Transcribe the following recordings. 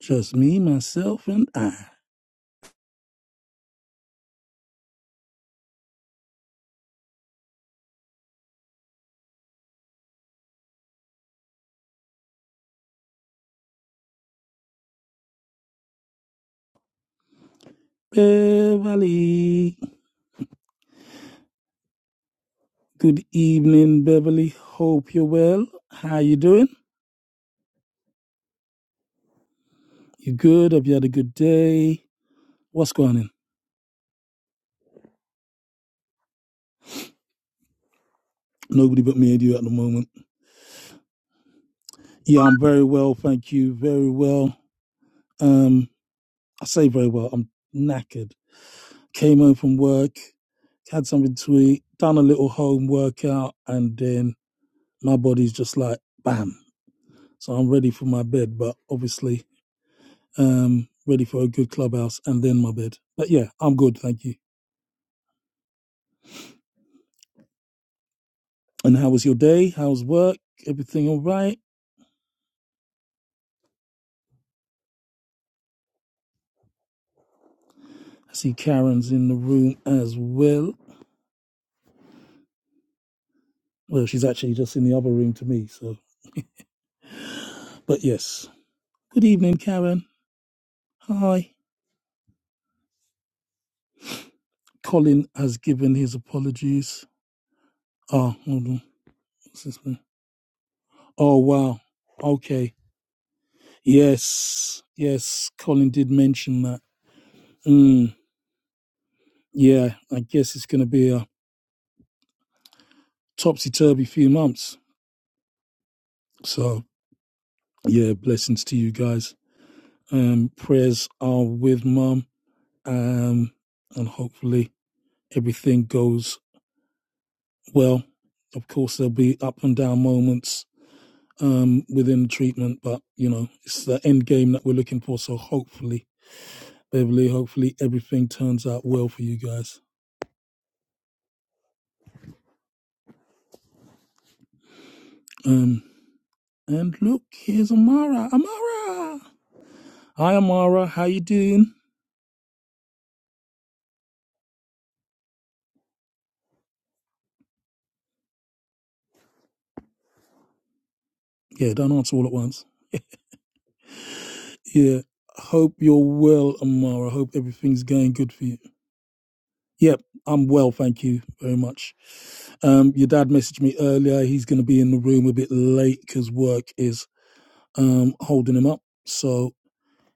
Just me, myself, and I. Beverly. Good evening, Beverly. Hope you're well. How you doing? You good? Have you had a good day? What's going on? Nobody but me and you at the moment. Yeah, I'm very well, thank you. Very well. Um, I say very well. I'm knackered. Came home from work, had something to eat, done a little home workout, and then my body's just like bam. So I'm ready for my bed, but obviously um, ready for a good clubhouse, and then my bed. But yeah, I'm good, thank you. And how was your day? How's work? Everything all right? I see Karen's in the room as well. Well, she's actually just in the other room to me. So, but yes, good evening, Karen. Hi. Colin has given his apologies. Oh, hold on. What's this one? Oh, wow. Okay. Yes. Yes. Colin did mention that. Mm, yeah. I guess it's going to be a topsy turvy few months. So, Yeah, blessings to you guys. Um, prayers are with Mum, Um, and hopefully everything goes well. Of course, there'll be up and down moments um, within the treatment, but you know, it's the end game that we're looking for. So hopefully, Beverly, hopefully everything turns out well for you guys. Um, and look, here's Amara. Amara, hi Amara, how you doing? Yeah, don't answer all at once. Yeah, hope you're well, Amara. Hope everything's going good for you. Yep, I'm well, thank you very much. Um, your dad messaged me earlier. He's going to be in the room a bit late because work is um, holding him up. So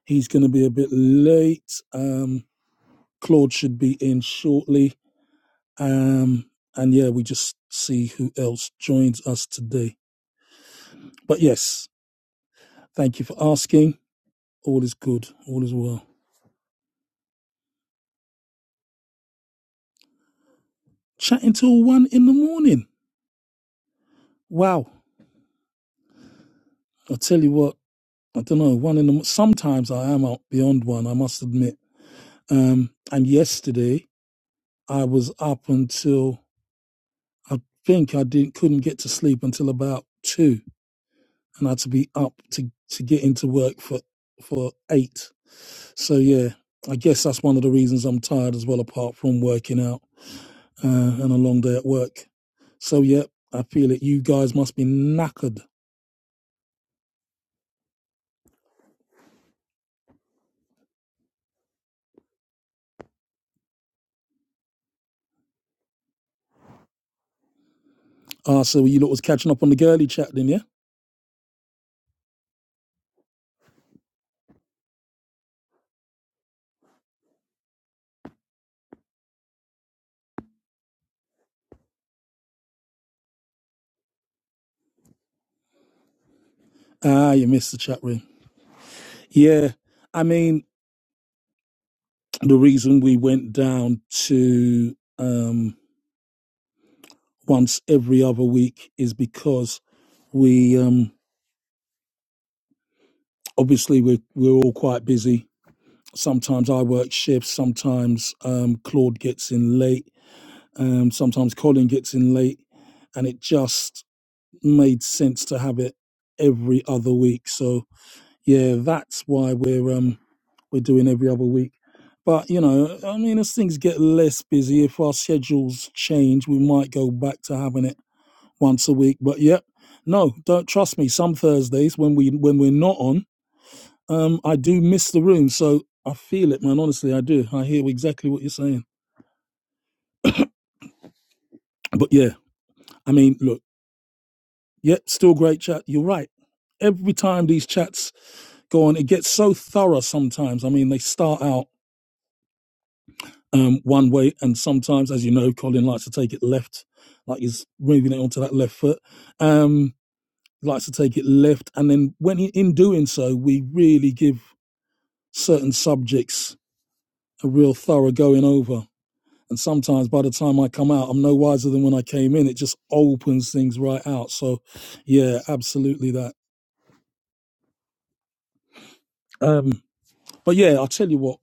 he's going to be a bit late. Um, Claude should be in shortly. Um, and yeah, we just see who else joins us today. But yes, thank you for asking. All is good. All is well. Chatting till one in the morning. Wow. I tell you what, I don't know. One in the mo- sometimes I am out beyond one. I must admit. Um, and yesterday I was up until I think I didn't couldn't get to sleep until about two, and I had to be up to to get into work for for eight. So yeah, I guess that's one of the reasons I'm tired as well, apart from working out uh, and a long day at work. So yeah, I feel it. You guys must be knackered. Ah, so you lot was catching up on the girly chat then, yeah? Ah, you missed the chat room. Yeah, I mean the reason we went down to. Um, once every other week is because we um, obviously we're, we're all quite busy. Sometimes I work shifts, sometimes um, Claude gets in late, um, sometimes Colin gets in late, and it just made sense to have it every other week. So yeah, that's why we're um, we're doing every other week. But you know, I mean, as things get less busy, if our schedules change, we might go back to having it once a week. But yeah, no, don't trust me. Some Thursdays when we when we're not on, um, I do miss the room. So I feel it, man. Honestly, I do. I hear exactly what you're saying. But yeah, I mean, look, yeah, still great chat. You're right. Every time these chats go on, it gets so thorough sometimes. I mean, they start out um, one way, and sometimes, as you know, Colin likes to take it left, like he's moving it onto that left foot. Um, likes to take it left, and then when he, in doing so, we really give certain subjects a real thorough going over. And sometimes by the time I come out, I'm no wiser than when I came in. It just opens things right out. So, yeah, absolutely that. Um, but yeah, I'll tell you what,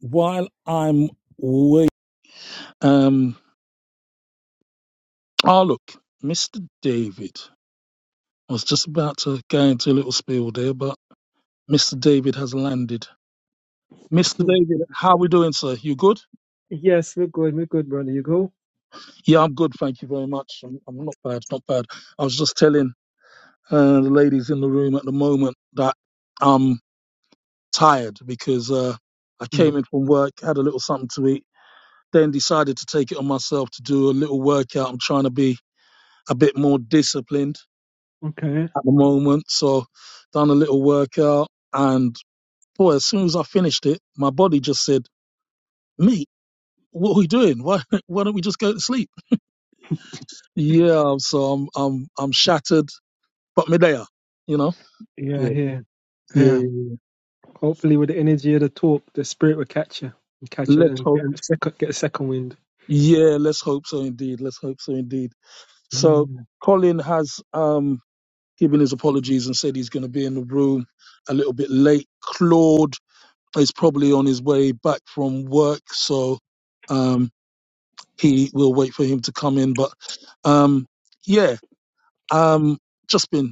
while I'm waiting, um, oh, look, Mr. David, I was just about to go into a little spiel there, but Mr. David has landed. Mr. David, Yeah. how we doing, sir? You good? Yes, we're good. We're good, brother. You go? Yeah, I'm good. Thank you very much. I'm, I'm not bad, not bad. I was just telling uh, the ladies in the room at the moment that I'm tired because uh, I Mm, came in from work, had a little something to eat, then decided to take it on myself to do a little workout. I'm trying to be a bit more disciplined okay. at the moment, so done a little workout, and boy, as soon as I finished it, my body just said, "Mate, what are we doing? Why, why don't we just go to sleep?" Yeah, so I'm I'm I'm shattered, but me there, you know. Yeah, Yeah, here. yeah. Yeah. yeah. Hopefully, with the energy of the talk, the spirit will catch you. And catch you Let's and hope get a second, get a second wind. Yeah, let's hope so indeed. Let's hope so indeed. So Mm. Colin has um given his apologies and said he's going to be in the room a little bit late. Claude is probably on his way back from work, so um he will wait for him to come in. But um yeah, um just been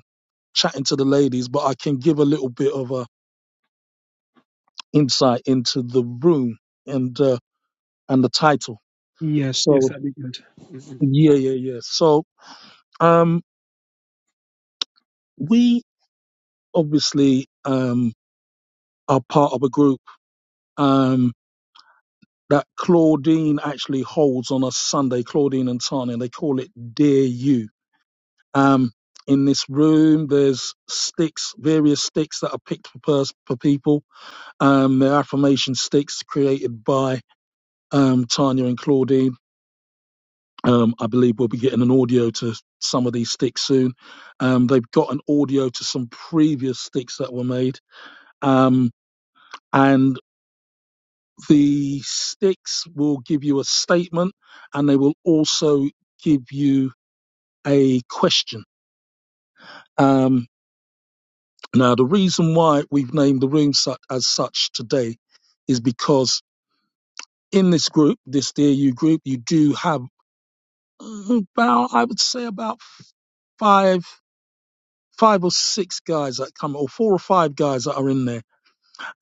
chatting to the ladies, but I can give a little bit of a insight into the room and uh, and the title. Yes, yes, So that'd be good. Mm-mm. yeah, yeah, yeah. So um we obviously um, are part of a group um, that Claudine actually holds on a Sunday, Claudine and Tanya. They call it Dear You. Um, in this room, there's sticks, various sticks that are picked for, pers- for people. Um, they're affirmation sticks created by um, Tanya and Claudine. Um, I believe we'll be getting an audio to some of these sticks soon. Um, they've got an audio to some previous sticks that were made. Um, and The sticks will give you a statement and they will also give you a question. Um, now, the reason why we've named the room such, as such today is because in this group, this DAU group, you do have about, I would say, about five, five or six guys that come, or four or five guys that are in there,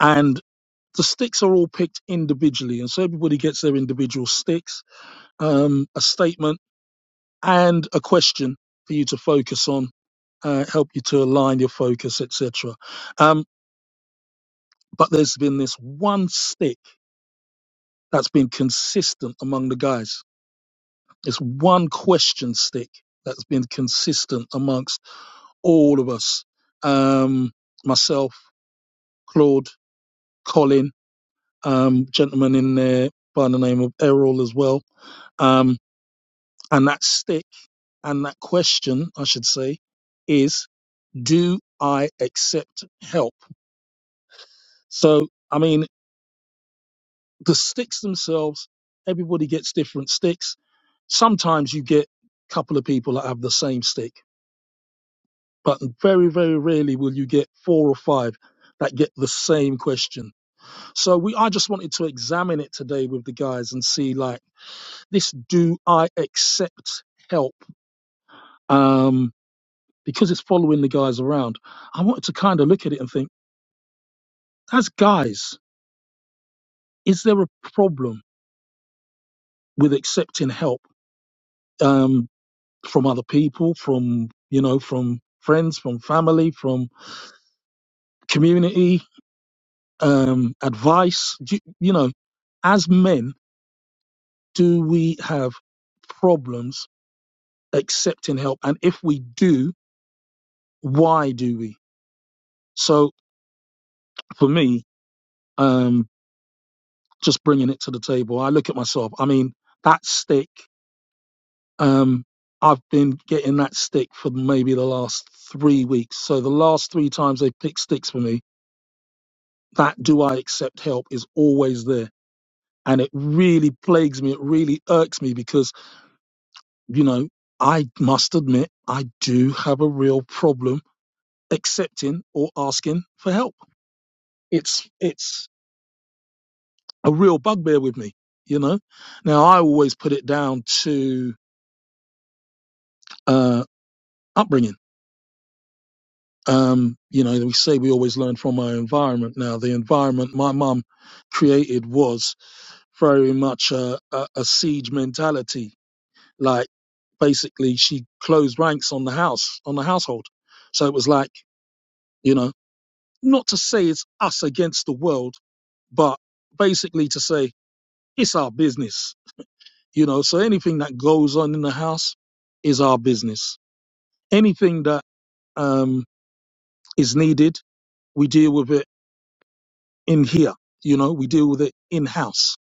and the sticks are all picked individually, and so everybody gets their individual sticks, um, a statement and a question for you to focus on, uh, help you to align your focus, etc. Um, but there's been this one stick that's been consistent among the guys. This one question stick that's been consistent amongst all of us. Um, myself, Claude, Colin, um, gentleman in there by the name of Errol as well. Um, and that stick and that question, I should say, is do I accept help? So, I mean, the sticks themselves, everybody gets different sticks. Sometimes you get a couple of people that have the same stick, but very, very rarely will you get four or five that get the same question. So we, I just wanted to examine it today with the guys and see like this, do I accept help? Um, because it's following the guys around. I wanted to kind of look at it and think, as guys, is there a problem? with accepting help um, from other people, from you know, from friends, from family, from community, um, advice. You, you know, as men, do we have problems accepting help? And if we do, why do we? So for me, um, just bringing it to the table, I look at myself. I mean, that stick. Um, I've been getting that stick for maybe the last three weeks. So the last three times they picked sticks for me, that do I accept help is always there. And it really plagues me. It really irks me because, you know, I must admit I do have a real problem accepting or asking for help. It's, it's a real bugbear with me, you know? Now I always put it down to, uh, upbringing. Um, you know, we say we always learn from our environment. Now the environment my mum created was very much a, a, a siege mentality Like basically, she closed ranks on the house, on the household. So it was like, you know, not to say it's us against the world, but basically to say it's our business, you know. So anything that goes on in the house is our business. Anything that um, is needed, we deal with it in here, you know. We deal with it in house.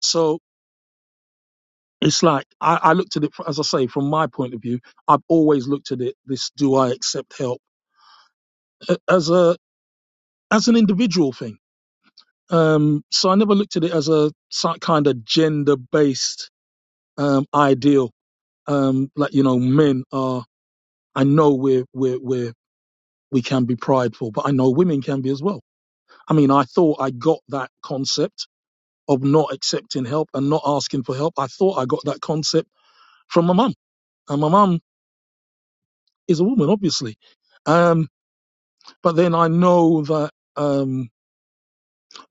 So it's like I, I looked at it as I say from my point of view. I've always looked at it. This do I accept help as a as an individual thing. Um, so I never looked at it as a so- kind of gender based um, ideal. Um, like you know, men are. I know we're we're we're we can be prideful, but I know women can be as well. I mean, I thought I got that concept of not accepting help and not asking for help. I thought I got that concept from my mum, and my mum is a woman, obviously. Um, but then I know that um,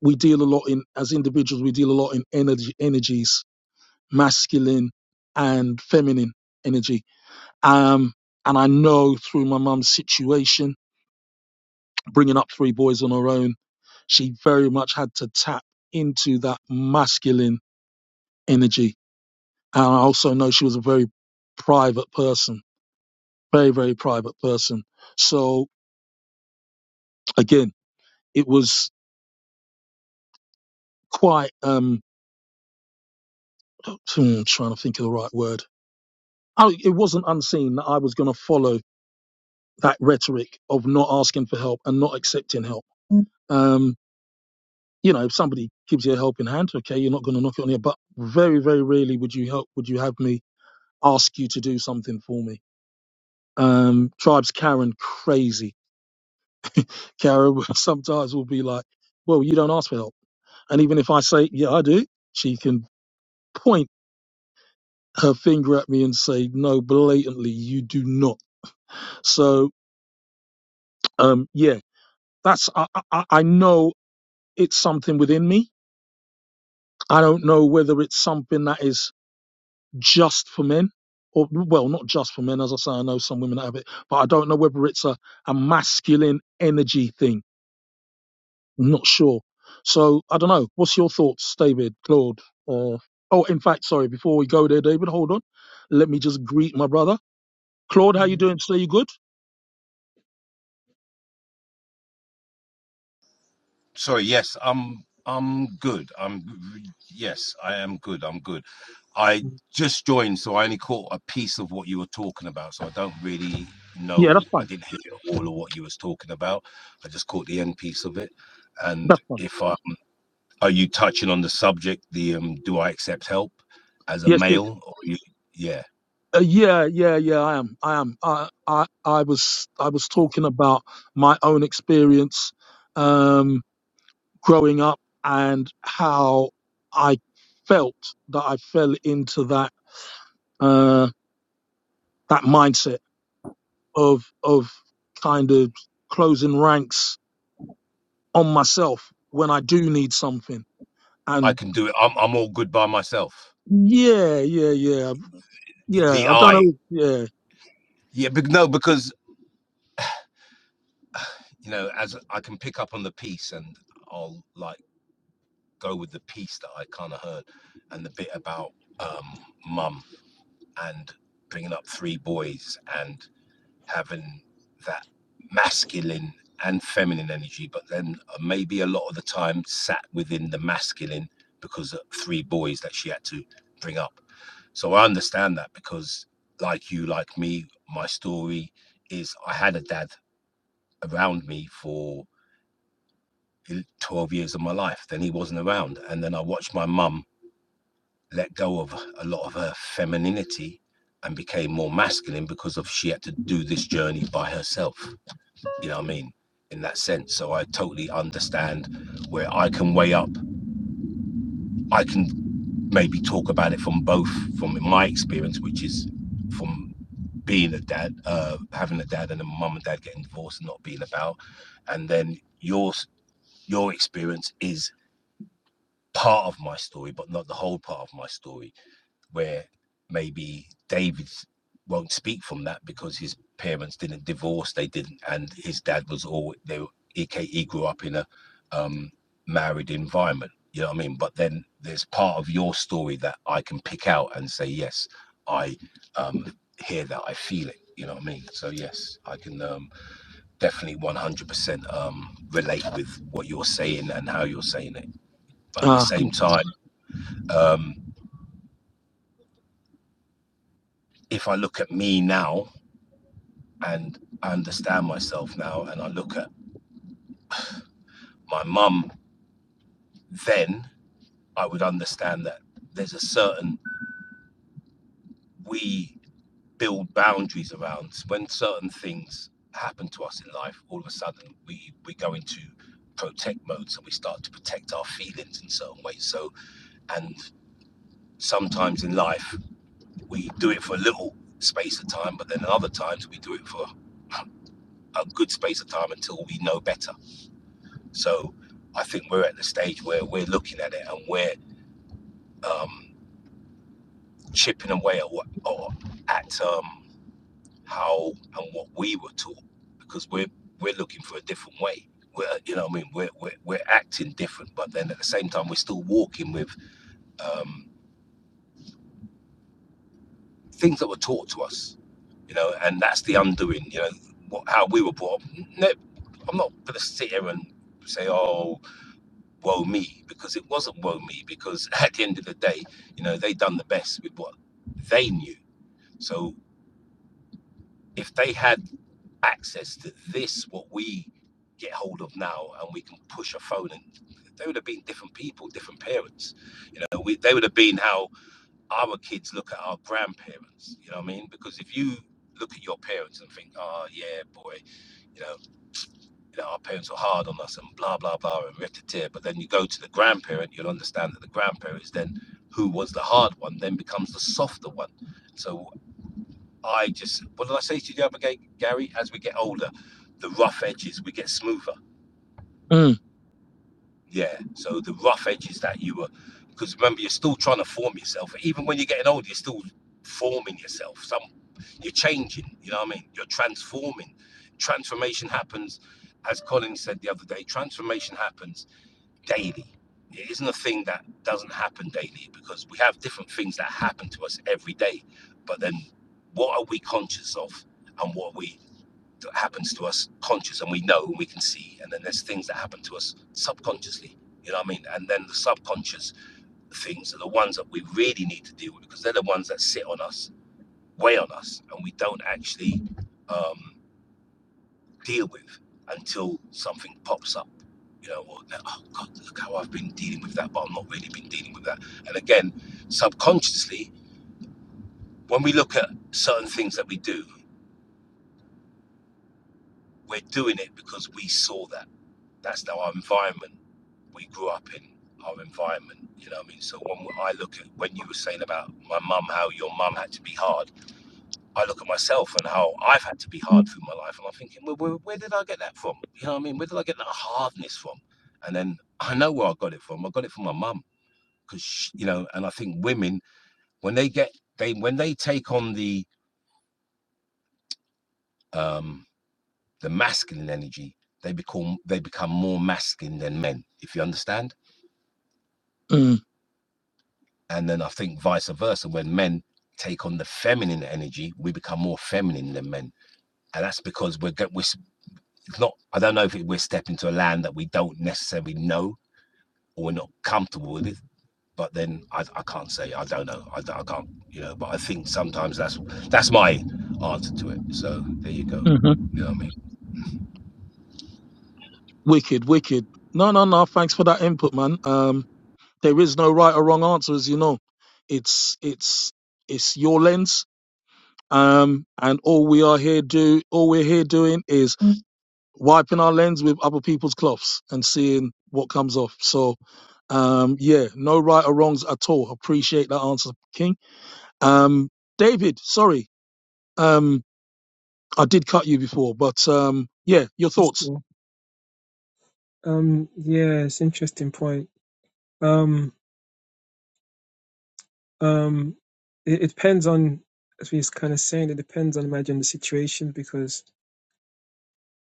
we deal a lot in as individuals, we deal a lot in energy energies masculine and feminine energy. Um, and I know through my mum's situation, bringing up three boys on her own, she very much had to tap into that masculine energy. And I also know she was a very private person, very, very private person. So again, it was quite, um, hmm, trying to think of the right word. I, it wasn't unseen that I was going to follow that rhetoric of not asking for help and not accepting help. Mm. Um, you know, if somebody gives you a helping hand, okay, you're not going to knock it on your butt. Very, very rarely would you help. Would you have me ask you to do something for me? Um, tribes Karen crazy. Karen sometimes will be like, "Well, you don't ask for help," and even if I say, "Yeah, I do," she can point her finger at me and say, "No, blatantly, you do not." So, um, yeah, that's I, I I know it's something within me I don't know whether it's something that is just for men, or well, not just for men. As I say, I know some women that have it, but I don't know whether it's a, a masculine energy thing. I'm not sure. So I don't know. What's your thoughts, David, Claude? Uh, oh, in fact, sorry. Before we go there, David, hold on. Let me just greet my brother, Claude. How you Yeah. doing? Today, you good? Sorry, yes, I'm I'm good. I'm yes, I am good. I'm good. I Mm. just joined, so I only caught a piece of what you were talking about. So I don't really Yeah, know. that's I fine. didn't hear all of what you was talking about. I just caught the end piece of it. And That's fine. if I are you touching on the subject, the um, do I accept help as a Yes, yes. male? Or you, yeah, Uh, yeah, yeah, yeah. I am. I am. I, I, I was, I was talking about my own experience. Um, growing up and how I felt that I fell into that uh, that mindset of of kind of closing ranks on myself when I do need something. I And can do it. I'm I'm all good by myself. yeah, yeah, yeah, yeah. The I don't I, know. Yeah. yeah, but no, because you know, as I can pick up on the piece and I'll like. go with the piece that I kind of heard and the bit about um, mum and bringing up three boys and having that masculine and feminine energy, but then uh, maybe a lot of the time sat within the masculine because of three boys that she had to bring up. So I understand that because, like you, like me, my story is I had a dad around me for eh, 12 years of my life. Then he wasn't around. And then I watched my mum let go of a lot of her femininity and became more masculine because of she had to do this journey by herself. You know what I mean? In that sense. So I totally understand where I can weigh up. I can maybe talk about it from both from my experience, which is from being a dad, uh, having a dad and a mum and dad getting divorced and not being about. And then your your experience is part of my story, but not the whole part of my story. where maybe David won't speak from that because his parents didn't divorce, they didn't, and his dad was all they. He, he grew up in a um, married environment, you know what I mean. But then there's part of your story that I can pick out and say, yes, I um, hear that, I feel it. You know what I mean? So yes, I can um, definitely 100% um, relate with what you're saying and how you're saying it. But at the Uh, same time, um, if I look at me now, and I understand myself now and I look at my mum then I would understand that there's a certain we build boundaries around when certain things happen to us in life all of a sudden we we go into protect mode so we start to protect our feelings in certain ways so and sometimes in life we do it for a little space of time but then other times we do it for a good space of time until we know better so I think we're at the stage where we're looking at it and we're um, chipping away at what or at um, how and what we were taught because we're we're looking for a different way. We're you know what I mean we're we're, we're acting different, but then at the same time we're still walking with um, things that were taught to us. You know, and that's the undoing. You know what, how we were brought up. No, I'm not going to sit here and say oh woe me because it wasn't woe me because at the end of the day you know they done the best with what they knew. So if they had access to this, what we get hold of now, and we can push a phone. And they would have been different people, different parents. You know, we, they would have been how our kids look at our grandparents. You know what I mean? Because if you look at your parents and think, oh, yeah, boy, you know, you know, our parents were hard on us and blah, blah, blah, and we have tear. But then you go to the grandparent, you'll understand that the grandparent is then who was the hard one, then becomes the softer one. So I just, what did I say to you the other day, Gary? As we get older, the rough edges, we get smoother. mm, Yeah. So the rough edges that you were, because remember, you're still trying to form yourself. Even when you're getting older, you're still forming yourself. Some, you're changing, you know what I mean? You're transforming. Transformation happens, as Colin said the other day, transformation happens daily. It isn't a thing that doesn't happen daily because we have different things that happen to us every day. But then what are we conscious of and what are we that happens to us conscious and we know and we can see and then there's things that happen to us subconsciously you know what i mean and then the subconscious things are the ones that we really need to deal with because they're the ones that sit on us weigh on us and we don't actually um, deal with until something pops up you know or oh god look how i've been dealing with that but i've not really been dealing with that and again subconsciously when we look at certain things that we do we're doing it because we saw that That's our environment. We grew up in our environment. You know what I mean? So when I look at when you were saying about my mum, how your mum had to be hard, I look at myself and how I've had to be hard through my life, and I'm thinking, well, where, where did I get that from? You know what I mean? Where did I get that hardness from? And then I know where I got it from. I got it from my mum because you know, and I think women when they get they when they take on the um the masculine energy, they become they become more masculine than men. If you understand mm, And then I think vice versa, when men take on the feminine energy, we become more feminine than men. And that's because we're, we're not, I don't know if we're stepping to a land that we don't necessarily know or we're not comfortable with it. But then I, I can't say, I don't know. I, I can't, you know, but I think sometimes that's that's my answer to it. So there you go. hmm You know what I mean? Wicked, wicked. No, no, no. Thanks for that input, man. Um, there is no right or wrong answer, as you know. It's it's it's your lens um, and all we are here do all we're here doing is Mm. wiping our lens with other people's cloths and seeing what comes off. So um, yeah, no right or wrongs at all. Appreciate that answer, King. Um, David, sorry, um, I did cut you before, but um, yeah, your That's thoughts. cool. Um, yeah, it's interesting point. Um, um, it, it depends on, as we was kind of saying, it depends on, imagine, the situation because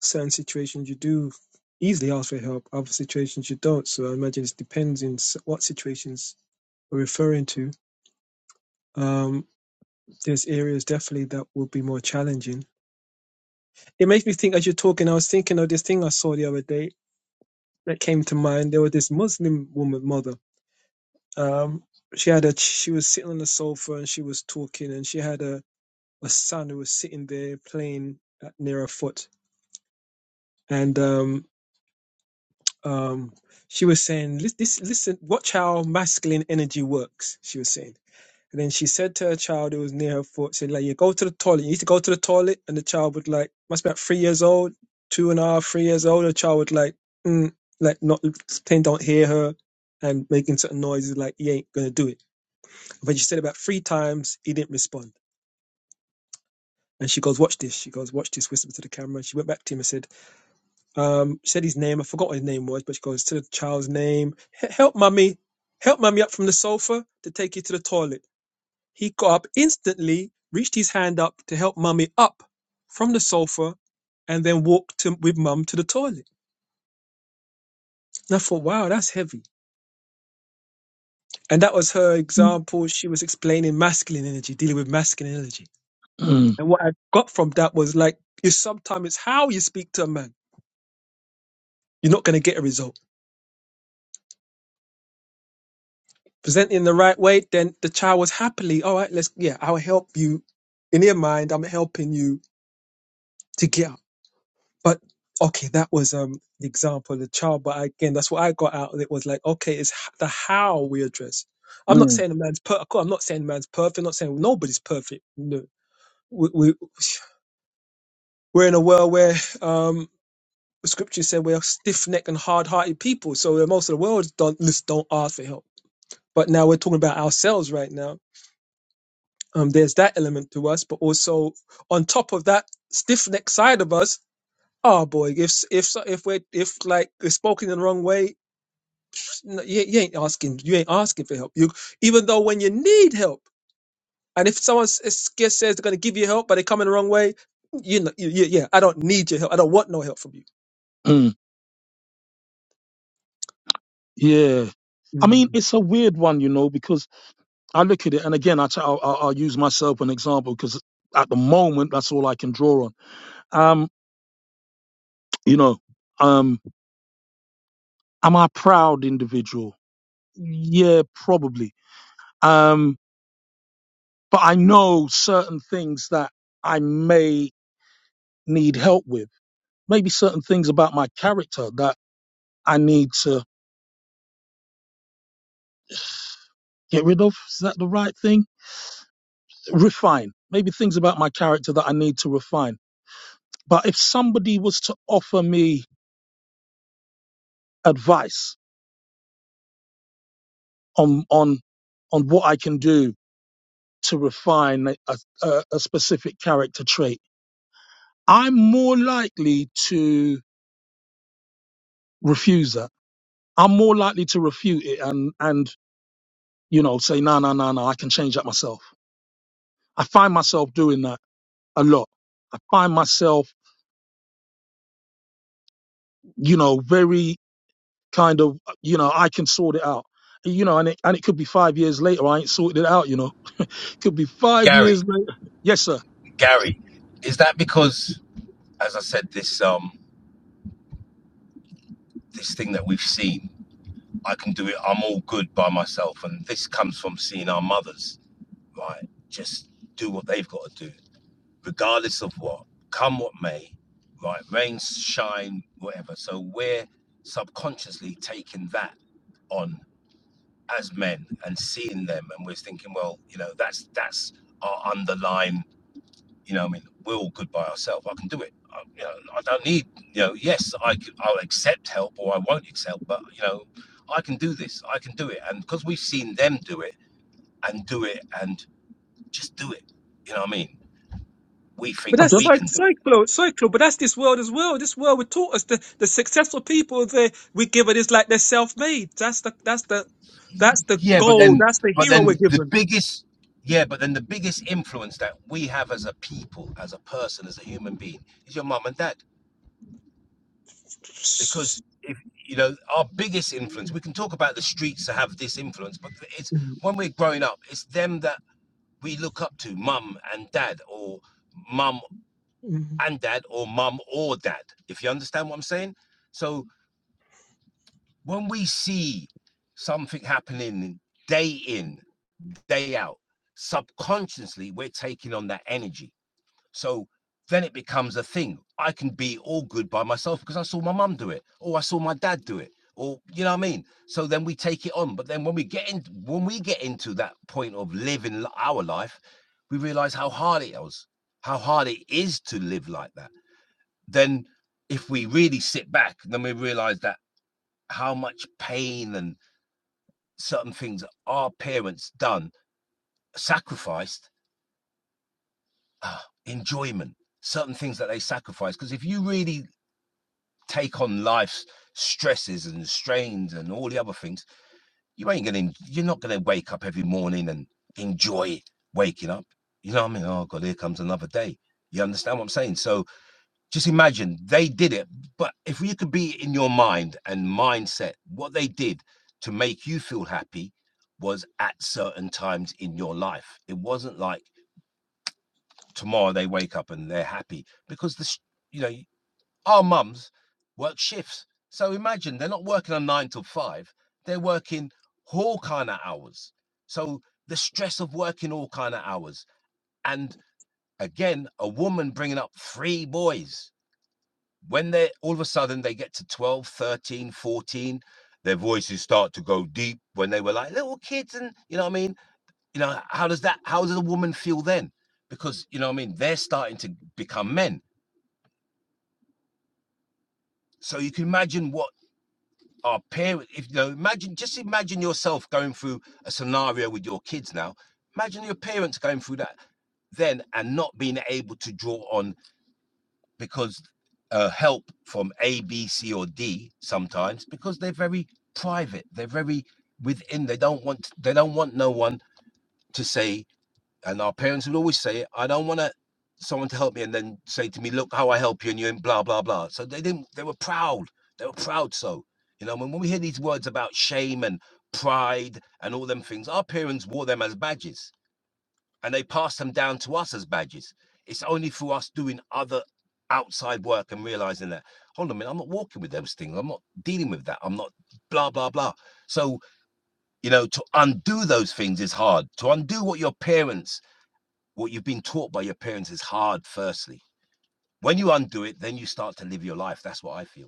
certain situations you do easily ask for help, other situations you don't. So I imagine it depends in what situations we're referring to. Um, there's areas definitely that will be more challenging. It makes me think as you're talking, I was thinking of this thing I saw the other day that came to mind. There was this Muslim woman, mother. Um, she had a, she was sitting on the sofa and she was talking and she had a, a son who was sitting there playing at, near her foot. And, um, um, she was saying, "Lis- this, listen, watch how masculine energy works, she was saying. And then she said to her child who was near her foot, said, like, you go to the toilet, you need to go to the toilet. And the child would like, must be about three years old, two and a half, three years old. The child would like, mm, like not, pretend don't hear her and making certain noises like, he ain't going to do it. But she said about three times, he didn't respond. And she goes, watch this. She goes, watch this, whispered to the camera. She went back to him and said, Um, said his name. I forgot what his name was, but she goes to the child's name. "H- Help, mummy. Help, mummy, up from the sofa to take you to the toilet. He got up instantly, reached his hand up to help mummy up from the sofa, and then walked to, with mum to the toilet. And I thought, wow, that's heavy. And that was her Mm. example. She was explaining masculine energy, dealing with masculine energy. And what I got from that was like, you sometimes it's how you speak to a man. You're not going to get a result Present in the right way, then the child was happily, all right, let's, yeah, I'll help you. In your mind, I'm helping you to get up. But okay, that was um the example of the child. But again, that's what I got out of it was like, okay, it's h- the how we address. Mm, I'm not mm, saying a man's per. I'm not saying man's perfect. I'm not saying nobody's perfect. No, we, we we're in a world where um the scripture said we're stiff necked and hard hearted people. So most of the world don't don't ask for help. But now we're talking about ourselves right now Um, there's that element to us, but also on top of that, stiff necked side of us. Oh boy, if if if we're if like it's spoken in the wrong way, n- you, you ain't asking you ain't asking for help. You even though when you need help, and if someone s- s- says they're going to give you help, but they come in the wrong way, you know, you, you, yeah, I don't need your help. I don't want no help from mm. yeah. I you. mean, it's a weird one, you know, because I look at it, and again, I t- I'll, I'll I'll use myself an example because at the moment, that's all I can draw on. Um, You know, um, am I a proud individual? Yeah, probably. Um, but I know certain things that I may need help with. Maybe certain things about my character that I need to get rid of. Is that the right thing? Refine. Maybe things about my character that I need to refine. But if somebody was to offer me advice on on on what I can do to refine a, a, a specific character trait, I'm more likely to refuse that. I'm more likely to refute it and and you know say no no no no I can change that myself. I find myself doing that a lot. I find myself you know very kind of you know I can sort it out. You know, and it and it could be five years later I ain't sorted it out. You know, could be five years Gary, later. Yes, sir. Gary, is that because, as I said, this um this thing that we've seen I can do it. I'm all good by myself. And this comes from seeing our mothers, right? Just do what they've got to do, regardless of what, come what may, right? Rain, shine, whatever. So we're subconsciously taking that on as men and seeing them. And we're thinking, well, you know, that's, that's our underlying you know, I mean, we're all good by ourselves. I can do it. I, you know, I don't need. You know, yes, I i c- I'll accept help or I won't accept, help, but you know, I can do this. I can do it, and because we've seen them do it and do it and just do it. You know what I mean? We But think I that's don't. we cy- can do it, but cyclo, cyclo. But that's this world as well. This world would taught us the, the successful people they we give it is like they're self made. That's the that's the that's the yeah, but goal. then, That's the but hero we're then the given. biggest. Yeah, but then the biggest influence that we have as a people, as a person, as a human being, is your mum and dad because if you know our biggest influence we can talk about the streets that have this influence but it's Mhm. when we're growing up it's them that we look up to mum and dad or mum Mhm. and dad or mum or dad if you understand what i'm saying so when we see something happening day in day out subconsciously we're taking on that energy So then it becomes a thing. I can be all good by myself because I saw my mum do it, or I saw my dad do it, or you know what I mean. So then we take it on. But then when we get in, when we get into that point of living our life, we realize how hard it is, how hard it is to live like that. Then if we really sit back, then we realize that how much pain and certain things our parents done sacrificed ah, enjoyment certain things that they sacrificed. because if you really take on life's stresses and strains and all the other things, you ain't gonna you're not gonna wake up every morning and enjoy waking up. You know what I mean? Oh god, here comes another day. You understand what I'm saying? So just imagine they did it. But if you could be in your mind and mindset, what they did to make you feel happy was at certain times in your life. It wasn't like tomorrow they wake up and they're happy because the you know our mums work shifts. So imagine they're not working a nine till five, they're working all kind of hours. So the stress of working all kind of hours. And again, a woman bringing up three boys. When they all of a sudden they get to 12, 13, 14, their voices start to go deep when they were like little kids. And you know what I mean? You know, how does that, how does a woman feel then? Because, you know what I mean? They're starting to become men. So you can imagine what our parents if you know imagine just imagine yourself going through a scenario with your kids now imagine your parents going through that then and not being able to draw on because uh, help from a b c or d sometimes because they're very private they're very within they don't want they don't want no one to say and our parents would always say, I don't want to someone to help me and then say to me, look how I help you and you and blah, blah, blah. So they didn't, they were proud. They were proud. So, you know, when, when we hear these words about shame and pride and all them things, our parents wore them as badges and they passed them down to us as badges. It's only through us doing other outside work and realizing that, hold on a minute, I'm not walking with those things. I'm not dealing with that. I'm not blah, blah, blah. So, you know, to undo those things is hard. To undo what your parents what you've been taught by your parents is hard, firstly. When you undo it, then you start to live your life. That's what I feel.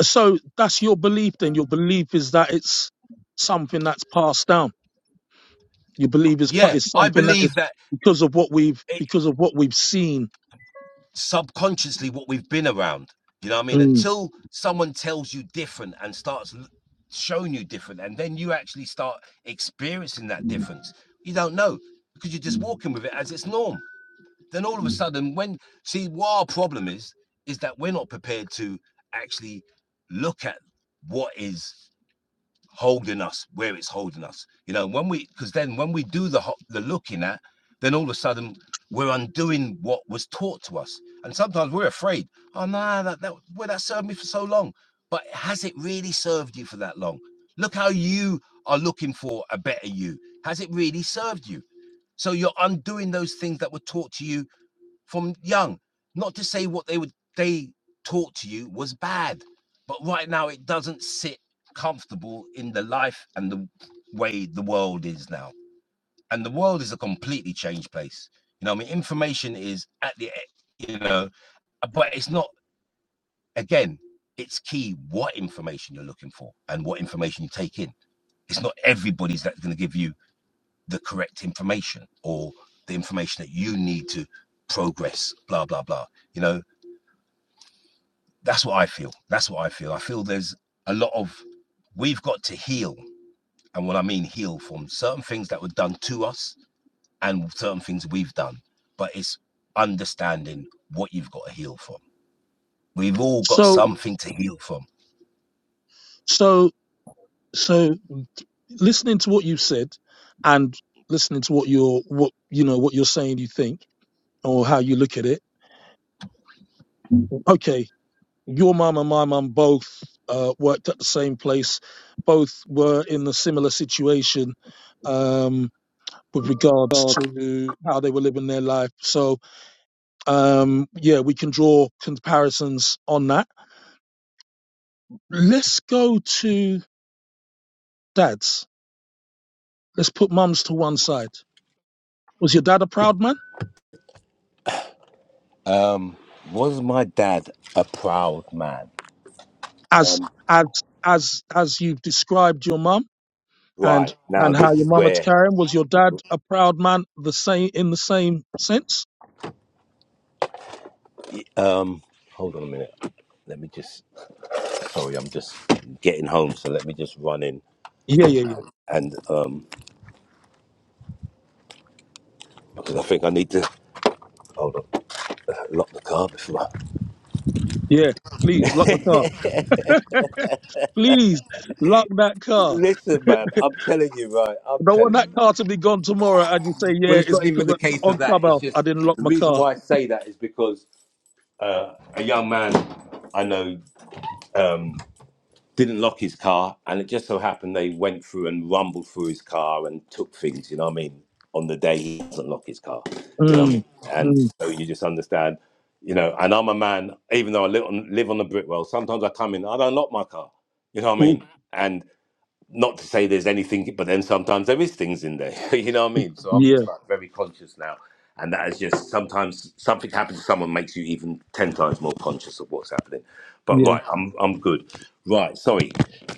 So that's your belief. Then your belief is that it's something that's passed down. You believe is Yeah, is I something that is believe that because of what we've it, because of what we've seen. subconsciously what we've been around, you know what I mean? Mm. Until someone tells you different and starts showing you different, and then you actually start experiencing that difference, you don't know because you're just walking with it as its norm. Then all of a sudden, when see what our problem is, is that we're not prepared to actually look at what is holding us where it's holding us. You know, when we because then when we do the the looking at, then all of a sudden we're undoing what was taught to us. And sometimes we're afraid. Oh no, that that well, that served me for so long. But has it really served you for that long? Look how you are looking for a better you. Has it really served you? So you're undoing those things that were taught to you from young. Not to say what they would they taught to you was bad, but right now it doesn't sit comfortable in the life and the way the world is now. And the world is a completely changed place. You know, I mean, information is at the e- you know, but it's not again. It's key what information you're looking for and what information you take in. It's not everybody's that's going to give you the correct information or the information that you need to progress. Blah blah blah. You know, That's what I feel. That's what I feel. I feel there's a lot of we've got to heal. And what I mean heal from certain things that were done to us and certain things we've done. But it's understanding what you've got to heal from. We've all got So something to heal from. so so listening to what you said and listening to what you're what you know what you're saying you think or how you look at it. Okay, your mum and my mum both uh, worked at the same place. Both were in a similar situation um, with regards to how they were living their life. So um, yeah, we can draw comparisons on that Let's go to dads. Let's put mums to one side. Was your dad a proud man? Um, was my dad a proud man? As as as as you've described your mum and Right now, and how this your is mum had to where. carry him, was your dad a proud man the same in the same sense? Um, hold on a minute. Let me just. Sorry, I'm just getting home, so let me just run in Yeah, yeah, yeah. and um, because I think I need to. Hold on. Lock the car before. Yeah. Please lock the car. I- Please lock that car. Listen, man, I'm telling you, right? I'm I don't want telling that you. car to be gone tomorrow and you say, Well, Yeah, it's it's not even because the case of on that. It's Clubhouse I just didn't lock the my reason car. why I say that is because uh, a young man I know. Um, didn't lock his car, and it just so happened they went through and rumbled through his car and took things. You know what I mean? On the day he doesn't lock his car, you know what I mean? Mm, And mm, so you just understand, you know. And I'm a man, even though I live on, live on the brick road. Sometimes I come in, I don't lock my car. You know what I ooh, mean? And not to say there's anything, but then sometimes there is things in there. you know what I mean? So I'm yeah, just like very conscious now, and that is just sometimes something happens to someone makes you even ten times more conscious of what's happening. But yeah. right, I'm I'm good. Right, sorry.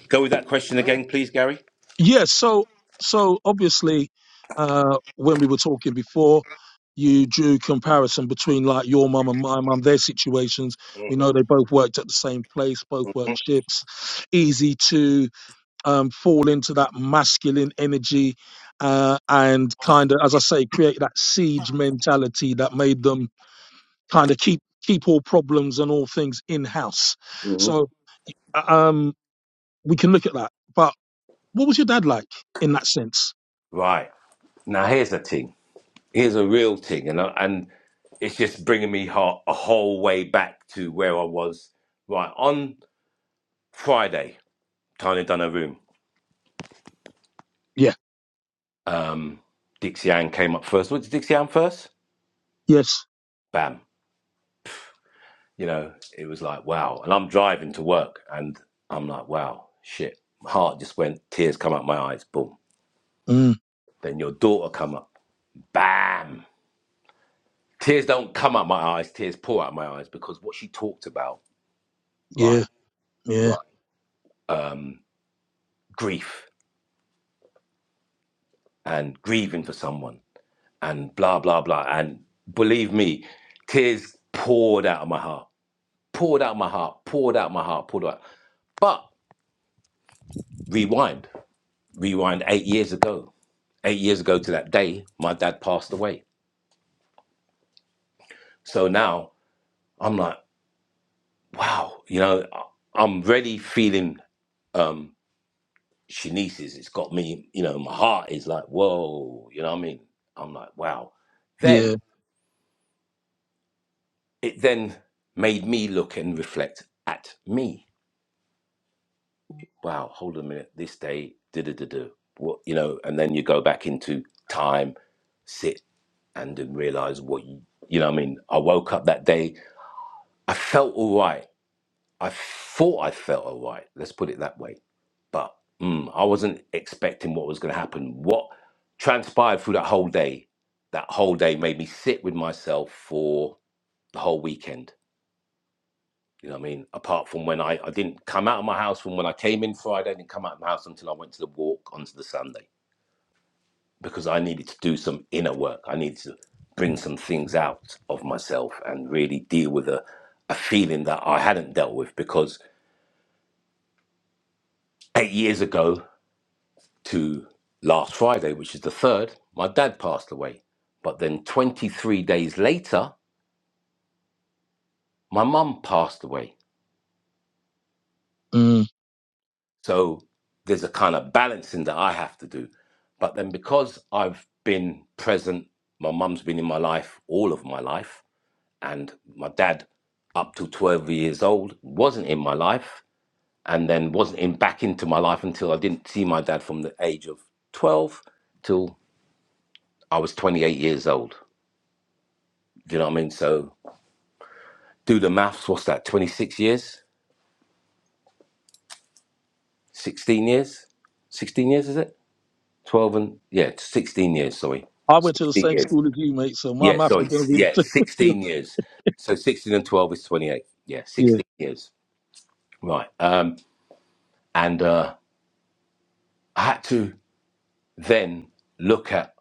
Go with that question again, please, Gary. Yeah, so so obviously, uh, when we were talking before, you drew comparison between like your mum and my mum, their situations. We know hmm they both worked at the same place, both worked shifts. Easy to um, fall into that masculine energy uh, and kind of, as I say, create that siege mentality that made them kind of keep keep all problems and all things in house. hmm So uh, um, we can look at that. But what was your dad like in that sense? Right now, here's a thing. Here's a real thing, and I, and it's just bringing me ho- a whole way back to where I was. Right on Friday, Tanya done her room. um, Dixie Ann came up first. What did Dixie Ann first? Yes. Bam. You know, it was like, wow. And I'm driving to work and I'm like, wow, shit. My heart just went, tears come out my eyes, boom. Mm, Then your daughter come up, bam. Tears don't come out my eyes, tears pour out my eyes because what she talked about, yeah. right, Yeah. right, um, grief and grieving for someone and blah, blah, blah. And believe me, tears poured out of my heart, poured out of my heart, poured out of my heart, poured out. But rewind, rewind eight years ago. Eight years ago to that day, my dad passed away. So now I'm like, wow, you know, I- am really feeling um Shanice's. It's got me, you know, my heart is like, whoa, you know what I mean? I'm like, wow. Then Yeah. it then made me look and reflect at me. wow, hold on a minute, this day, da da da da. What you know, and then you go back into time, sit, and then realize what you, you know. What I mean, I woke up that day, I felt all right. I thought I felt all right. Let's put it that way. But mm, I wasn't expecting what was going to happen. What transpired through that whole day, that whole day made me sit with myself for the whole weekend You know what I mean? Apart from when I, I didn't come out of my house from when I came in Friday, I didn't come out of my house until I went to the walk onto the Sunday because I needed to do some inner work. I needed to bring some things out of myself and really deal with a, a feeling that I hadn't dealt with because eight years ago to last Friday, which is the third, my dad passed away. But then 23 days later, my mum passed away. Mm. So there's a kind of balancing that I have to do. But then because I've been present, my mum's been in my life all of my life, and my dad, up to 12 years old, wasn't in my life, and then wasn't in back into my life until I didn't see my dad from the age of 12 till I was 28 years old. Do you know what I mean? So do the maths. What's that? 26 years? 16 years? 16 years is it? 12 and yeah, 16 years. Sorry. I went to the 16 same years school as you, mate. So my Yeah, maths so is going it's to be the yeah, same with you. sixteen years. So sixteen and twelve is twenty-eight. Yeah, Yeah. sixteen years. Right. Um, and uh, I had to then look at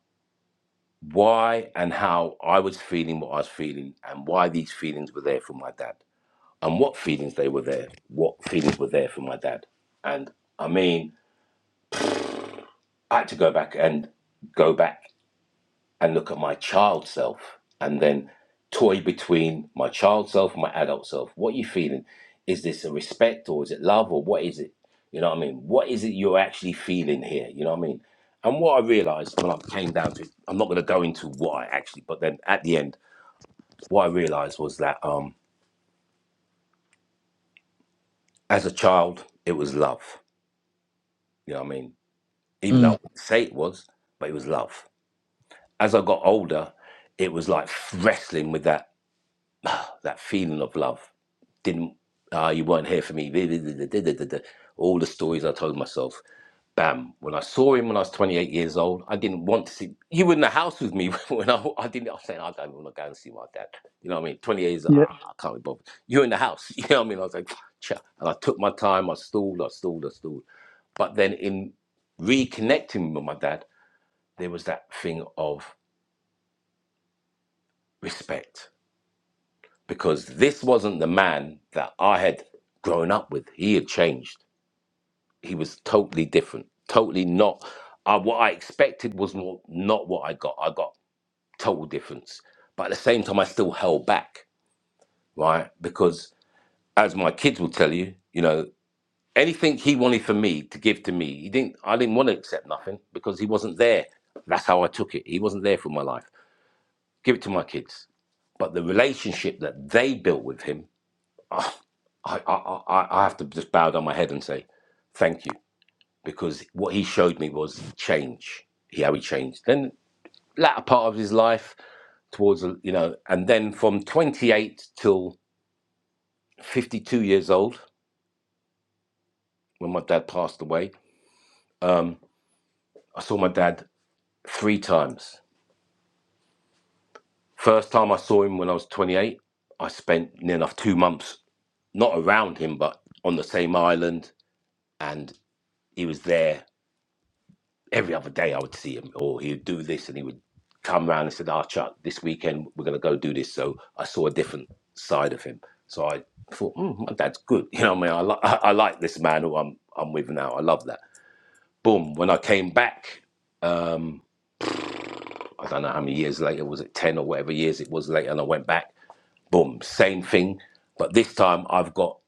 why and how I was feeling what I was feeling, and why these feelings were there for my dad, and what feelings they were there, what feelings were there for my dad. And I mean, I had to go back and go back and look at my child self and then toy between my child self and my adult self. What are you feeling? Is this a respect or is it love or what is it? You know what I mean? What is it you're actually feeling here? You know what I mean? And what I realized when I came down to it, I'm not going to go into why actually, but then at the end, what I realized was that um, as a child, it was love. You know what I mean? Even though I Mm. wouldn't say it was, but it was love. As I got older, it was like wrestling with that that feeling of love didn't uh, you weren't here for me. All the stories I told myself. Bam. When I saw him when I was 28 years old, I didn't want to see. You were in the house with me when I, I didn't. I was saying, I don't want to go and see my dad. You know what I mean? 28 years, Yeah. ah, I can't be bothered. You're in the house. You know what I mean? I was like, "Cha." and I took my time. I stalled, I stalled, I stalled. But then in reconnecting with my dad, there was that thing of respect because this wasn't the man that I had grown up with. He had changed he was totally different, totally not. Uh, what I expected was not, not what I got. I got total difference, but at the same time, I still held back, right? Because as my kids will tell you, you know, anything he wanted for me to give to me, he didn't. I didn't want to accept nothing because he wasn't there. That's how I took it. He wasn't there for my life. Give it to my kids. But the relationship that they built with him, I, I, I, I I have to just bow down my head and say, thank you because what he showed me was change, how he changed. Then latter part of his life towards you know, and then from 28 till 52 years old when my dad passed away, um, I saw my dad three times. First time I saw him when I was 28, I spent near enough two months not around him but on the same island, and he was there every other day I would see him, or he would do this, and he would come round and said, "Ah, Chuck, this weekend we're going to go do this." So I saw a different side of him. So I thought, mm, my dad's good. You know, what I mean, I, li- I, I like this man who I'm I'm with now. I love that. Boom. When I came back, um, I don't know how many years later was it ten or whatever years it was later, and I went back. Boom, same thing, but this time I've got.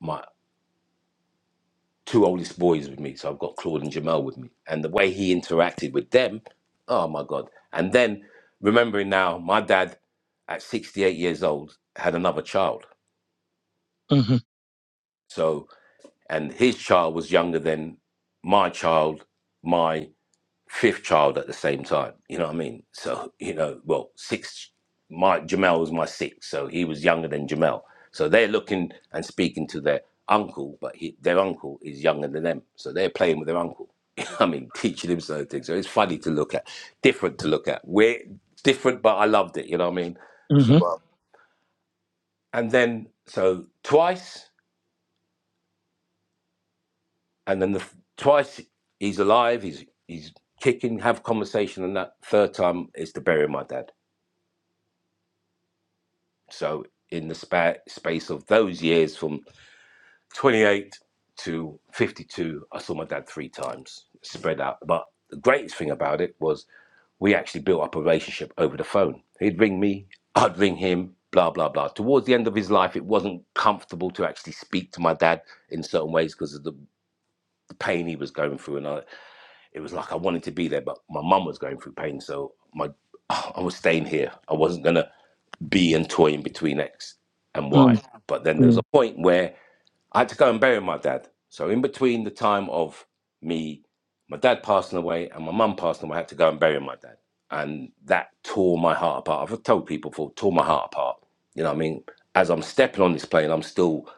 my. two oldest boys with me. So I've got Claude and Jamel with me. And the way he interacted with them, oh my God. And then remembering now, my dad at 68 years old had another child. Mm-hmm. So, and his child was younger than my child, my fifth child at the same time. You know what I mean? So, you know, well, six, my Jamel was my sixth, so he was younger than Jamel. So they're looking and speaking to their uncle, but he, their uncle is younger than them. So they're playing with their uncle. You know what I mean, teaching him certain things. So it's funny to look at, different to look at. We're different, but I loved it. You know what I mean? So, Mm-hmm. um, and then, so twice, and then the f- twice he's alive, he's, he's kicking, have conversation, and that third time is to bury my dad So in the spa- space of those years, from 28 to 52, I saw my dad three times, spread out. But the greatest thing about it was we actually built up a relationship over the phone. He'd ring me, I'd ring him, blah, blah, blah. Towards the end of his life, it wasn't comfortable to actually speak to my dad in certain ways because of the, the pain he was going through. And I, it was like I wanted to be there, but my mum was going through pain. So my I was staying here. I wasn't going to be and toy in between X and Y. Mm. But then there was Mm. a point where I had to go and bury my dad. So in between the time of me, my dad passing away and my mum passing away, I had to go and bury my dad. And that tore my heart apart. I've told people before, tore my heart apart. You know what I mean? As I'm stepping on this plane, I'm still,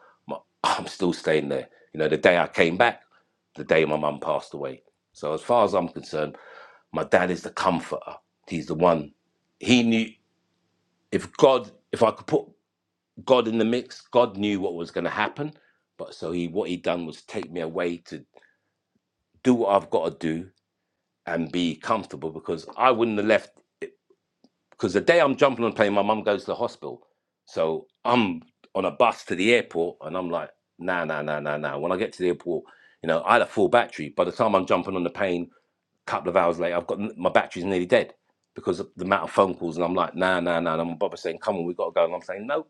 I'm still staying there. You know, the day I came back, the day my mum passed away. So as far as I'm concerned, my dad is the comforter. He's the one. He knew if God, if I could put God in the mix. God knew what was going to happen, but so he what he done was take me away to do what I've got to do and be comfortable because I wouldn't have left because the day I'm jumping on a plane, my mum goes to the hospital. So I'm on a bus to the airport and I'm like, nah, nah, nah, nah, nah. When I get to the airport, you know, I had a full battery. By the time I'm jumping on the plane, a couple of hours later, I've got my battery's nearly dead because of the amount of phone calls. And I'm like, nah, nah, nah. And my brother's saying, come on, we've got to go. And I'm saying, no,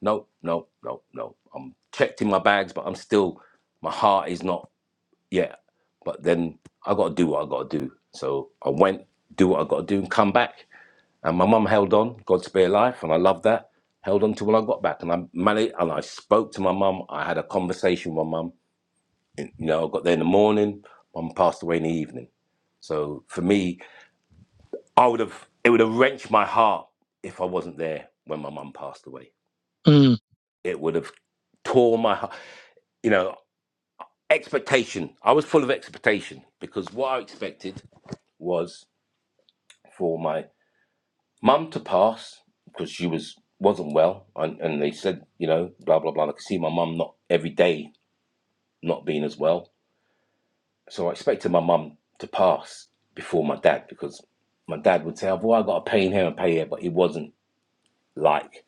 no, no, no, no. I'm checked in my bags, but I'm still, my heart is not yet. But then I got to do what I got to do. So I went, do what I got to do and come back. And my mum held on, God spare life, and I love that. Held on to when I got back, and I managed, and I spoke to my mum. I had a conversation with my mum. You know, I got there in the morning. Mum passed away in the evening. So for me, I would have it would have wrenched my heart if I wasn't there when my mum passed away. Mm. It would have tore my heart. You know, expectation. I was full of expectation because what I expected was for my Mum to pass because she was wasn't well, and, and they said you know blah blah blah. I could see my mum not every day not being as well, so I expected my mum to pass before my dad because my dad would say, "I've well, I got a pain here and pain here," but it wasn't like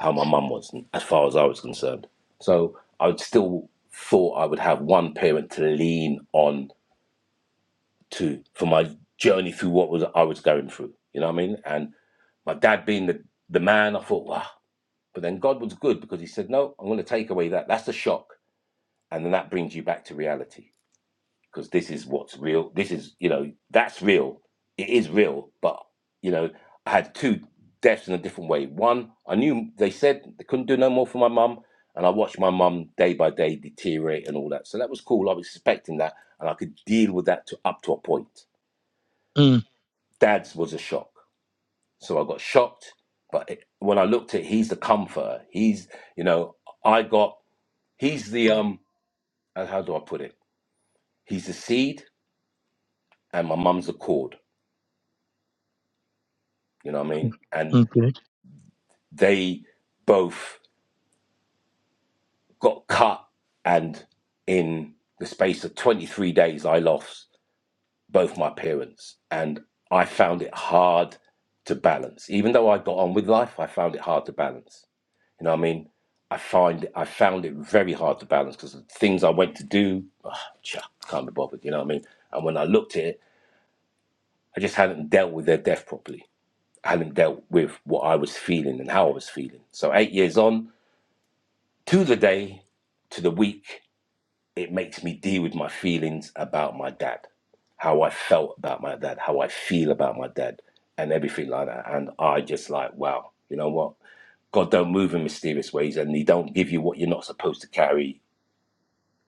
how my mum was as far as I was concerned. So I would still thought I would have one parent to lean on to for my journey through what was I was going through. You know what I mean? And my dad being the, the man, I thought, wow, But then God was good because He said, No, I'm going to take away that. That's a shock. And then that brings you back to reality because this is what's real. This is, you know, that's real. It is real. But, you know, I had two deaths in a different way. One, I knew they said they couldn't do no more for my mum. And I watched my mum day by day deteriorate and all that. So that was cool. I was expecting that. And I could deal with that to up to a point. Mm. Dad's was a shock. So I got shocked. But it, when I looked at, it, he's the comforter. He's, you know, I got he's the um uh, how do I put it? He's the seed and my mum's the cord. You know what I mean? And Okay. they both got cut and in the space of 23 days I lost both my parents and I found it hard to balance. Even though I got on with life, I found it hard to balance. You know what I mean? I find I found it very hard to balance because the things I went to do, ah, chuck, can't be bothered. You know what I mean? And when I looked at it, I just hadn't dealt with their death properly hadn't dealt with what I was feeling and how I was feeling. So eight years on, to the day, to the week, it makes me deal with my feelings about my dad, how I felt about my dad, how I feel about my dad, and everything like that. And I just like, wow, you know what? God don't move in mysterious ways, and He don't give you what you're not supposed to carry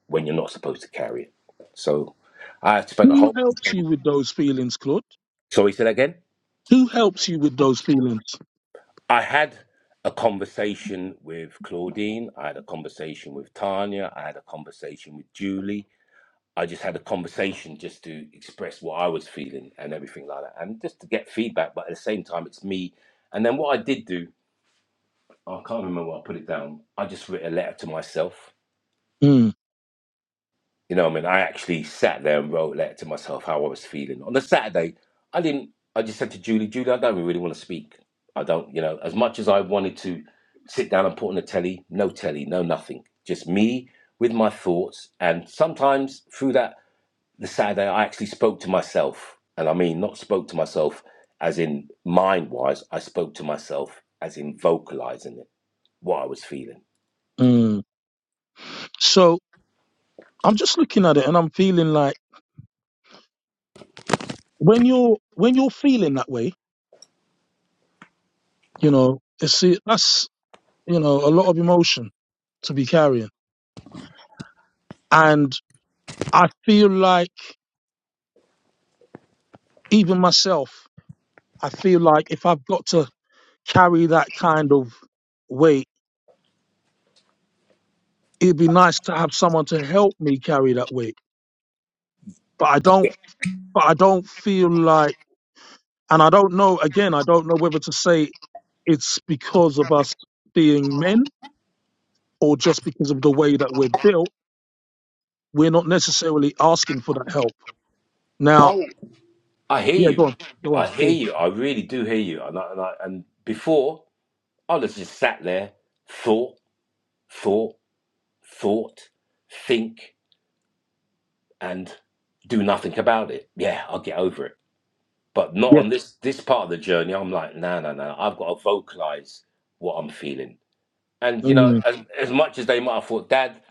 when you're not supposed to carry it. So I spent a Who whole helps weekend. you with those feelings, Claude? Sorry, say that again. Who helps you with those feelings? I had a conversation with Claudine. I had a conversation with Tanya. I had a conversation with Julie. I just had a conversation just to express what I was feeling and everything like that, and just to get feedback. But at the same time, it's me. And then what I did do, I can't remember what I put it down. I just wrote a letter to myself Mm. You know what I mean? I actually sat there and wrote a letter to myself how I was feeling. On the Saturday, I didn't, I just said to Julie, Julie, I don't really want to speak. I don't, you know, as much as I wanted to sit down and put on the telly, no telly, no nothing. Just me with my thoughts. And sometimes through that, the Saturday, I actually spoke to myself. And I mean, not spoke to myself as in mind wise, I spoke to myself as in vocalizing it, what I was feeling. Mm. So I'm just looking at it, and I'm feeling like when you're when you're feeling that way, you know, it's that's you know a lot of emotion to be carrying, and I feel like even myself, I feel like if I've got to carry that kind of weight, it'd be nice to have someone to help me carry that weight. But I don't, Okay. but I don't feel like, and I don't know, again, I don't know whether to say it's because of us being men or just because of the way that we're built. We're not necessarily asking for that help. Yeah. Now, I hear yeah, you. go on, go I on, go hear on. you. I really do hear you. And I, and, I, and before, I was just sat there, thought, thought, thought, think, and do nothing about it. Yeah, I'll get over it. But not Yeah. on this this part of the journey. I'm like, no, no, no. I've got to vocalize what I'm feeling. And you know, Mhm. as, as much as they might have thought, Dad,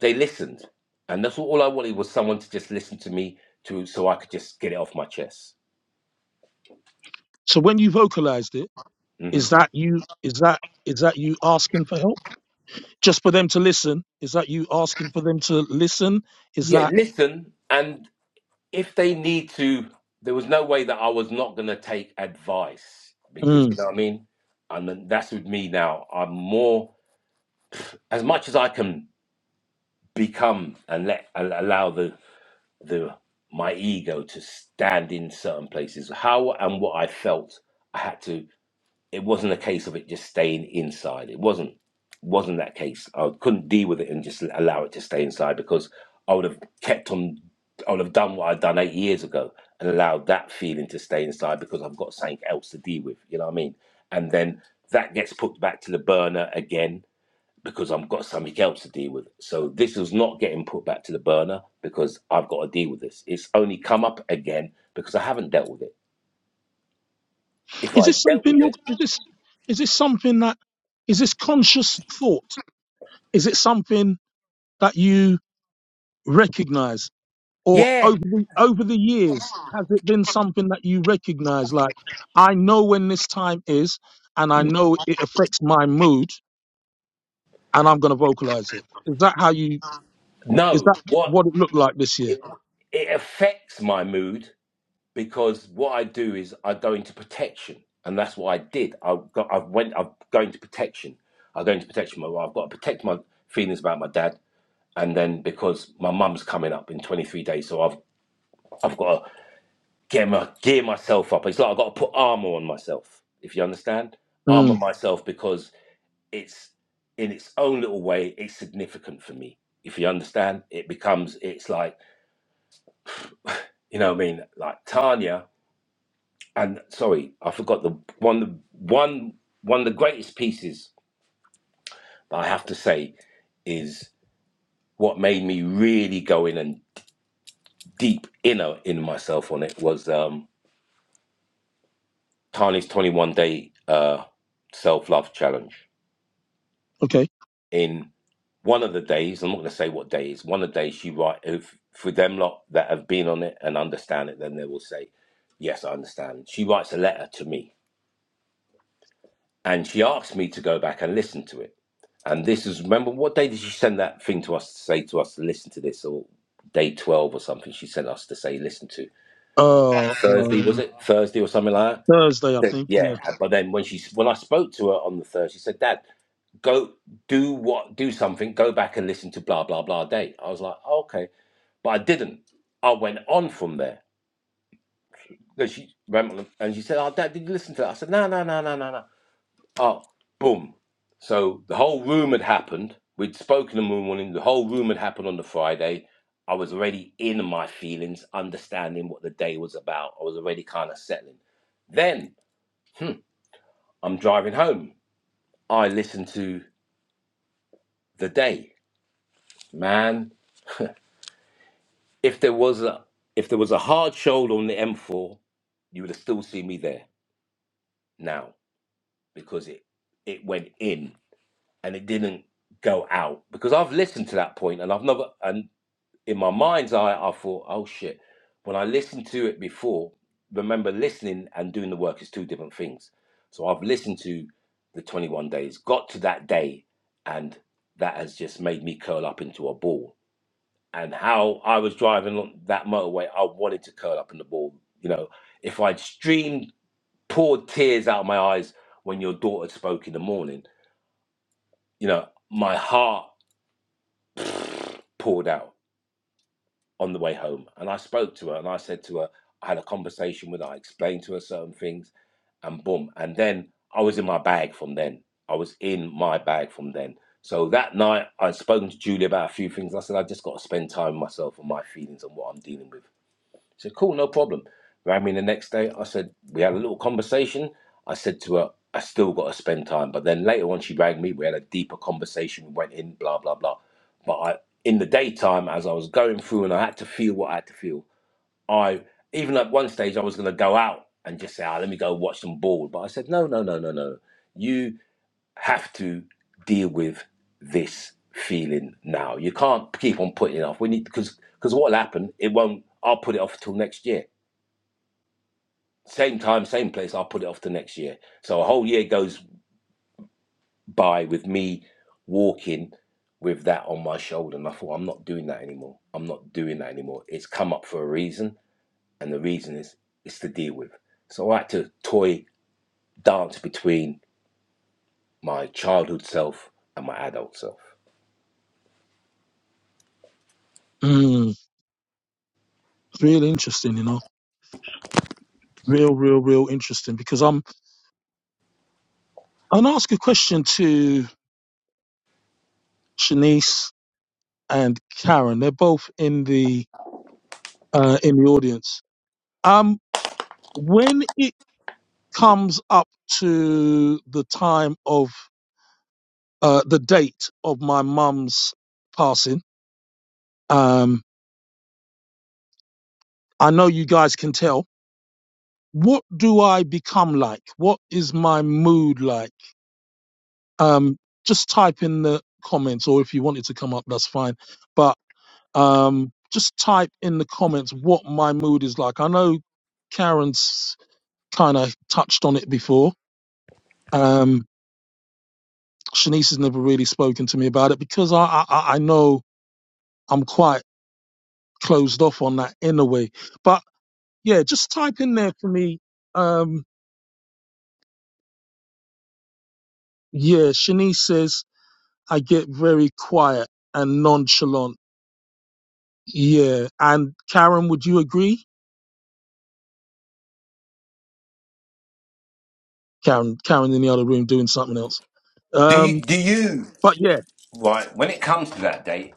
they listened, and that's all I wanted was someone to just listen to me to, so I could just get it off my chest. So when you vocalized it, hmm is that you, is that, is that you asking for help? just for them to listen? Is that you asking for them to listen? Is Yeah, that listen and if they need to, there was no way that I was not going to take advice because you Mm. know what I mean. And that's with me now. I'm more as much as I can become and let al- allow the the my ego to stand in certain places. How and what I felt, I had to it wasn't a case of it just staying inside. It wasn't wasn't that case. I couldn't deal with it and just allow it to stay inside because I would have kept on. I would have done what I'd done eight years ago and allowed that feeling to stay inside because I've got something else to deal with. You know what I mean? And then that gets put back to the burner again because I've got something else to deal with. So this is not getting put back to the burner because I've got to deal with this. It's only come up again because I haven't dealt with it. If is I this dealt something with you it, is this is this something that is this conscious thought? Is it something that you recognize? Or yeah, over the, over the years, has it been something that you recognize? Like, I know when this time is, and I know it affects my mood, and I'm going to vocalize it. Is that how you? Is No, that what what it looked like this year? it, it affects my mood because what I do is I go into protection, and that's what I did. I got, I went, I go into protection. I go into protection. My I've got to protect my feelings about my dad, and then because my mum's coming up in 23 days, so I've I've got to gear my gear myself up. It's like I've got to put armor on myself, if you understand, armor Mm, myself because it's in its own little way, it's significant for me. If you understand, it becomes it's like You know what I mean? Like Tanya and sorry, I forgot the one one one of the greatest pieces that I have to say is what made me really go in and deep inner in myself on it was um Tanya's 21 day uh self-love challenge. okay. In one of the days, I'm not gonna say what day it is, one of the days she write if for them lot that have been on it and understand it, then they will say, Yes, I understand. She writes a letter to me and she asked me to go back and listen to it. And this is remember what day did she send that thing to us to say to us to listen to this or day twelve or something? She sent us to say listen to Uh, Thursday was um, it Thursday or something like that? Thursday, I think. Yeah. Yeah, but then when she when I spoke to her on the Thursday, she said, "Dad, go do what do something. Go back and listen to blah blah blah day." I was like, oh, "Okay," but I didn't. I went on from there. 'Cause she remember, and she said, "Oh, Dad, did you listen to that?" I said, "No, no, no, no, no, no." Oh, boom. So the whole room had happened. We'd spoken in the morning. The whole room had happened on the Friday. I was already in my feelings, understanding what the day was about. I was already kind of settling. Then I'm driving home. I listened to the day. Man, if there was a if there was a hard shoulder on the M4, you would have still seen me there now because it it went in and it didn't go out because I've listened to that point and I've never and in my mind's eye, I thought, oh shit. When I listened to it before, remember listening and doing the work is two different things. So I've listened to the 21 days, got to that day, and that has just made me curl up into a ball. And how I was driving on that motorway, I wanted to curl up in the ball. You know, if I'd streamed, poured tears out of my eyes when your daughter spoke in the morning, you know, my heart poured out on the way home. And I spoke to her and I said to her, I had a conversation with her, I explained to her certain things, and boom. And then I was in my bag from then. I was in my bag from then. So that night, I'd spoken to Julie about a few things. I said, I just got to spend time with myself and my feelings and what I'm dealing with. She said, cool, no problem. Rang me the next day. I said, we had a little conversation. I said to her, I still got to spend time. But then later on, she rang me. We had a deeper conversation. We went in, blah, blah, blah. But I, in the daytime, as I was going through and I had to feel what I had to feel, I, even at one stage, I was going to go out and just say, ah, let me go watch some ball. But I said, no, no, no, no, no. You have to deal with this feeling now. You can't keep on putting it off. We need because because what'll happen? It won't. I'll put it off till next year. Same time, same place. I'll put it off to next year. So a whole year goes by with me walking with that on my shoulder, and I thought I'm not doing that anymore. I'm not doing that anymore. It's come up for a reason, and the reason is it's to deal with. So I had to toy dance between my childhood self and my adult self. Mm, real interesting, you know. Real, real, real interesting. Because I'm I'm gonna ask a question to Shanice and Karen. They're both in the uh, in the audience. Um, when it comes up to the time of uh, the date of my mum's passing, um, I know you guys can tell. What do I become like? What is my mood like? Um, just type in the comments, or if you wanted to come up, that's fine. But um, just type in the comments what my mood is like. I know Karen's kind of touched on it before. Um, Shanice has never really spoken to me about it because I, I, I know I'm quite closed off on that in a way. But yeah, just type in there for me. Um, yeah, Shanice says I get very quiet and nonchalant. Yeah, and Karen, would you agree? Karen, Karen in the other room doing something else. Do you Um, do you but yeah. Right. When it comes to that date,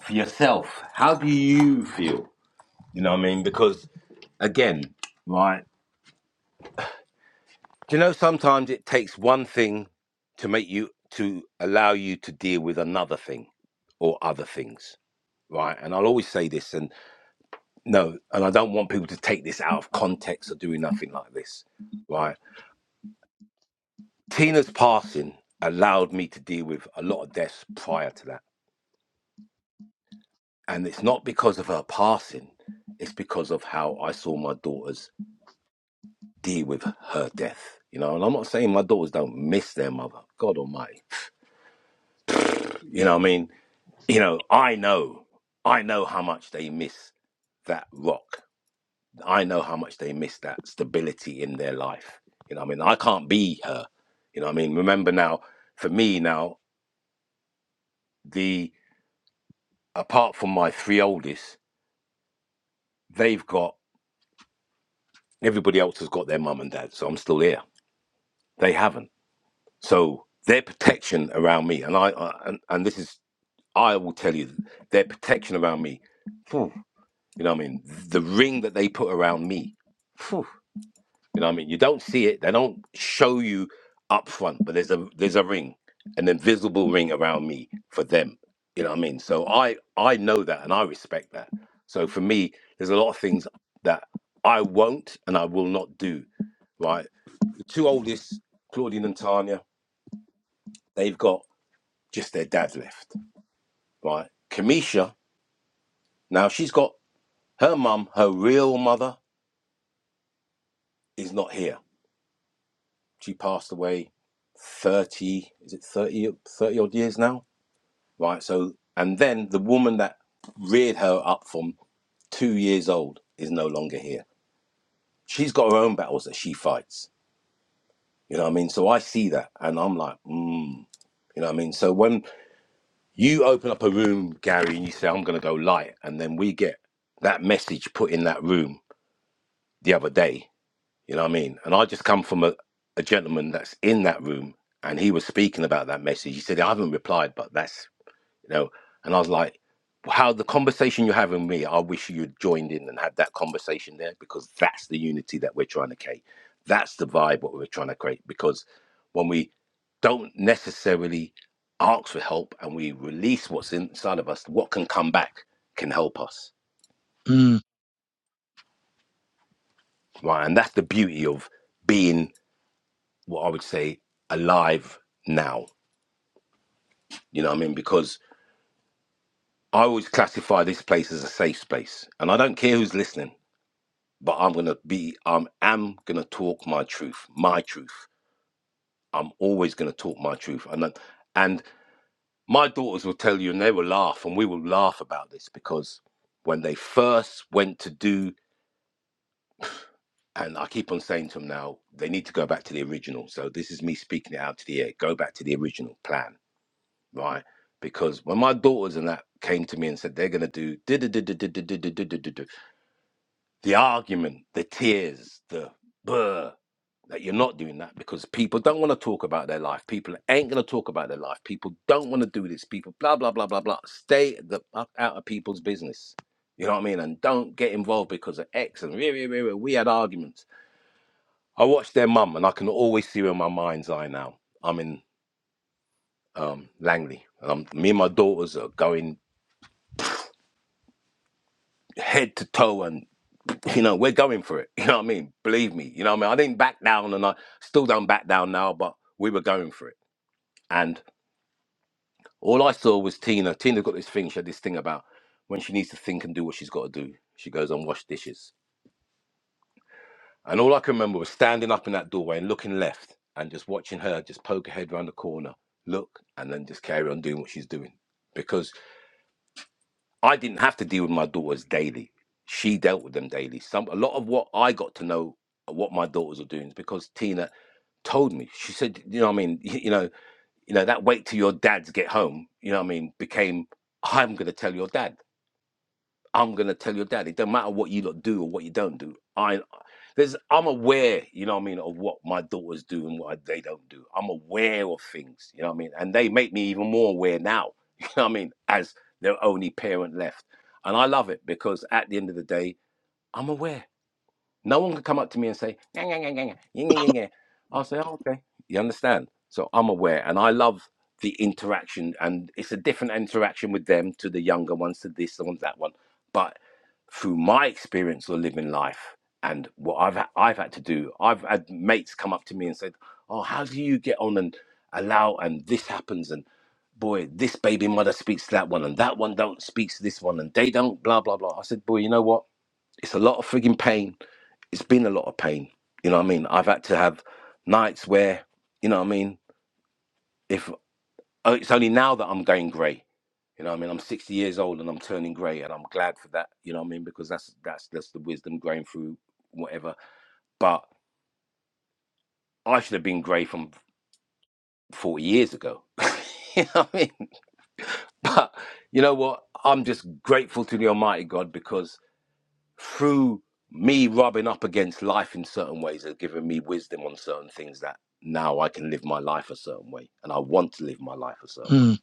for yourself, how do you feel? You know what I mean? Because again, right. Do you know sometimes it takes one thing to make you to allow you to deal with another thing or other things. Right. And I'll always say this and no, and I don't want people to take this out of context or doing nothing like this. Right. Tina's passing allowed me to deal with a lot of deaths prior to that And it's not because of her passing, it's because of how I saw my daughters deal with her death. You know, and I'm not saying my daughters don't miss their mother. God almighty. You know what I mean? You know, I know, I know how much they miss that rock. I know how much they miss that stability in their life. You know what I mean? I can't be her. You know what I mean? Remember now, for me now, the apart from my three oldest, they've got everybody else has got their mum and dad, so I'm still here. They haven't. So their protection around me, and I, I and, and this is I will tell you their protection around me. phew, you know what I mean? The ring that they put around me. phew, you know what I mean? You don't see it. They don't show you up front, but there's a there's a ring, an invisible ring around me for them. You know what I mean? So I I know that and I respect that. So for me, there's a lot of things that I won't and I will not do. Right? The two oldest, Claudine and Tanya, they've got just their dad left, right? Kamisha, now she's got her mum, her real mother, is not here. She passed away 30, is it 30 30 odd years now, right? So, and then the woman that reared her up from two years old is no longer here. She's got her own battles that she fights, you know what I mean? So I see that and I'm like, mm, you know what I mean? So when you open up a room, Gary, and you say, I'm going to go light, and then we get that message put in that room the other day You know what I mean? And I just come from a, a gentleman that's in that room and he was speaking about that message. He said, I haven't replied, but that's, you know, and I was like, how the conversation you're having with me, I wish you'd joined in and had that conversation there because that's the unity that we're trying to create. That's the vibe what we're trying to create because when we don't necessarily ask for help and we release what's inside of us, what can come back can help us. Mm, Right. And that's the beauty of being what I would say alive now. You know what I mean? Because I always classify this place as a safe space, and I don't care who's listening. But I'm gonna be, I'm am gonna talk my truth, my truth. I'm always gonna talk my truth, and that- and my daughters will tell you, and they will laugh, and we will laugh about this because when they first went to do, and I keep on saying to them now, they need to go back to the original. So this is me speaking it out to the air. Go back to the original plan right? Because when my daughters and that came to me and said they're gonna do the argument, the tears, the burr, that you're not doing that because people don't want to talk about their life. People ain't gonna talk about their life. People don't want to do this. People blah blah blah blah blah. Stay the fuck out of people's business. You know what I mean? And don't get involved because of X and we, we, we, we we had arguments. I watched their mum and I can always see her in my mind's eye now. I'm in um, Langley. am me and my daughters are going. head to toe and you know we're going for it you know what i mean believe me you know what i mean i didn't back down and i still don't back down now but we were going for it and all i saw was tina tina got this thing she had this thing about when she needs to think and do what she's got to do she goes and wash dishes and all i can remember was standing up in that doorway and looking left and just watching her just poke her head around the corner look and then just carry on doing what she's doing because. I didn't have to deal with my daughters daily. She dealt with them daily. Some a lot of what I got to know uh, what my daughters are doing is because Tina told me. She said, you know what I mean, you know, you know, that wait till your dads get home, you know what I mean, became I'm gonna tell your dad. I'm gonna tell your dad. It don't matter what you lot do or what you don't do. I there's I'm aware, you know what I mean, of what my daughters do and what they don't do. I'm aware of things, you know what I mean? And they make me even more aware now, you know what I mean, as their only parent left. And I love it because at the end of the day, I'm aware. No one could come up to me and say, "Nyah, nyah, nyah, nyah, nyah, nyah, nyah, I'll say, oh, okay. You understand? So I'm aware and I love the interaction and it's a different interaction with them to the younger ones, to this one, that one. But through my experience of living life and what I've had, I've had to do, I've had mates come up to me and said, "Oh, how do you get on and allow and this happens and boy, this baby mother speaks to that one and that one don't speaks to this one and they don't blah blah blah." I said, "Boy, you know what? It's a lot of frigging pain. It's been a lot of pain. You know what I mean? I've had to have nights where, you know what I mean, if oh, it's only now that I'm going grey. You know what I mean? I'm 60 years old and I'm turning grey and I'm glad for that, you know what I mean? Because that's that's that's the wisdom going through whatever. But I should have been grey from 40 years ago. you know what I mean? But you know what? I'm just grateful to the Almighty God because through me rubbing up against life in certain ways has given me wisdom on certain things that now I can live my life a certain way and I want to live my life a certain way. mm.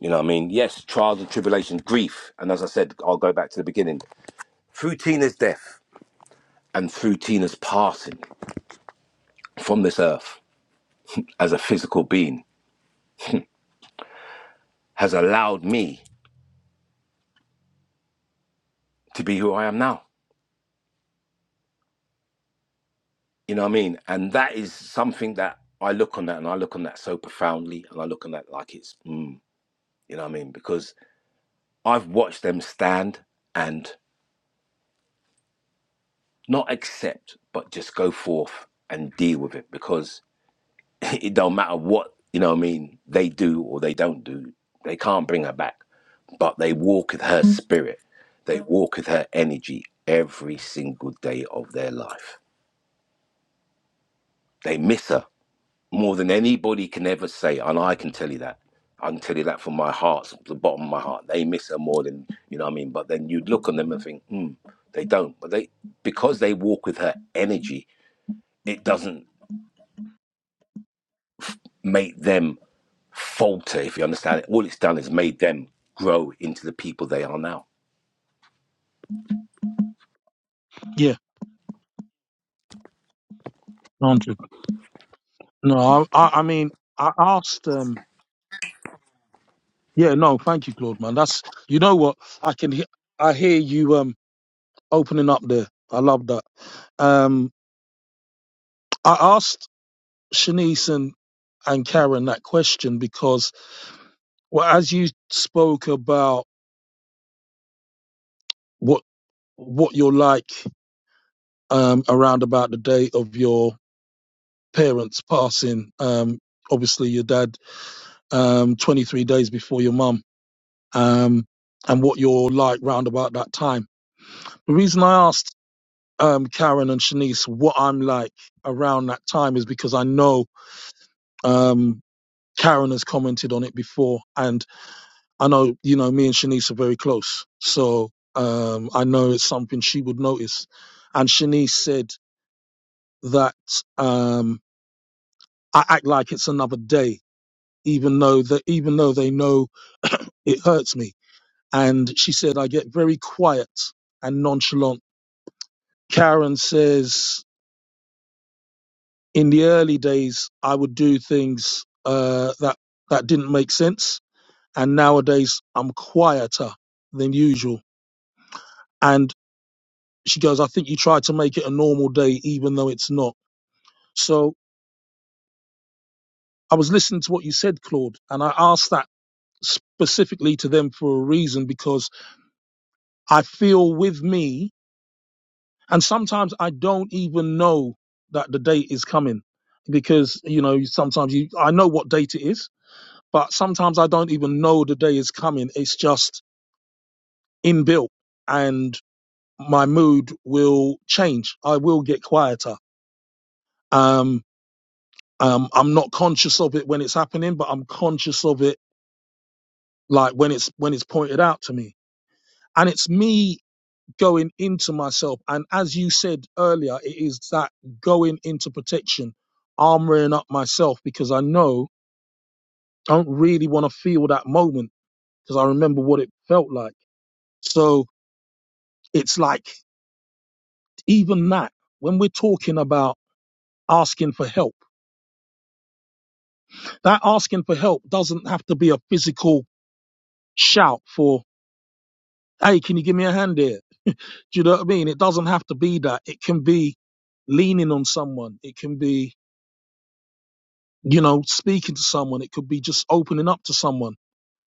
You know what I mean? Yes, trials and tribulations, grief. And as I said, I'll go back to the beginning. Through Tina's death and through Tina's passing from this earth as a physical being has allowed me to be who I am now. You know what I mean? And that is something that I look on that and I look on that so profoundly and I look on that like it's, mm, you know what I mean? Because I've watched them stand and not accept, but just go forth and deal with it because it don't matter what you know. What I mean, they do or they don't do. They can't bring her back, but they walk with her spirit. They walk with her energy every single day of their life. They miss her more than anybody can ever say, and I can tell you that. I can tell you that from my heart, the bottom of my heart. They miss her more than you know what I mean. But then you'd look on them and think, hmm, they don't. But they because they walk with her energy, it doesn't make them falter, if you understand it. All it's done is made them grow into the people they are now. Yeah, hundred. No, I, I, I mean, I asked. Um, yeah, no, thank you, Claude, man. That's you know what I can. He- I hear you um opening up there. I love that. Um, I asked Shanice and and Karen that question because, well, as you spoke about what what you're like um around about the day of your parents passing, um, obviously your dad um 23 days before your mum um, and what you're like round about that time. The reason I asked um, Karen and Shanice what I'm like around that time is because I know um, Karen has commented on it before, and I know you know me and Shanice are very close, so um, I know it's something she would notice. And Shanice said that um, I act like it's another day, even though that even though they know it hurts me. And she said I get very quiet and nonchalant Karen says, in the early days, I would do things uh, that that didn't make sense, and nowadays I'm quieter than usual. And she goes, I think you try to make it a normal day, even though it's not. So I was listening to what you said, Claude, and I asked that specifically to them for a reason because I feel with me, and sometimes I don't even know that the date is coming because you know sometimes you I know what date it is but sometimes I don't even know the day is coming. It's just inbuilt and my mood will change. I will get quieter. Um, um, I'm not conscious of it when it's happening, but I'm conscious of it like when it's, when it's pointed out to me and it's me going into myself. And as you said earlier, it is that going into protection, armoring up myself because I know I don't really want to feel that moment because I remember what it felt like. So it's like even that, when we're talking about asking for help, that asking for help doesn't have to be a physical shout for, hey, can you give me a hand here? Do you know what I mean? It doesn't have to be that. It can be leaning on someone. It can be, you know, speaking to someone. It could be just opening up to someone,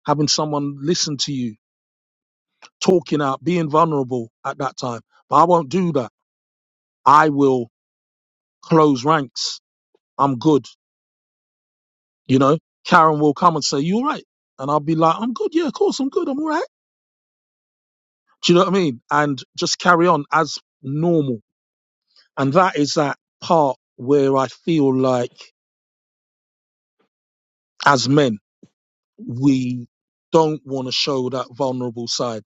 having someone listen to you, talking out, being vulnerable at that time. But I won't do that. I will close ranks. I'm good. You know, Karen will come and say, You all right? And I'll be like, I'm good. Yeah, of course, I'm good. I'm all right. Do you know what I mean? And just carry on as normal. And that is that part where I feel like as men, we don't want to show that vulnerable side.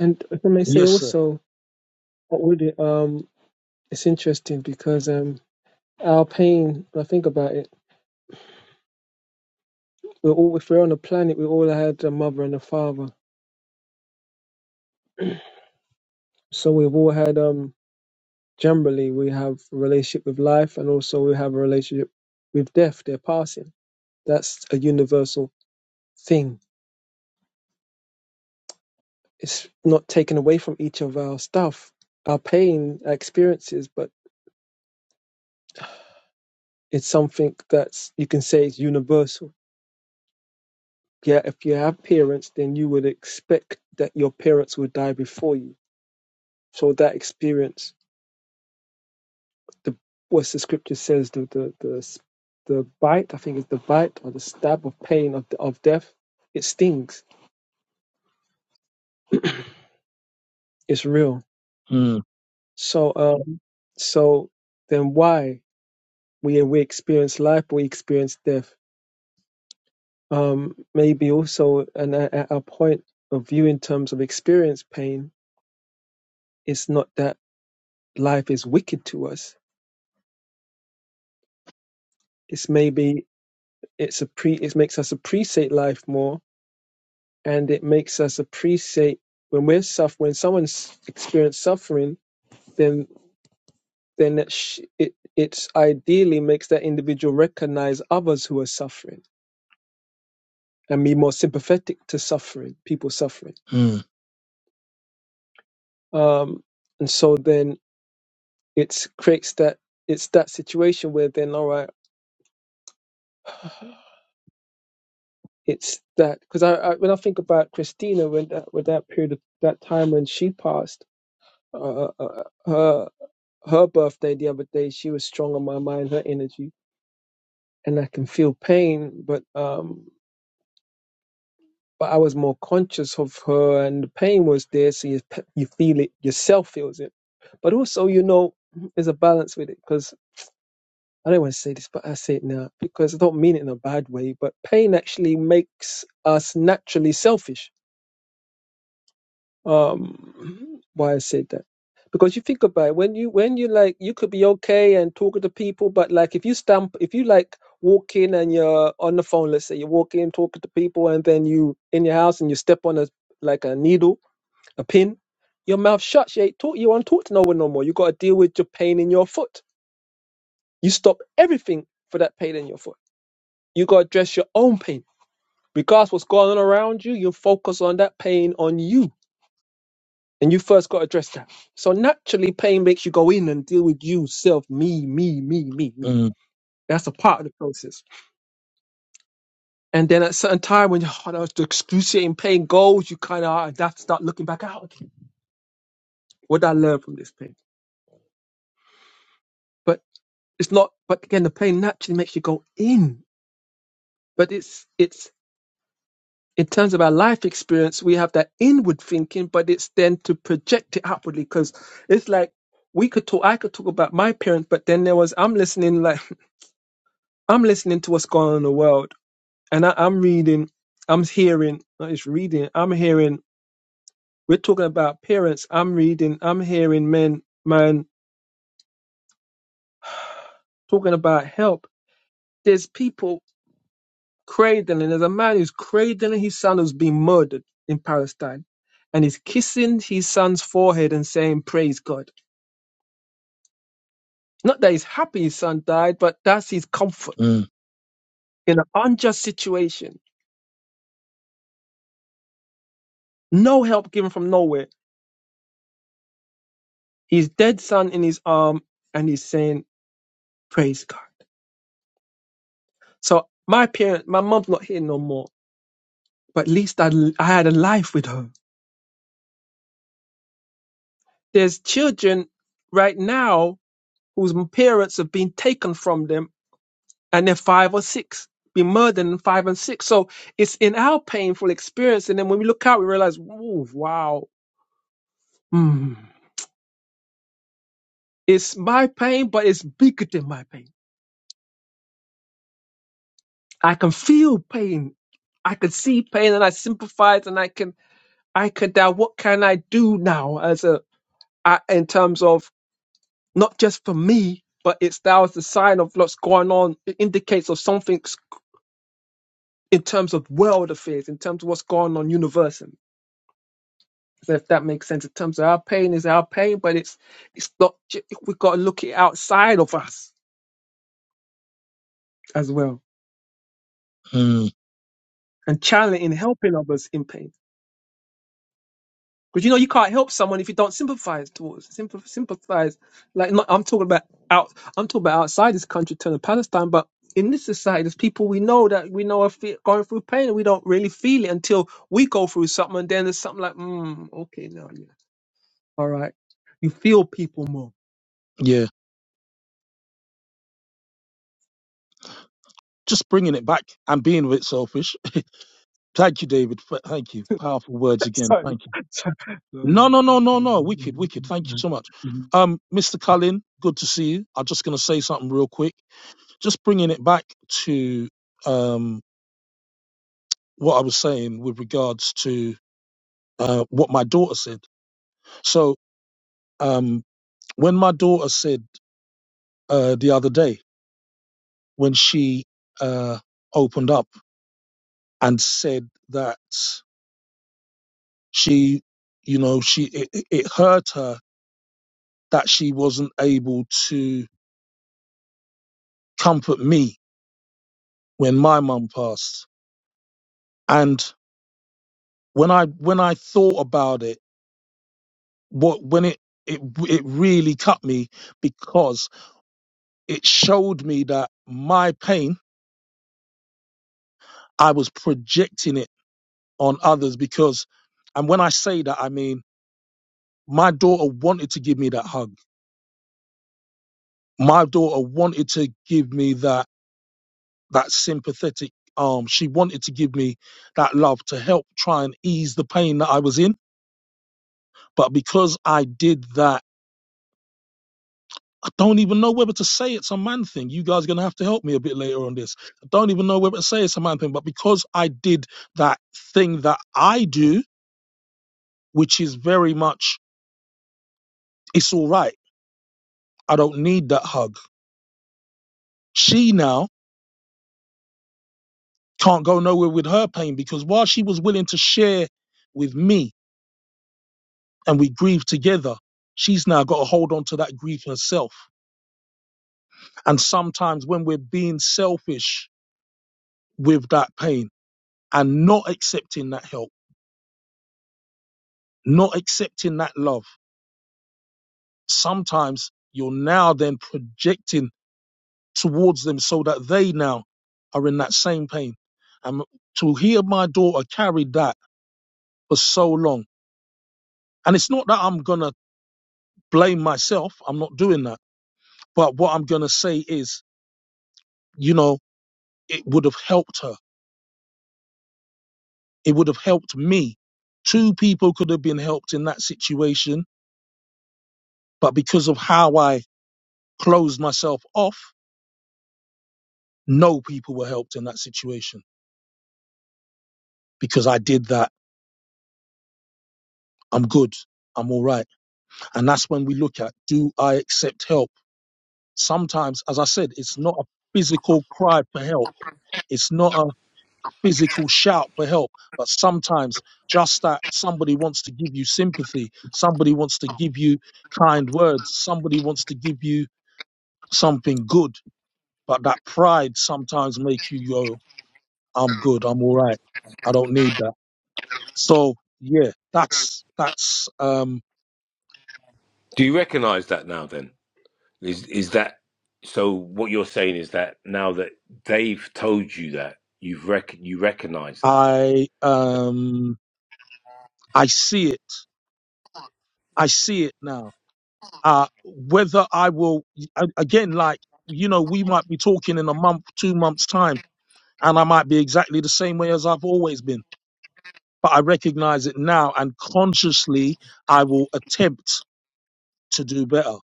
And if I may say Yes, sir. also, what we did, um, it's interesting because um, our pain, when I think about it, we're all, if we're on the planet, we all had a mother and a father. So we've all had, um, generally, we have a relationship with life and also we have a relationship with death, their passing. That's a universal thing. It's not taken away from each of our stuff, our pain, our experiences, but it's something that's you can say it's universal. Yeah, if you have parents, then you would expect that your parents would die before you. So that experience, the what the scripture says, the the the, the bite, I think it's the bite or the stab of pain of of death, it stings. It's real. Mm, So um, so then why? we we experience life, we experience death. Um, maybe also, and at, at our point of view in terms of experience pain, it's not that life is wicked to us. It's maybe it's a pre. It makes us appreciate life more, and it makes us appreciate when we're suff when someone's experienced suffering, then then it sh- it it's ideally makes that individual recognize others who are suffering and be more sympathetic to suffering, people suffering. mm, Um, and so then it creates that it's that situation where then all right it's that because I, I when i think about christina when that with that period of that time when she passed uh, uh, uh, uh, her her birthday the other day she was strong on my mind her energy and i can feel pain but um but i was more conscious of her and the pain was there so you you feel it yourself feels it but also you know there's a balance with it because. I don't want to say this, but I say it now because I don't mean it in a bad way. But pain actually makes us naturally selfish. Um, why I said that? Because you think about it, when you when you like you could be okay and talking to people, but like if you stamp if you like walk in and you're on the phone, let's say you walk in talking to people and then you in your house and you step on a like a needle, a pin, your mouth shuts. You ain't talk you won't talk to no one no more. You got to deal with your pain in your foot. You stop everything for that pain in your foot You got to address your own pain. Regardless what's going on around you, you focus on that pain on you. And you first got to address that. So naturally, pain makes you go in and deal with you, self, me, me, me, me, me. mm, That's a part of the process. And then at a certain time, when oh, that was the excruciating pain goes, you kind of have to start looking back out. Okay, what did I learn from this pain? But it's not, but again, the pain naturally makes you go in. But it's, it's in terms of our life experience, we have that inward thinking, but it's then to project it outwardly because it's like we could talk, I could talk about my parents, but then there was, I'm listening, like, I'm listening to what's going on in the world and I, I'm reading, I'm hearing, not just reading, I'm hearing, we're talking about parents, I'm reading, I'm hearing men, man, talking about help. There's people cradling, there's a man who's cradling his son who's been murdered in Palestine and he's kissing his son's forehead and saying, Praise God Not that he's happy his son died, but that's his comfort mm, in an unjust situation. No help given from nowhere. His dead son in his arm, and he's saying, "Praise God." So my parent, my mum's not here no more, but at least I, I had a life with her. There's children right now whose parents have been taken from them, and they're five or six, been murdered in five and six. So it's in our painful experience, and then when we look out, we realize, "Ooh, wow." Hmm. It's my pain, but it's bigger than my pain. I can feel pain. I can see pain and I sympathize and I can, I can now, what can I do now as a, I, in terms of not just for me, but it's now as a sign of what's going on. It indicates of something's in terms of world affairs, in terms of what's going on universally. So if that makes sense, in terms of our pain is our pain, but it's, it's not, ju- we've got to look it outside of us as well mm. and challenging, helping others in pain. Because you know you can't help someone if you don't sympathize towards sympath- sympathize. Like not, I'm talking about out. I'm talking about outside this country, turning Palestine, but in this society, there's people we know that we know are fe- going through pain, and we don't really feel it until we go through something, and then there's something like, mm, okay, now, yeah, all right, you feel people more. Yeah. Just bringing it back and being a bit selfish. thank you, David. F- Thank you. Powerful words again. Sorry. Thank you. No, Sorry. no, no, no, no. Wicked, wicked. Thank you so much. Um, Mr. Cullen, good to see you. I'm just going to say something real quick. Just bringing it back to um, what I was saying with regards to uh, what my daughter said. So, um, when my daughter said uh, the other day, when she uh, opened up and said that she, you know, she it, it it hurt her that she wasn't able to comfort me when my mum passed And when I when I thought about it, what when it it it really cut me because it showed me that my pain I was projecting it on others because, and when I say that I mean my daughter wanted to give me that hug. My daughter wanted to give me that that sympathetic arm. She wanted to give me that love to help try and ease the pain that I was in. But because I did that I don't even know whether to say it's a man thing. You guys are going to have to help me a bit later on this. I don't even know whether to say it's a man thing, but because I did that thing that I do, which is very much, it's all right. I don't need that hug. She now can't go nowhere with her pain because while she was willing to share with me and we grieved together, she's now got to hold on to that grief herself. And sometimes when we're being selfish with that pain and not accepting that help, not accepting that love, sometimes you're now then projecting towards them so that they now are in that same pain. And to hear my daughter carry that for so long, and it's not that I'm going to blame myself, I'm not doing that. But what I'm going to say is, you know, it would have helped her, it would have helped me. Two people could have been helped in that situation, but because of how I closed myself off, no people were helped in that situation because I did that. I'm good. I'm all right And that's when we look at do I accept help? Sometimes, as I said, it's not a physical cry for help, it's not a physical shout for help, but sometimes just that somebody wants to give you sympathy, somebody wants to give you kind words, somebody wants to give you something good, but that pride sometimes makes you go, I'm good, I'm all right, I don't need that. So, yeah, that's, that's, um, Do you recognise that now then? Is is that so what you're saying is that now that they've told you that, you've rec- you recognise that. I, um, I see it I see it now. Uh, whether I will, a- again, like, you know, we might be talking in a month, two months' time, and I might be exactly the same way as I've always been. But I recognize it now, and consciously, I will attempt to do better.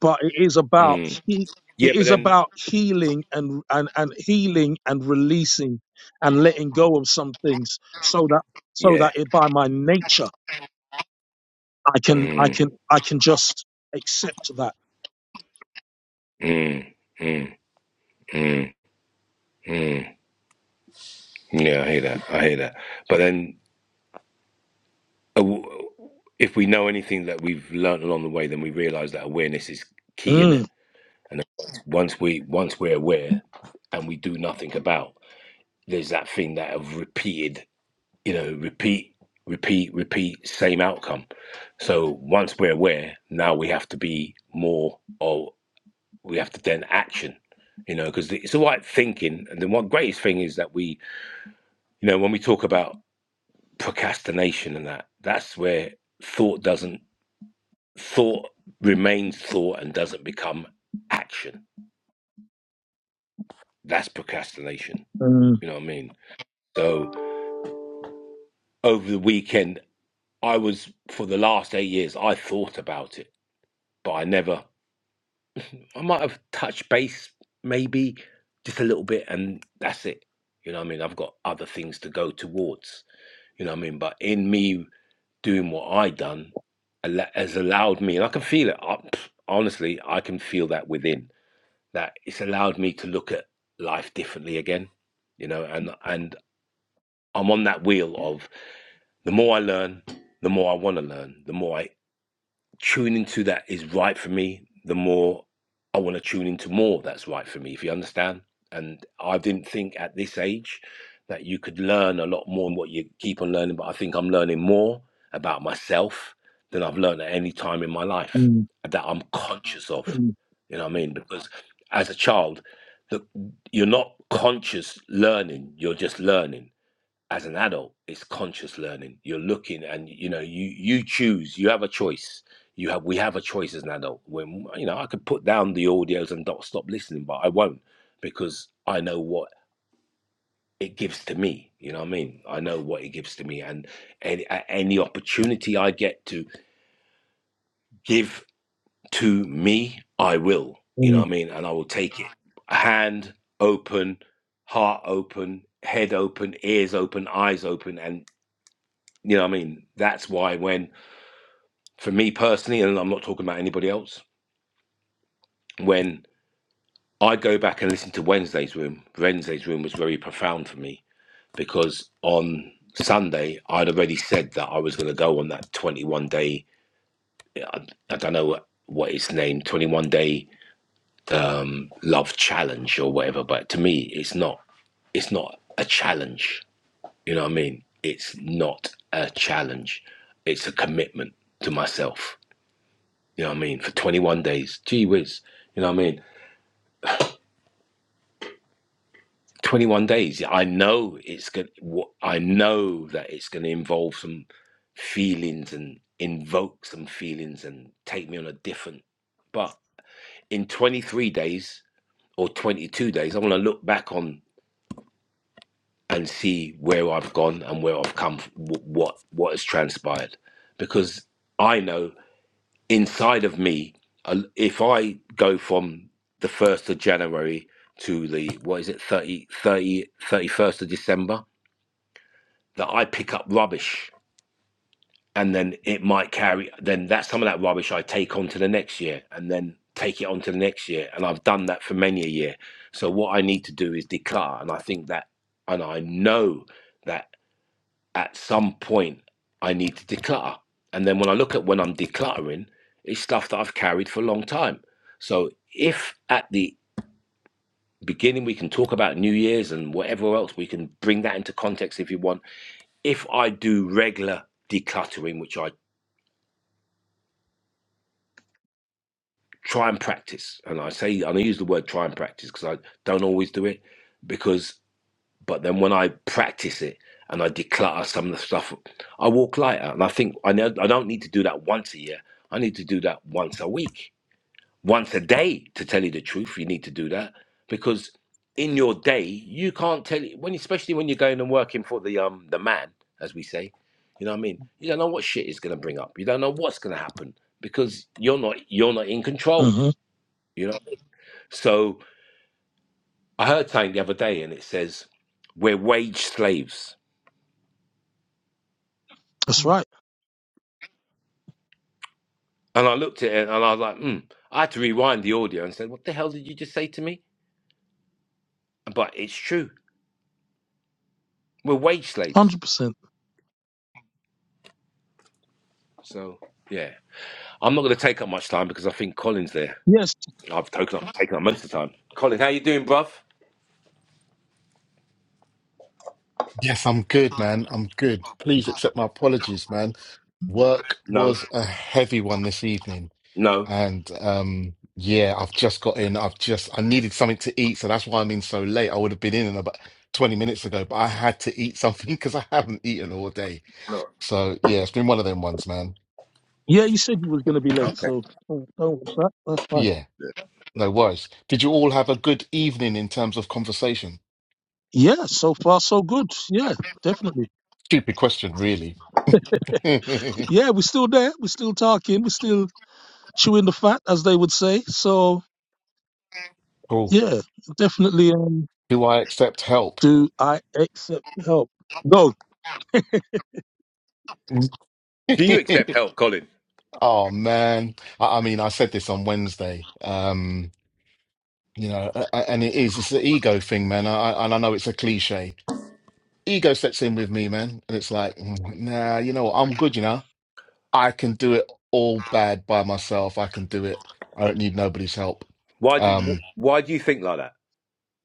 But it is about Mm. he, Yeah, it but is then about healing and, and and healing and releasing and letting go of some things, so that so yeah. that it, by my nature, I can I Mm, can I can just accept that. mm, mm, mm, mm. Yeah, I hear that. I hear that. But then, uh, w- if we know anything that we've learned along the way, then we realize that awareness is key in it. Mm. And then once we once we're aware and we do nothing about, there's that thing that of repeated, you know, repeat, repeat, repeat, same outcome. So once we're aware, now we have to be more, or we have to then action you know, because it's all right thinking. And then one greatest thing is that we You know, when we talk about procrastination and that, that's where thought doesn't thought remains thought and doesn't become action. That's procrastination. mm. You know what I mean? So over the weekend, I was for the last eight years, I thought about it, but I never. I might have touched base maybe just a little bit, and that's it. You know what I mean? I've got other things to go towards. You know what I mean? But in me doing what I done has allowed me, and I can feel it. I, honestly, I can feel that within that it's allowed me to look at life differently again, you know. And and I'm on that wheel of the more I learn, the more I want to learn, the more I Tuning into that is right for me, the more I want to tune into more that's right for me, if you understand. And I didn't think at this age that you could learn a lot more than what you keep on learning, but I think I'm learning more about myself than I've learned at any time in my life Mm, that I'm conscious of. mm, You know what I mean? Because as a child, the, you're not conscious learning, you're just learning as an adult it's conscious learning you're looking and you know you you choose you have a choice you have we have a choice as an adult when you know i could put down the audios and not stop listening but i won't because i know what it gives to me you know what i mean i know what it gives to me and any, any opportunity i get to give to me i will you know mm, what i mean and i will take it hand open heart open head open ears open eyes open and You know what I mean? That's why when, for me personally, and I'm not talking about anybody else, when I go back and listen to Wednesday's room, Wednesday's room was very profound for me because on Sunday I'd already said that I was going to go on that 21 day, I, I don't know what, what it's named, 21 day um, love challenge or whatever. But to me, it's not, it's not a challenge. You know what I mean? It's not a challenge. It's a commitment to myself You know what I mean? For 21 days. Gee whiz. You know what I mean? 21 days. yeah, I know it's going to, I know that it's going to involve some feelings and invoke some feelings and take me on a different. But in 23 days or 22 days, I want to look back on and see where I've gone and where I've come, what, what has transpired. Because I know inside of me, uh, if I go from the 1st of January to the, what is it, 30, 30, thirty-first of December, that I pick up rubbish and then it might carry, then that some of that rubbish I take on to the next year and then take it on to the next year. And I've done that for many a year. So what I need to do is declare. And I think that, and I know. that at some point I need to declutter. And then when I look at when I'm decluttering, it's stuff that I've carried for a long time. So if at the beginning we can talk about New Year's and whatever else, we can bring that into context if you want. If I do regular decluttering, which I try and practice, and I say, and I use the word try and practice because I don't always do it, because But then when I practice it and I declutter some of the stuff, I walk lighter. And I think I know I don't need to do that once a year. I need to do that once a week, once a day. To tell you the truth, you need to do that because in your day you can't tell it when, especially when you're going and working for the um the man, as we say. You know what I mean? You don't know what shit is going to bring up. You don't know what's going to happen because you're not you're not in control. mhm. You know. So I heard something the other day, and it says we're wage slaves That's right. And I looked at it and I was like, hmm. I had to rewind the audio and said, what the hell did you just say to me? But it's true. We're wage slaves. 100%. So, yeah. I'm not going to take up much time because I think Colin's there. Yes. I've taken up, taken up most of the time. Colin, how you doing, bruv? Yes, I'm good, man. I'm good. Please accept my apologies, man. Work No, was a heavy one this evening. no. And um yeah, I've just got in. I've just I needed something to eat, so that's why I'm in so late. I would have been in about 20 minutes ago, but I had to eat something because I haven't eaten all day. So yeah, it's been one of them ones, man. Yeah, you said you was going to be late, so don't don't watch that. That's fine. Yeah, no worries. Did you all have a good evening in terms of conversation? Yeah, so far so good. Yeah, definitely. Stupid question, really. Yeah, we're still there. We're still talking. We're still chewing the fat, as they would say. So, Cool. yeah, definitely. Um, Do I accept help? do I accept help? Go. Do you accept help, Colin? Oh man, I, I mean, I said this on Wednesday. Um, you know, a- a- and it is, it's the ego thing, man. I, I- and I know it's a cliche. Ego sets in with me, man, and it's like, mm, nah, you know, what? I'm good. You know, I can do it all bad by myself. I can do it. I don't need nobody's help. Why do you, Um, why do you think like that?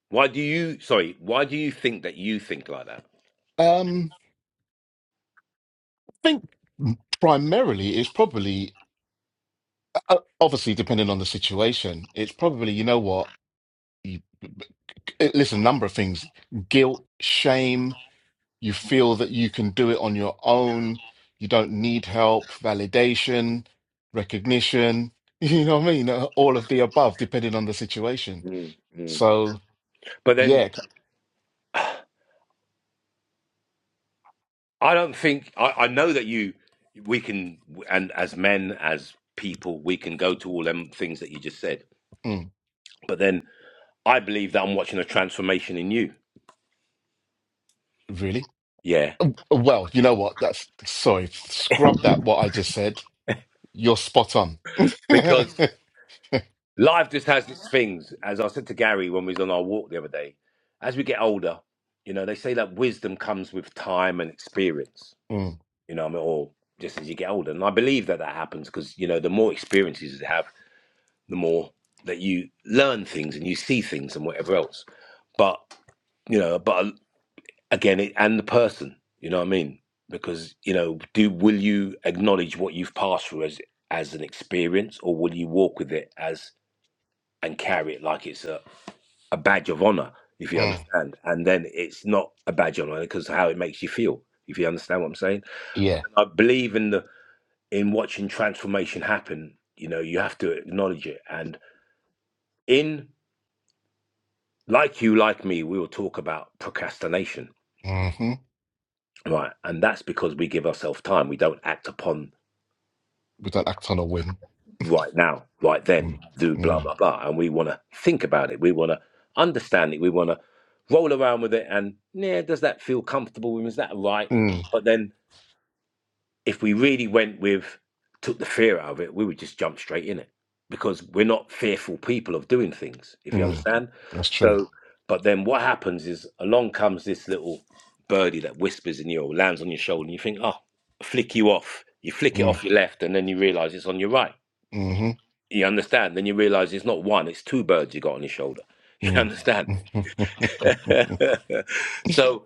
Why do you, sorry, why do you think that you think like that? um, I think primarily it's probably, uh, obviously, depending on the situation, it's probably, you know what, you, listen, number of things, guilt, shame. You feel that you can do it on your own. You don't need help, validation, recognition. You know what I mean? Uh, All of the above, depending on the situation. Mm, mm. So, But then yeah, c- I don't think I, I know that you we can and as men as people we can go to all them things that you just said. mm, But then I believe that I'm watching a transformation in you. really? Yeah. Well, you know what? That's sorry, scrub that what I just said. You're spot on. Because life just has its things. As I said to Gary when we was on our walk the other day, as we get older, you know, they say that wisdom comes with time and experience. Mm, You know, what I mean, or just as you get older. And I believe that that happens because, you know, the more experiences you have, the more that you learn things and you see things and whatever else. But you know but again it, and the person you know what i mean because you know do will you acknowledge what you've passed through as as an experience or will you walk with it as and carry it like it's a, a badge of honor if you mm, understand and then it's not a badge of honor because how it makes you feel if you understand what i'm saying but yeah. i believe in the in watching transformation happen you know you have to acknowledge it and in like you like me we will talk about procrastination hmm right? And that's because we give ourselves time. We don't act upon We don't act on a whim. right now, right then, Mm, do blah mm, blah blah, and we want to think about it. We want to understand it. We want to roll around with it, and yeah, does that feel comfortable? Is that right? mm, But then if we really went with took the fear out of it, we would just jump straight in it because we're not fearful people of doing things, if you mm. understand. That's true. So, but then what happens is along comes this little birdie that whispers in your lands on your shoulder, and you think, oh, flick you off. You flick it Mm, off your left, and then you realize it's on your right. hmm You understand? Then you realize it's not one, it's two birds you got on your shoulder. You mm. understand? so,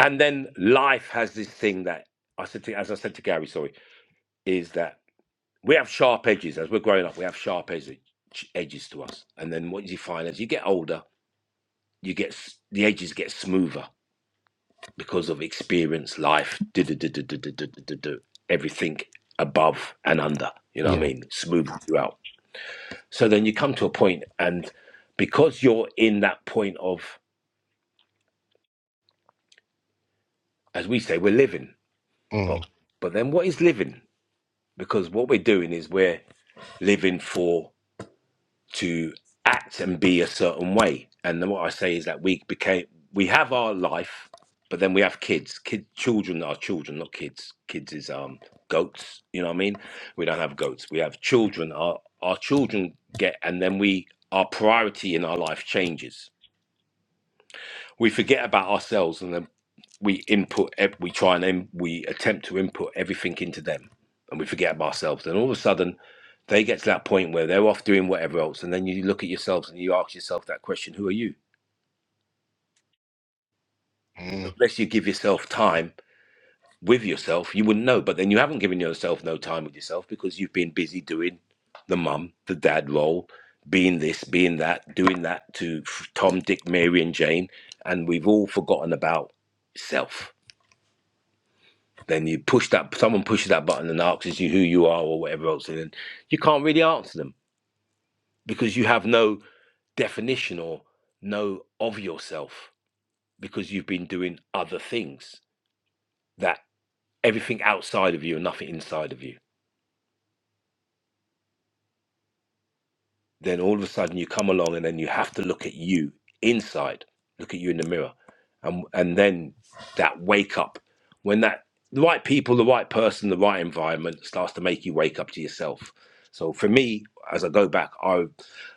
and then life has this thing that I said to, as I said to Gary, sorry, is that we have sharp edges as we're growing up. We have sharp edges, edges to us, and then what you find as you get older, you get the edges get smoother because of experience, life, do do do do do do do do do, do, everything above and under. You know what I yeah. mean? Smooth throughout. So then you come to a point, and because you're in that point of, as we say, we're living, Mm. but but then what is living? Because what we're doing is we're living for. to act and be a certain way. And then what I say is that we became we have our life, but then we have kids. Kid children are children, not kids. Kids is um goats, you know what I mean? We don't have goats. We have children. Our our children get and then we our priority in our life changes. We forget about ourselves and then we input ev- we try and im- we attempt to input everything into them and we forget about ourselves and all of a sudden they get to that point where they're off doing whatever else and then you look at yourselves and you ask yourself that question who are you So Mm, unless you give yourself time with yourself you wouldn't know but then you haven't given yourself no time with yourself because you've been busy doing the mum the dad role being this being that doing that to f- tom dick mary and jane and we've all forgotten about self Then you push that someone pushes that button and asks you who you are or whatever else, and then you can't really answer them because you have no definition or no of yourself because you've been doing other things that everything outside of you and nothing inside of you then all of a sudden you come along and then you have to look at you inside look at you in the mirror and and then that wake up when that the right people the right person the right environment starts to make you wake up to yourself so for me as i go back i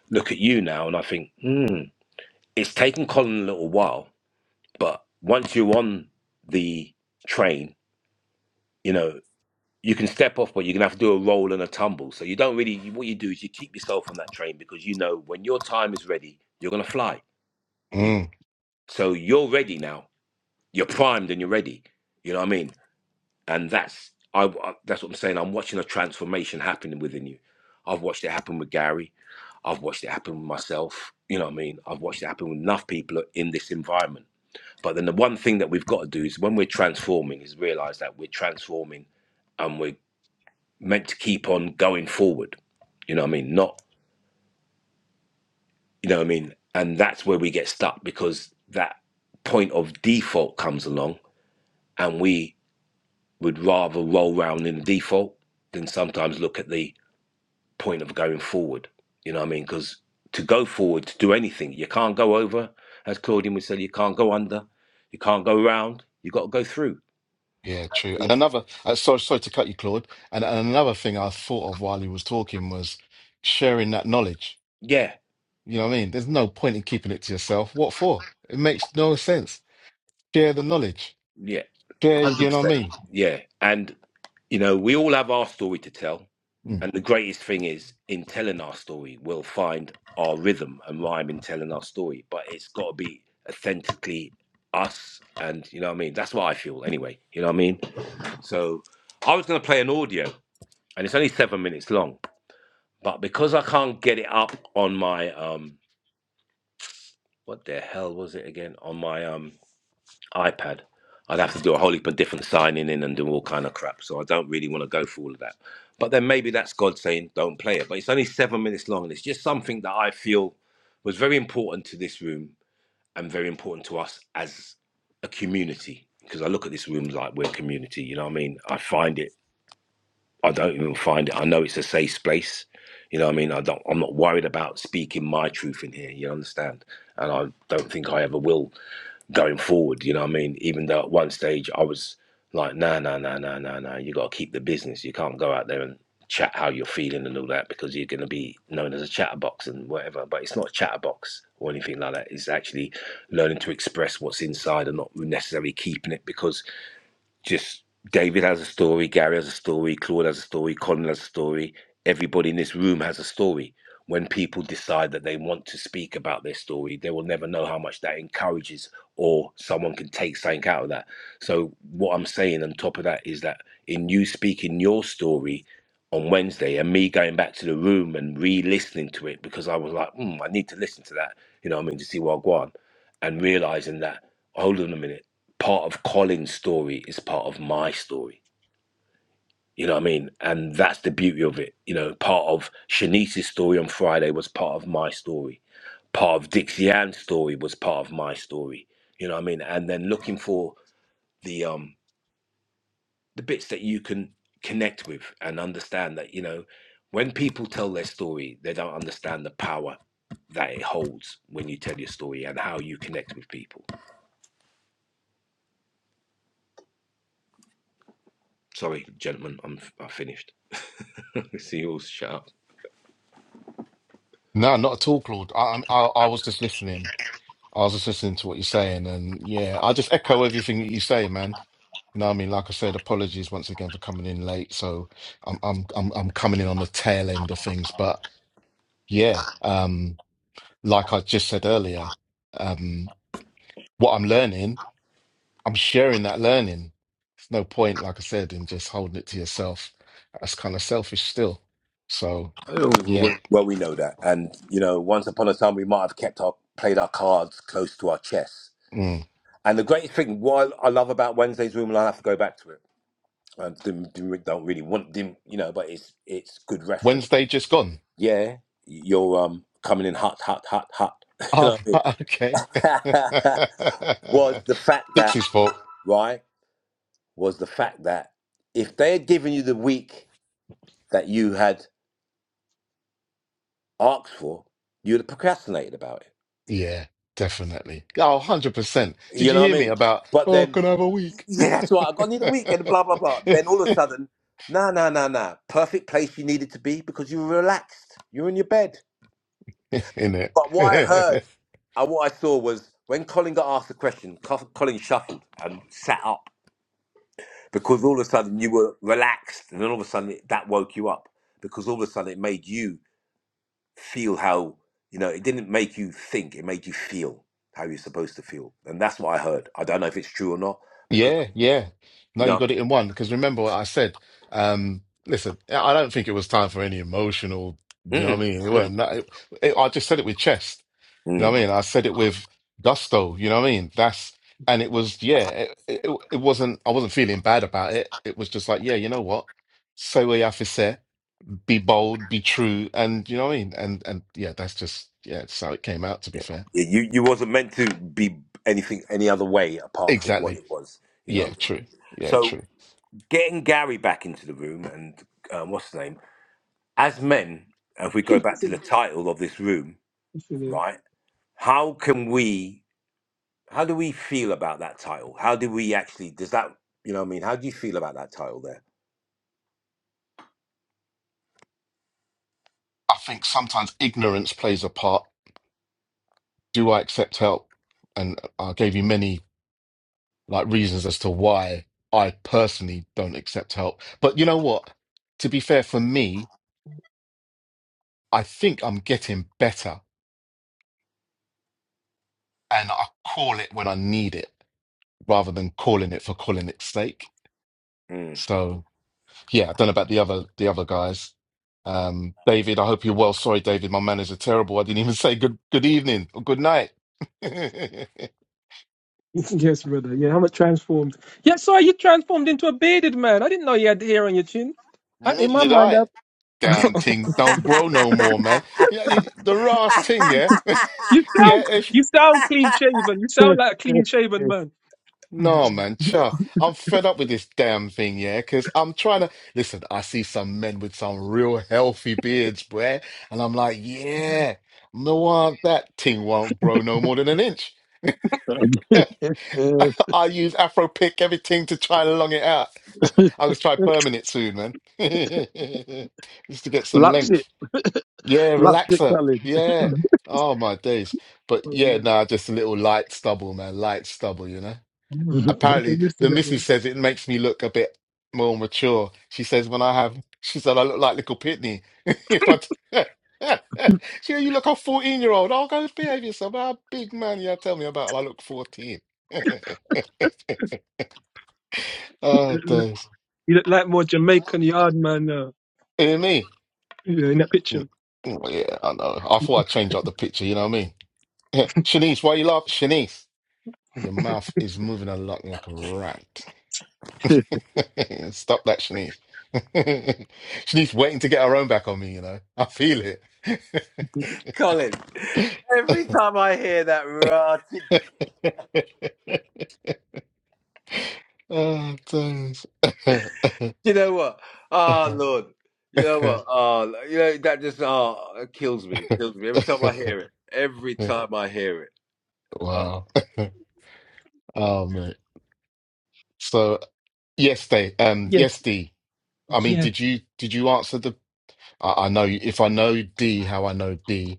look at you now and i think hmm it's taken colin a little while but once you're on the train you know you can step off, but you're gonna have to do a roll and a tumble. So you don't really. You, what you do is you keep yourself on that train because you know when your time is ready, you're gonna fly. You, mm. so you're ready now. You're primed and you're ready. You know what I mean? And that's I, I. That's what I'm saying. I'm watching a transformation happening within you. I've watched it happen with Gary. I've watched it happen with myself. You know what I mean? I've watched it happen with enough people in this environment. But then the one thing that we've got to do is when we're transforming is realize that we're transforming and we're meant to keep on going forward. You know what I mean? Not, you know what I mean? And that's where we get stuck because that point of default comes along and we would rather roll round in the default than sometimes look at the point of going forward. You know what I mean? Because to go forward, to do anything, you can't go over, as Claudine would say, you can't go under, you can't go around. you got to go through. Yeah, true. And another, uh, sorry, sorry to cut you, Claude. And, and another thing I thought of while he was talking was sharing that knowledge. Yeah, You know what I mean? There's no point in keeping it to yourself. What for? It makes no sense. Share the knowledge. yeah, Share, you know what I 100%. mean? Yeah. And, you know, we all have our story to tell Mm. And the greatest thing is in telling our story, we'll find our rhythm and rhyme in telling our story, but it's got to be authentically us. And you know what I mean? That's what I feel anyway. You know what I mean? So I was going to play an audio and it's only seven minutes long, but because I can't get it up on my, um, what the hell was it again? On my, um, iPad. I'd have to do a whole heap of different signing in and do all kind of crap. So I don't really want to go through all of that. But then maybe that's God saying, don't play it. But it's only seven minutes long. And it's just something that I feel was very important to this room and very important to us as a community. Because I look at this room like we're a community, you know what I mean? I find it, I don't even find it. I know it's a safe place. You know what I mean? I don't I'm not worried about speaking my truth in here, you understand? And I don't think I ever will going forward. You know what I mean? Even though at one stage I was like, nah, nah, nah, nah, nah, nah. You got to keep the business. You can't go out there and chat how you're feeling and all that because you're going to be known as a chatterbox and whatever. But it's not a chatterbox or anything like that. It's actually learning to express what's inside and not necessarily keeping it because just David has a story, Gary has a story, Claude has a story, Colin has a story. Everybody in this room has a story. When people decide that they want to speak about their story, they will never know how much that encourages or someone can take something out of that. So, what I'm saying on top of that is that in you speaking your story on Wednesday and me going back to the room and re listening to it because I was like, mm, I need to listen to that, you know what I mean, to see what I go on and realizing that, hold on a minute part of Colin's story is part of my story. You know what I mean? And that's the beauty of it. You know, part of Shanice's story on Friday was part of my story. Part of Dixie Ann's story was part of my story. You know what I mean? And then looking for the um the bits that you can connect with and understand that, you know, when people tell their story, they don't understand the power that it holds when you tell your story and how you connect with people. Sorry, gentlemen, I'm I finished. See you all. Shut up. No, not at all, Claude. I, I'm- I, I was just listening. I was just listening to what you're saying. And yeah, I just echo everything that you say, man. You know what I mean? Like I said, apologies once again for coming in late. So I'm I'm I'm I'm coming in on the tail end of things. But Yeah, um, like I just said earlier, um, what I'm learning, I'm sharing that learning. There's no point, like I said, in just holding it to yourself. That's kind of selfish still. So, Oh, yeah, Well, well, we know that, and you know, once upon a time, we might have kept our played our cards close to our chest. mm. And the greatest thing, what I I love about Wednesday's room, and I will have to go back to it. I didn't, didn't- don't really want, didn't you know? But it's it's good reference. Wednesday just gone. Yeah, you're um coming in hot, hot, hot, hot. You Oh, know what okay. I mean? was the fact that Dixie's fault. right was the fact that if they had given you the week that you had asked for, you'd have procrastinated about it. Yeah, definitely. Oh, 100%. Did You you know what hear I me mean? about, But oh, then can I have a week? yeah, that's right. I got need a weekend, blah, blah, blah. Then all of a sudden, no, no, no, no. Perfect place you needed to be because you were relaxed. you were in your bed. In But what I it. heard and what I saw was when Colin got asked the question, Co- Colin shuffled and sat up because all of a sudden you were relaxed. And then all of a sudden it, that woke you up because all of a sudden it made you feel how, you know, it didn't make you think, it made you feel how you're supposed to feel. And that's what I heard. I don't know if it's true or not because, Yeah, yeah. No, you you know, what got it in one. Because remember what I said. Um, listen, I don't think it was time for any emotional. I You know what mean? I Mm-mm, mean? It mm-mm, wasn't. that- It, it- I just said it with chest. You know mm. what I mean? I said it with gusto. You know what I mean? That's and it was yeah. It, it, it wasn't. I wasn't feeling bad about it. It was just like yeah. You know what? Say what you have to say. Be bold. Be true. And you know what I mean? And and yeah, that's just yeah. That's how it came out. To be Yeah. fair. Yeah, You you wasn't meant to be anything any other way apart from what Exactly. it was, you know. Yeah. what I mean? True. Yeah. So True. getting Gary back into the room and um, what's his name? As men, if we go back to the title of this room, Mm. right? How can we? How do we feel about that title? How do we actually? Does that you know? what I mean, how do you feel about that title there? I think sometimes ignorance plays a part. Do I accept help? And I gave you many like reasons as to why I personally don't accept help. But you know what? To be fair, for me, I think I'm getting better, and I call it when I need it, rather than calling it for calling its sake. Mm. So yeah, I don't know about the other the other guys. Um, David, I hope you're well. Sorry, David, my manners are terrible. I didn't even say good good evening or good night. Neither Yes, brother. Yeah, I'm a transformed. Yeah, so you transformed into a bearded man. I didn't know you had hair on your chin. I, in my did mind, I. I, damn thing don't grow no more, man. Yeah, it- the last thing, yeah, you yeah. sound It's, you sound clean shaven. You sound That's like a clean shaven man. no, man, cha. I'm fed up with this damn thing, yeah. Because I'm trying to listen. I see some men with some real healthy beards, bruh, and I'm like, yeah, no, want that thing won't grow no more than an inch. I use Afro pick everything to try and long it out. I was try permanent soon, man, just to get some it. length. Yeah, That's it, relaxer. Colin. Yeah. Mhm. Oh my days. But Oh, yeah, Lord. no, just a little light stubble, man. Light stubble, you know. All right. Okay, Apparently, used to the that missus man. says it makes me look a bit more mature. She says when I have, she said I look like little Pitney. If I, t- she said, you look like a 14 year old. Oh, go behave yourself. How big man, yeah, tell me about it. I look 14. Oh, You days. look like more Jamaican yard man now. Hear me? Yeah, in that picture. Mm, mm, Yeah, I know. I thought I'd change up the picture, you know what I mean? Shanice, why you laugh? Shanice. Your mouth is moving a lot like a rat. Stop that, Shanice. Shanice waiting to get her own back on me, you know. I feel it. Colin, every time I hear that rotted oh, thanks. You know what? Oh Lord. You know what? Oh, you know that just oh it kills me. It kills me every time I hear it. Every time I hear it. Oh. wow. Oh, mate. So, yes, they, um, Yes, yes, D. I mean, yes. did you did you answer the? I, I know if I know D, how I know D,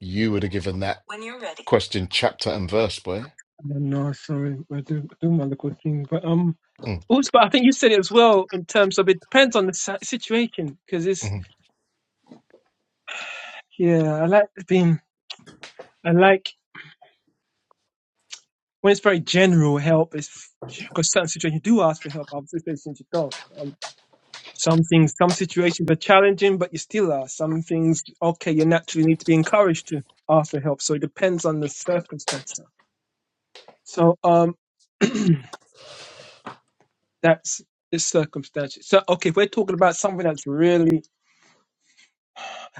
you would have given that When you're ready. question chapter and verse, boy. No, no, sorry, I do, I do my little thing, but um, Mm, also, but I think you said it as well in terms of it depends on the si- situation because it's mm-hmm. yeah, I like being, I like. when it's very general help, it's because certain situations you do ask for help, other situations you don't. Um, some things, some situations are challenging, but you still ask. Some things, okay, you naturally need to be encouraged to ask for help. So it depends on the circumstance. So um, that's the circumstance. So okay, we're talking about something that's really,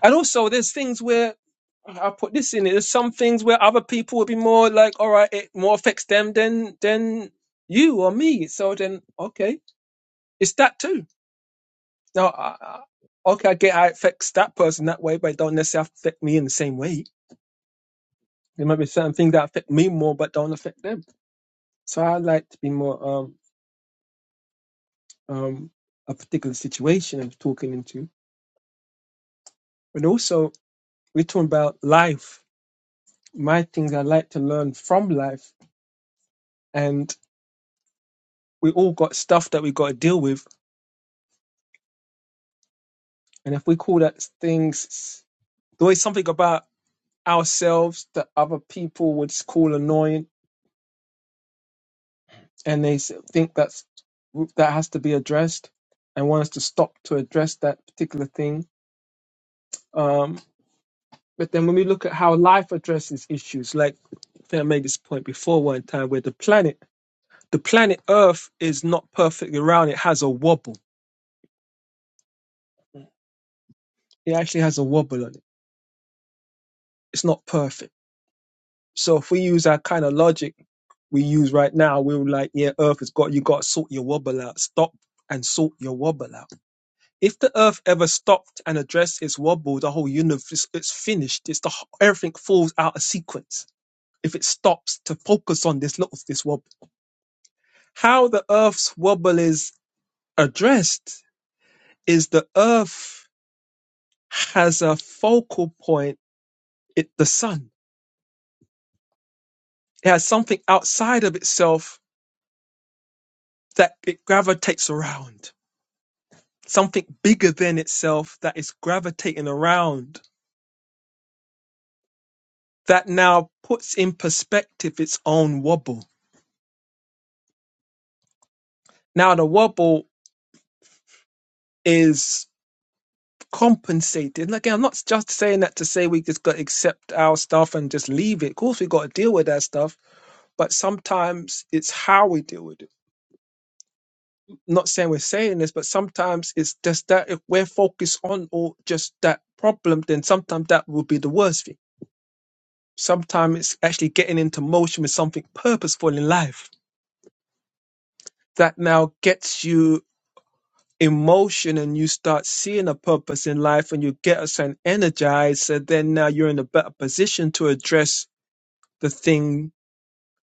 and also there's things where. I put this in it. There's some things where other people would be more like, all right, it more affects them than than you or me. So then, okay, it's that too No, I, I- okay, I get how it affects that person that way, but it don't necessarily affect me in the same way. There might be certain things that affect me more, but don't affect them. So I like to be more um um a particular situation I'm talking into, but also we're talking about life. My things I like to learn from life, and we all got stuff that we got to deal with, and if we call that things, there is something about ourselves that other people would call annoying and they s- think that's that has to be addressed and want us to stop to address that particular thing. Um, but then when we look at how life addresses issues, like I think I made this point before one time, where the planet, the planet Earth is not perfectly round; it has a wobble. It actually has a wobble on it. It's not perfect. So if we use our kind of logic we use right now, we're like, yeah, Earth has got you got to sort your wobble out. Stop and sort your wobble out If the Earth ever stopped and addressed its wobble, the whole universe it's finished. It's the everything falls out of sequence if it stops to focus on this little this wobble. How the Earth's wobble is addressed is the Earth has a focal point. It the sun. It has something outside of itself that it gravitates around. Something bigger than itself that is gravitating around. That now puts in perspective its own wobble. Now the wobble is compensated. And again, I'm not just saying that to say we just got to accept our stuff and just leave it. Of course, we got to deal with that stuff, but sometimes it's how we deal with it. I'm not saying we're saying this, but sometimes it's just that if we're focused on or just that problem, then sometimes that will be the worst thing. Sometimes it's actually getting into motion with something purposeful in life that now gets you emotion and you start seeing a purpose in life and you get a certain energized, so then now you're in a better position to address the thing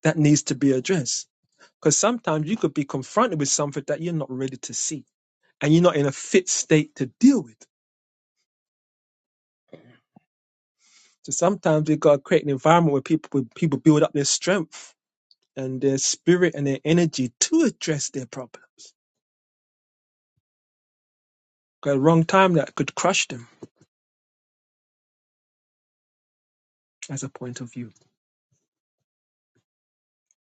that needs to be addressed. Because sometimes you could be confronted with something that you're not ready to see and you're not in a fit state to deal with. So sometimes we've got to create an environment where people where people build up their strength and their spirit and their energy to address their problems. Because wrong time that could crush them as a point of view.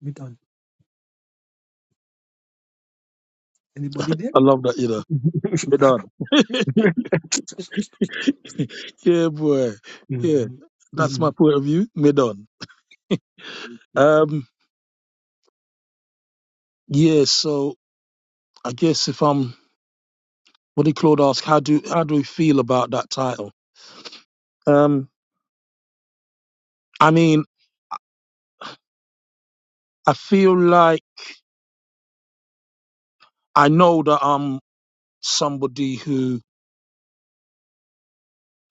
We done. Anybody I love that, you know. there? Be done. yeah, boy. Yeah, Mhm. that's my Mhm. point of view. Me done. Um, yeah. So I guess if I'm, what did Claude ask? How do how do we feel about that title? Um, I mean, I feel like I know that I'm somebody who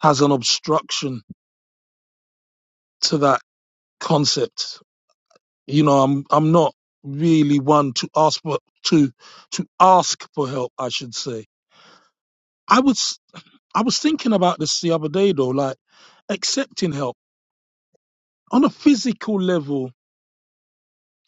has an obstruction to that concept. You know, I'm I'm not really one to ask for to to ask for help. I should say. I was I was thinking about this the other day though, like accepting help. on a physical level,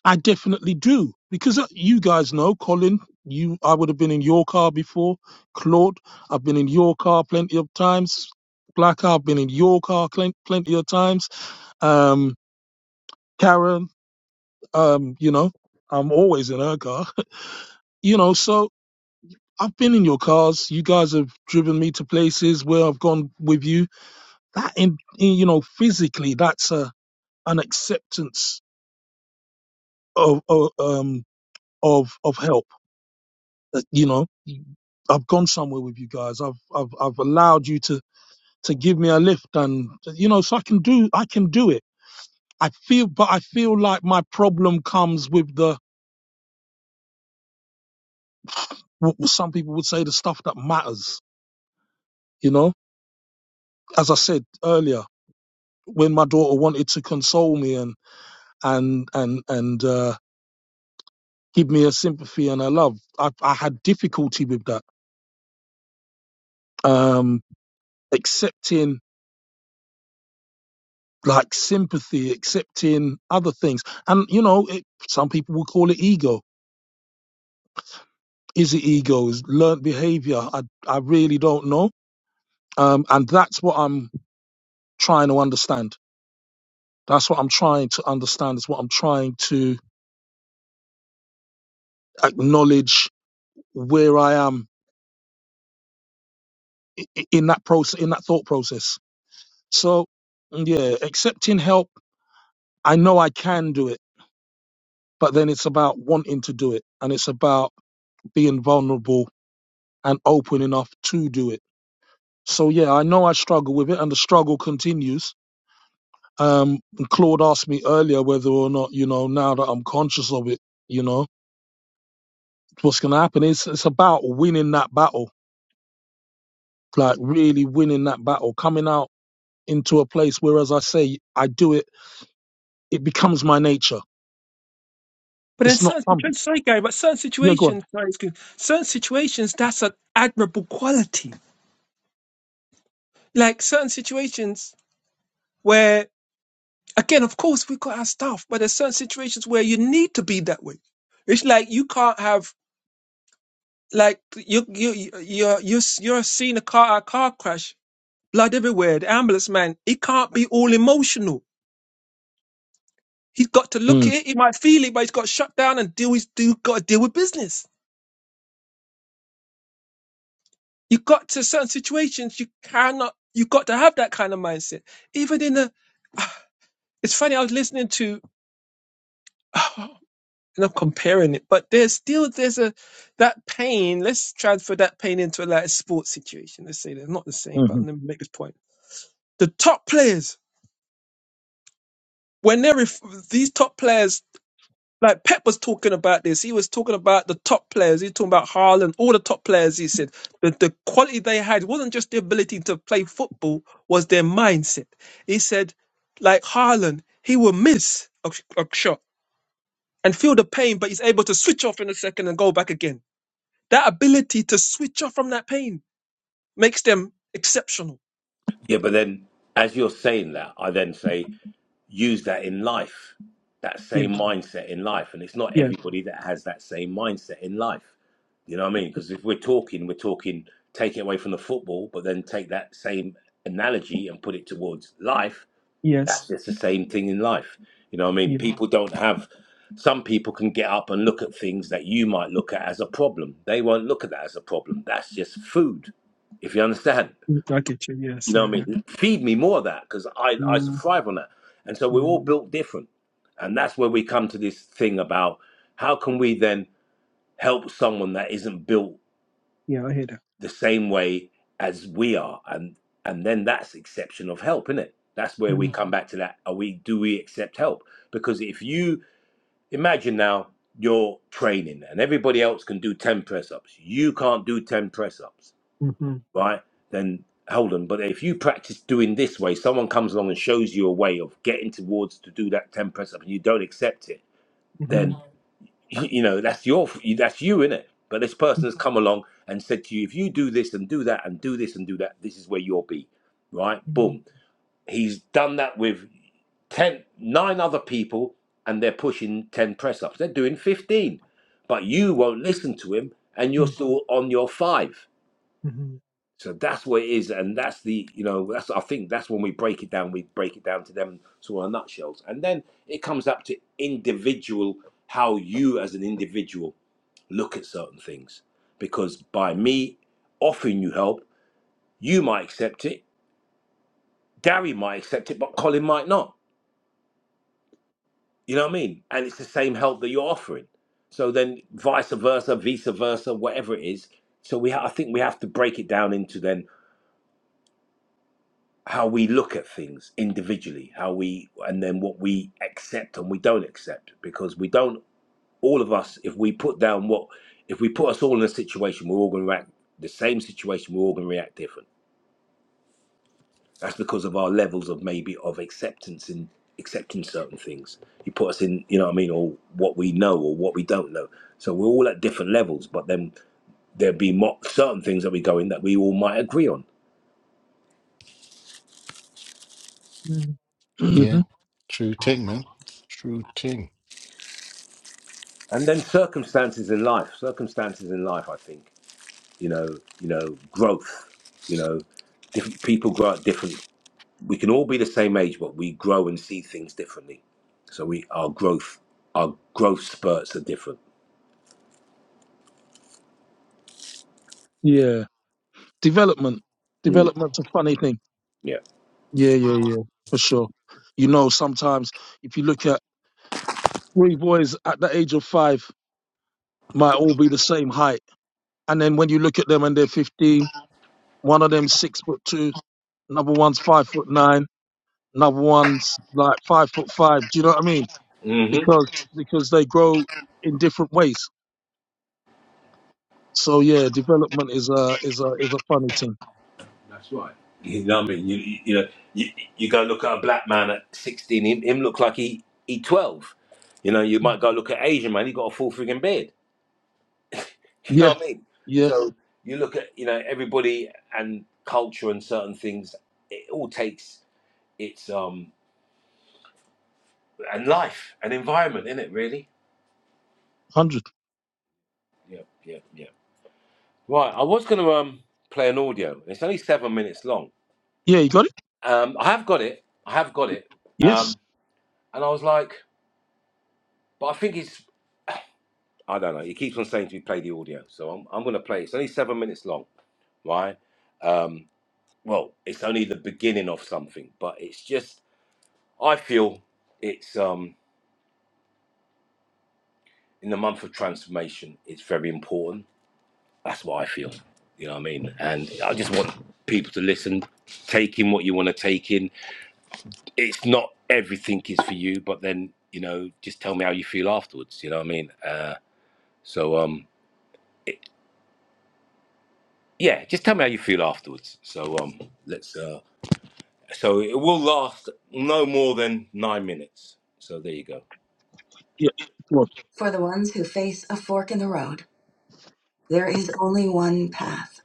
I definitely do because uh, you guys know, Colin. You, I would have been in your car before, Claude. I've been in your car plenty of times. Black, I've been in your car plen- plenty of times. Um, Karen, um, you know, I'm always in her car. You know, so I've been in your cars. You guys have driven me to places where I've gone with you. That, in, in you know, physically, that's a an acceptance of, of um of of help that, you know I've gone somewhere with you guys. I've I've I've allowed you to to give me a lift, and you know, so I can do I can do it. I feel, but I feel like my problem comes with the what some people would say the stuff that matters. You know, as I said earlier, when my daughter wanted to console me and and and and uh, give me a sympathy and a love, I, I had difficulty with that. Um, accepting like sympathy, accepting other things. And you know, it, some people will call it ego. Is it ego? Is learned behavior? I I really don't know. Um, and that's what I'm trying to understand. That's what I'm trying to understand. Is what I'm trying to acknowledge where I am i- i- in that process, in that thought process. So, yeah, accepting help. I know I can do it, but then it's about wanting to do it, and it's about being vulnerable and open enough to do it So yeah, I know I struggle with it, and the struggle continues. Um, and Claude asked me earlier whether or not you know now that I'm conscious of it, you know what's going to happen. It's it's about winning that battle, like really winning that battle, coming out into a place where, as I say, I do it. It becomes my nature. But in It's not certain something. situations, sorry, Gary, but certain Yeah, go on. situations, sorry, excuse me, certain situations, that's an admirable quality. Like certain situations where, again, of course, we got our stuff, but there's certain situations where you need to be that way. It's like you can't have like you you you you're you're, you're seeing a car a car crash, blood everywhere. The ambulance man, he can't be all emotional. He's got to look at Mm, it. He might feel it, but he's got to shut down and deal. he do got to deal with business you got to certain situations you cannot you got to have that kind of mindset even in a it's funny i was listening to and i'm comparing it but there's still there's a that pain let's transfer that pain into a like sports situation let's say they're not the same hmm but let me make this point the top players when they're ref- these top players like Pep was talking about this. He was talking about the top players. He was talking about Haaland, all the top players. He said that the quality they had wasn't just the ability to play football, was their mindset. He said, like Haaland, he will miss a, a shot and feel the pain, but he's able to switch off in a second and go back again. That ability to switch off from that pain makes them exceptional. Yeah, but then as you're saying that, I then say use that in life, that Yeah, same mindset in life. And it's not yeah, everybody that has that same mindset in life. You know what I mean? Because if we're talking, we're talking, take it away from the football, but then take that same analogy and put it towards life. yes, that's just the same thing in life. You know what I mean? yeah. People don't have some people can get up and look at things that you might look at as a problem. They won't look at that as a problem. That's just food. If you understand. mm, I get you. You Yes, know yeah, what I yeah. mean? Feed me more of that because I, I Mm, thrive on that. And so we're all mm, built different. And that's where we come to this thing about how can we then help someone that isn't built yeah, I hear that. the same way as we are and and then that's exception of help isn't it that's where we Mm, come back to that are we do we accept help because if you imagine now you're training and everybody else can do 10 press ups you can't do 10 press ups hmm right then hold on but if you practice doing this way someone comes along and shows you a way of getting towards to do that 10 press up and you don't accept it then you know that's your that's you in it but this person has come along and said to you if you do this and do that and do this and do that this is where you'll be right hmm boom he's done that with ten nine other people and they're pushing 10 press ups they're doing 15 but you won't listen to him and you're Mm, still on your 5 mhm, so that's what it is, and that's the you know that's I think that's when we break it down. We break it down to them sort of nutshells, and then it comes up to individual how you as an individual look at certain things. Because by me offering you help, you might accept it, Gary might accept it, but Colin might not. You know what I mean? And it's the same help that you're offering. So then vice versa, vice versa, whatever it is. So we ha- I think we have to break it down into then. how we look at things individually, how we, and then what we accept and we don't accept, because we don't, all of us, if we put down what, if we put us all in a situation, we're all going to react, the same situation, we're all going to react different. That's because of our levels of maybe of acceptance in accepting certain things. You put us in, you know what I mean, or what we know or what we don't know. So we're all at different levels, but then there'd be mo- certain things that we go in that we all might agree on. mm. hmm Yeah, true ting, man. True ting. And then circumstances in life, circumstances in life, I think. you know, you know, growth, you know, different people grow at different. We can all be the same age, but we grow and see things differently. So we our growth, our growth spurts are different. Yeah, development. Mm. Development's a funny thing. Yeah, Yeah, yeah, yeah, for sure. You know, sometimes if you look at three boys at the age of five might all be the same height. And then when you look at them and they're fifteen, one of them's six foot two, another one's five foot nine, another one's like five foot five. Do you know what I mean? hmm Because because they grow in different ways. So yeah, development is a is a is a funny thing. That's right. you know what I mean. You you, you know, you, you go look at a black man at sixteen, him, him look like he he twelve. You know, you might go look at Asian man, he got a full frigging beard. You know Yeah, what I mean? yeah, So you look at you know everybody and culture and certain things. It all takes. it's um and life and environment in it really hundred. yeah yeah yeah right i was going to um play an audio it's only seven minutes long Yeah, you got it. um i have got it i have got it Yes. um and i was like but i think it's i don't know he keeps on saying to me play the audio so i'm, I'm going to play it. it's only seven minutes long right um well it's only the beginning of something but it's just i feel it's um in the month of transformation it's very important That's what I feel. You know what I mean? And I just want people to listen, take in what you want to take in. It's not everything is for you, but then, you know, just tell me how you feel afterwards. You know what I mean? Uh, so, um, it, yeah, just tell me how you feel afterwards. So, um, let's, uh, so it will last no more than nine minutes. So there you go. Yeah. Well, For the ones who face a fork in the road, there is only one path,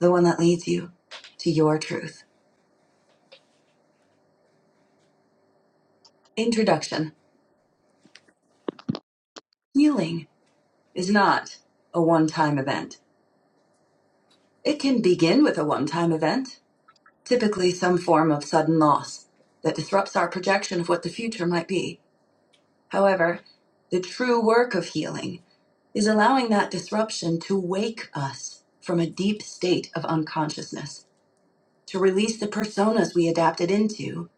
the one that leads you to your truth. Introduction Healing is not a one time event. It can begin with a one time event, typically some form of sudden loss that disrupts our projection of what the future might be. However, the true work of healing is allowing that disruption to wake us from a deep state of unconsciousness, to release the personas we adapted into,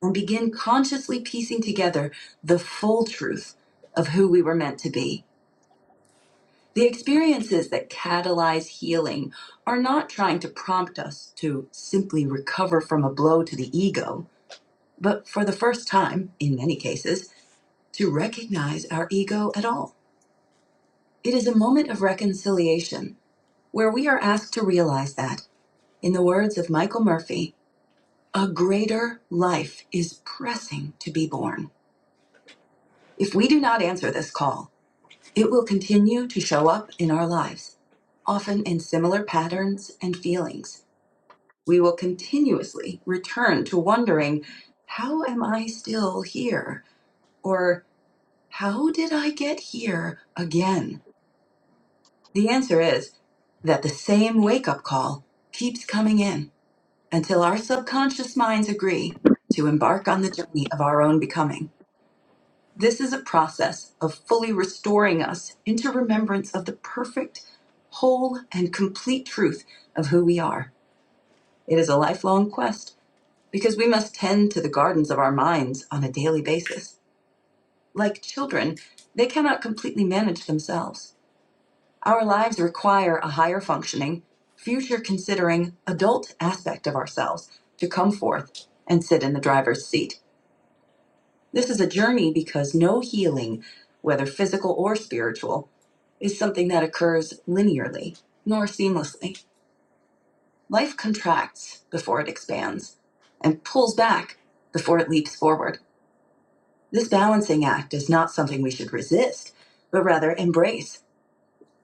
and begin consciously piecing together the full truth of who we were meant to be The experiences that catalyze healing are not trying to prompt us to simply recover from a blow to the ego, but for the first time, in many cases, to recognize our ego at all. It is a moment of reconciliation where we are asked to realize that, in the words of Michael Murphy, a greater life is pressing to be born. If we do not answer this call, it will continue to show up in our lives, often in similar patterns and feelings we will continuously return to wondering, How am I still here? Or How did I get here again? The answer is that the same wake up call keeps coming in until our subconscious minds agree to embark on the journey of our own becoming. This is a process of fully restoring us into remembrance of the perfect, whole, and complete truth of who we are. It is a lifelong quest because we must tend to the gardens of our minds on a daily basis. Like children, they cannot completely manage themselves. Our lives require a higher functioning, future considering adult aspect of ourselves to come forth and sit in the driver's seat. This is a journey because no healing, whether physical or spiritual, is something that occurs linearly nor seamlessly. Life contracts before it expands and pulls back before it leaps forward. This balancing act is not something we should resist, but rather embrace.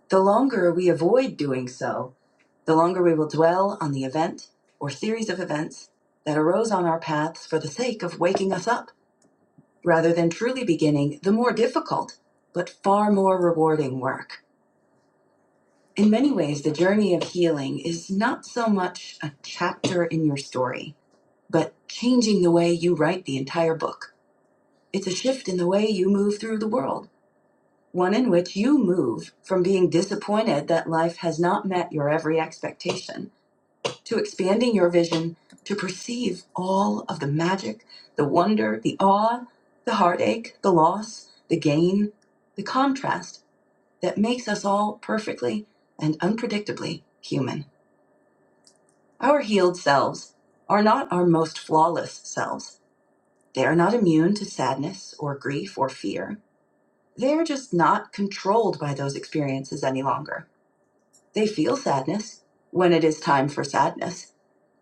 The longer we avoid doing so, the longer we will dwell on the event or series of events that arose on our paths for the sake of waking us up, rather than truly beginning the more difficult, but far more rewarding work. In many ways, the journey of healing is not so much a chapter in your story, but changing the way you write the entire book. It's a shift in the way you move through the world one in which you move from being disappointed that life has not met your every expectation to expanding your vision to perceive all of the magic, the wonder, the awe, the heartache, the loss, the gain, the contrast that makes us all perfectly and unpredictably human. Our healed selves are not our most flawless selves. They are not immune to sadness or grief or fear. They are just not controlled by those experiences any longer They feel sadness when it is time for sadness,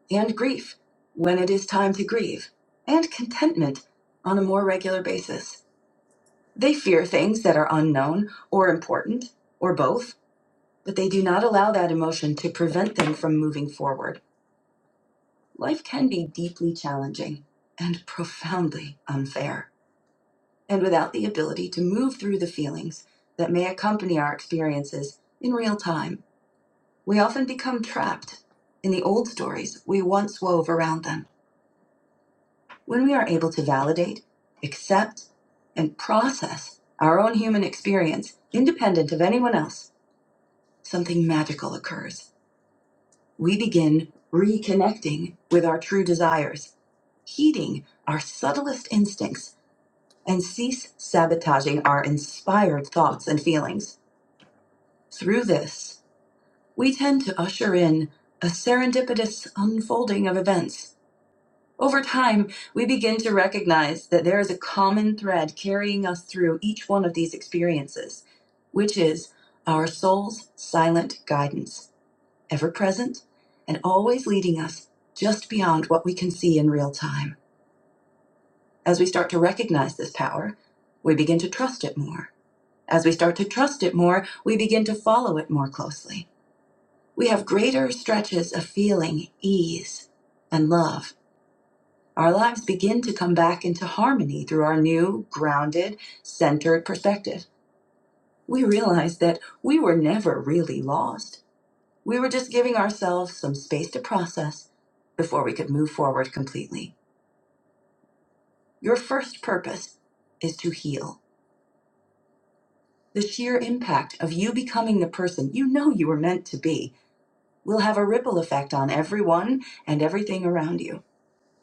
and grief when it is time to grieve, and contentment on a more regular basis. They fear things that are unknown or important, or both, but they do not allow that emotion to prevent them from moving forward. Life can be deeply challenging and profoundly unfair. And without the ability to move through the feelings that may accompany our experiences in real time, We often become trapped in the old stories we once wove around them. When we are able to validate, accept, and process our own human experience, independent of anyone else, something magical occurs. We begin reconnecting with our true desires, heeding our subtlest instincts, and cease sabotaging our inspired thoughts and feelings. Through this, we tend to usher in a serendipitous unfolding of events Over time, we begin to recognize that there is a common thread carrying us through each one of these experiences, which is our soul's silent guidance, ever present and always leading us just beyond what we can see in real time. As we start to recognize this power, we begin to trust it more. As we start to trust it more, we begin to follow it more closely. We have greater stretches of feeling ease and love Our lives begin to come back into harmony through our new, grounded, centered perspective. We realize that we were never really lost. We were just giving ourselves some space to process before we could move forward completely. Your first purpose is to heal. The sheer impact of you becoming the person you know you were meant to be will have a ripple effect on everyone and everything around you.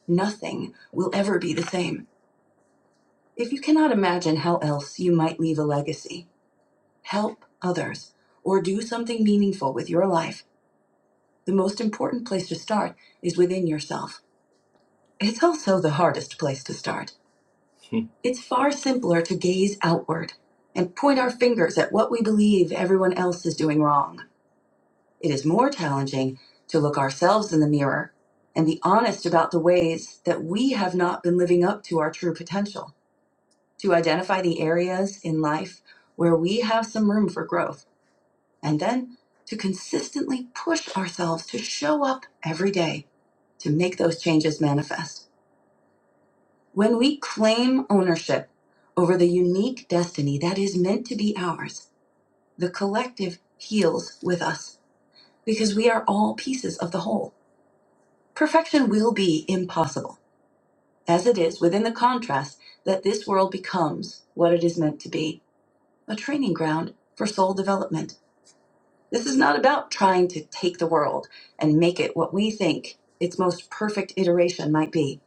Nothing will ever be the same. If you cannot imagine how else you might leave a legacy, help others, or do something meaningful with your life, the most important place to start is within yourself. It's also the hardest place to start. It's far simpler to gaze outward and point our fingers at what we believe everyone else is doing wrong. It is more challenging to look ourselves in the mirror and be honest about the ways that we have not been living up to our true potential, to identify the areas in life where we have some room for growth and then to consistently push ourselves to show up every day to make those changes manifest. When we claim ownership over the unique destiny that is meant to be ours, the collective heals with us because we are all pieces of the whole. Perfection will be impossible, as it is within the contrast that this world becomes what it is meant to be a training ground for soul development This is not about trying to take the world and make it what we think its most perfect iteration might be,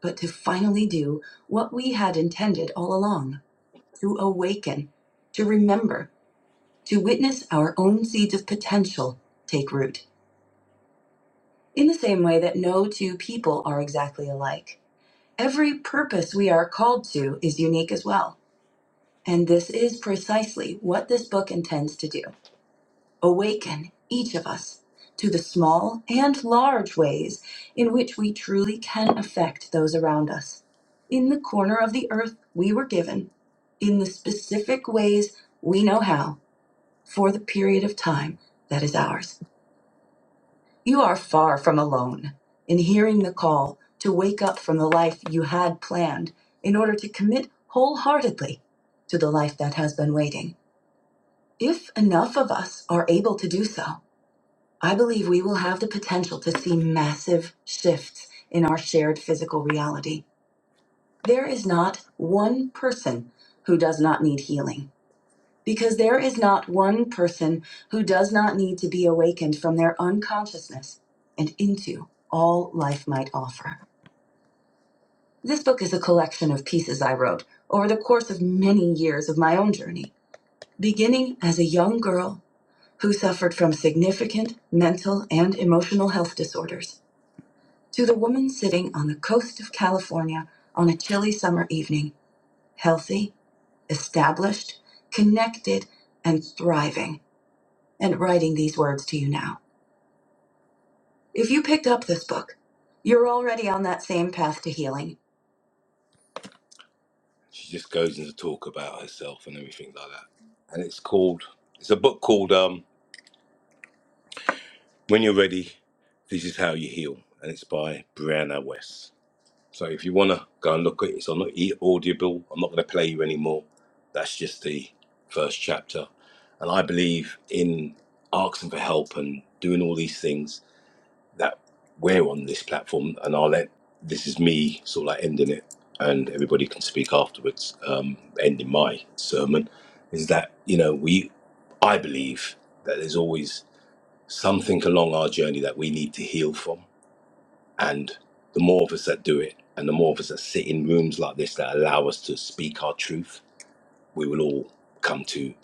but to finally do what we had intended all along to awaken, to remember, to witness our own seeds of potential take root. In the same way that no two people are exactly alike, every purpose we are called to is unique as well. And this is precisely what this book intends to do. Awaken each of us to the small and large ways in which we truly can affect those around us. In the corner of the earth we were given, in the specific ways we know how, for the period of time that is ours. You are far from alone in hearing the call to wake up from the life you had planned in order to commit wholeheartedly to the life that has been waiting. If enough of us are able to do so, I believe we will have the potential to see massive shifts in our shared physical reality. There is not one person who does not need healing, because there is not one person who does not need to be awakened from their unconsciousness and into all life might offer. This book is a collection of pieces I wrote over the course of many years of my own journey, beginning as a young girl who suffered from significant mental and emotional health disorders. To the woman sitting on the coast of California on a chilly summer evening, healthy, established, connected, and thriving, and writing these words to you now. If you picked up this book, you're already on that same path to healing. She just goes into talk about herself and everything like that. And it's called, it's a book called um, When You're Ready, This Is How You Heal. And it's by Brianna West. So if you want to go and look at it, it's on e- Audible. I'm not going to play you anymore. That's just the first chapter. And I believe in asking for help and doing all these things that we're on this platform. And I'll let this is me sort of like ending it, and everybody can speak afterwards. Um, ending my sermon is that you know we, I believe that there's always something along our journey that we need to heal from and the more of us that do it, and the more of us that sit in rooms like this that allow us to speak our truth, we will all come to,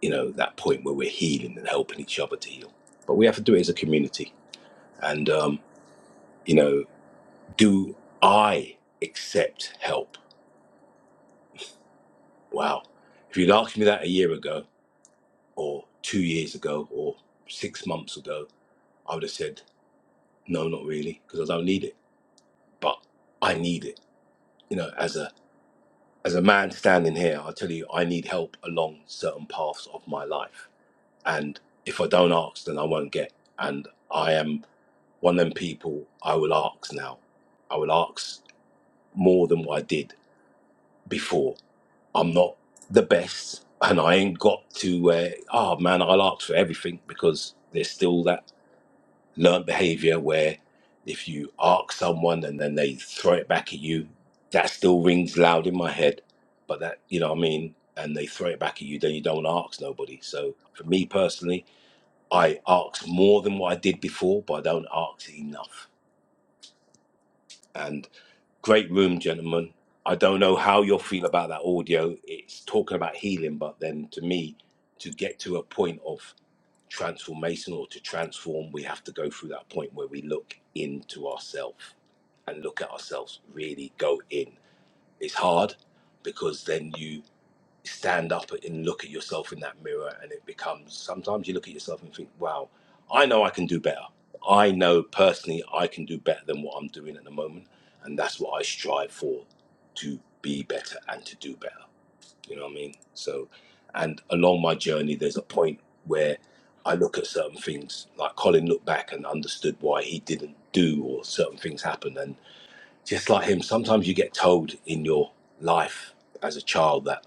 you know, that point where we're healing and helping each other to heal. But we have to do it as a community. And, um, you know, do I accept help? Wow. If you'd asked me that a year ago, or two years ago, or six months ago, I would have said, no, not really, because I don't need it. But I need it, you know, as a as a man standing here, I tell you, I need help along certain paths of my life. And if I don't ask, then I won't get. And I am one of them people I will ask now. I will ask more than what I did before. I'm not the best, and I ain't got to, uh, oh man, I'll ask for everything because there's still that learned behavior where if you ask someone and then they throw it back at you, that still rings loud in my head. But that, you know what I mean? And they throw it back at you, then you don't ask nobody. So for me personally, I ask more than what I did before, but I don't ask enough. And great room, gentlemen. I don't know how you'll feel about that audio. It's talking about healing, but then to me, to get to a point of transformation or to transform, we have to go through that point where we look into ourselves and look at ourselves, really go in. It's hard because then you stand up and look at yourself in that mirror, and it becomes sometimes you look at yourself and think, wow, I know I can do better. I know personally I can do better than what I'm doing at the moment. And that's what I strive for to be better and to do better. You know what I mean? So, and along my journey, there's a point where I look at certain things, like Colin looked back and understood why he didn't do or certain things happen. And just like him, sometimes you get told in your life as a child that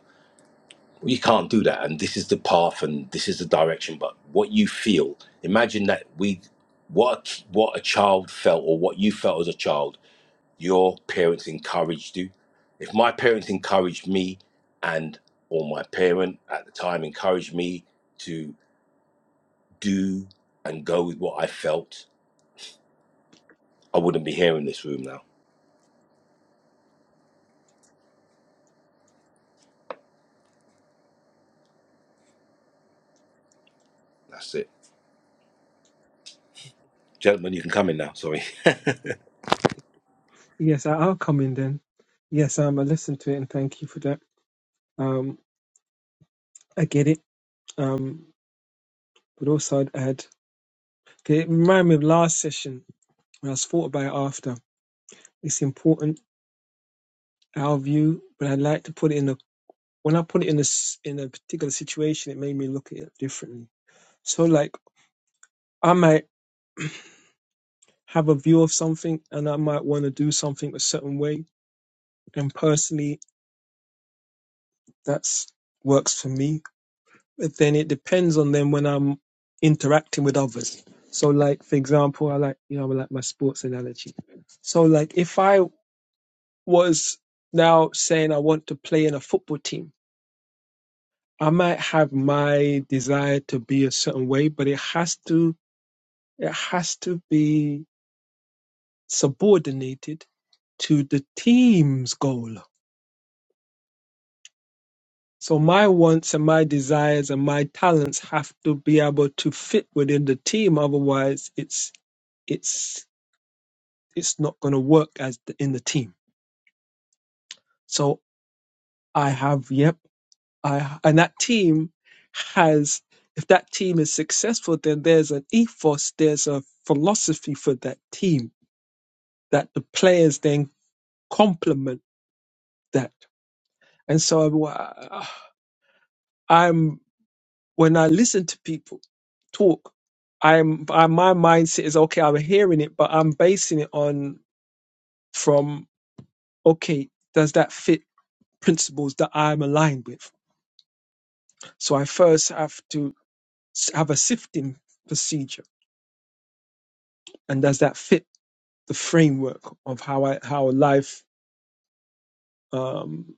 well, you can't do that, and this is the path, and this is the direction. But what you feel, imagine that we, what a, what a child felt, or what you felt as a child your parents encouraged you if my parents encouraged me and or my parent at the time encouraged me to do and go with what i felt i wouldn't be here in this room now that's it gentlemen you can come in now sorry Yes, I- I'll come in then. Yes, um, I listened to it and thank you for that. Um, I get it. Um, but also I'd add, okay, it reminded me of last session when I was thought about it after. It's important our view, but I'd like to put it in a when I put it in a s- in a particular situation, it made me look at it differently. So like I might have a view of something and I might want to do something a certain way, and personally, that's works for me but then it depends on them when I'm interacting with others. So, like for example, I like you know I like my sports analogy. So, like if I was now saying I want to play in a football team, I might have my desire to be a certain way, but it has to it has to be subordinated to the team's goal. So my wants and my desires and my talents have to be able to fit within the team. Otherwise, it's it's it's not going to work as the, in the team. So I have, yep, I and that team has. If that team is successful, then there's an ethos, there's a philosophy for that team that the players then complement that. And so I- I'm when I listen to people talk, I'm I, my mindset is okay. I'm hearing it, but I'm basing it on from okay, does that fit principles that I'm aligned with? So I first have to s- have a sifting procedure, and does that fit the framework of how I how life um,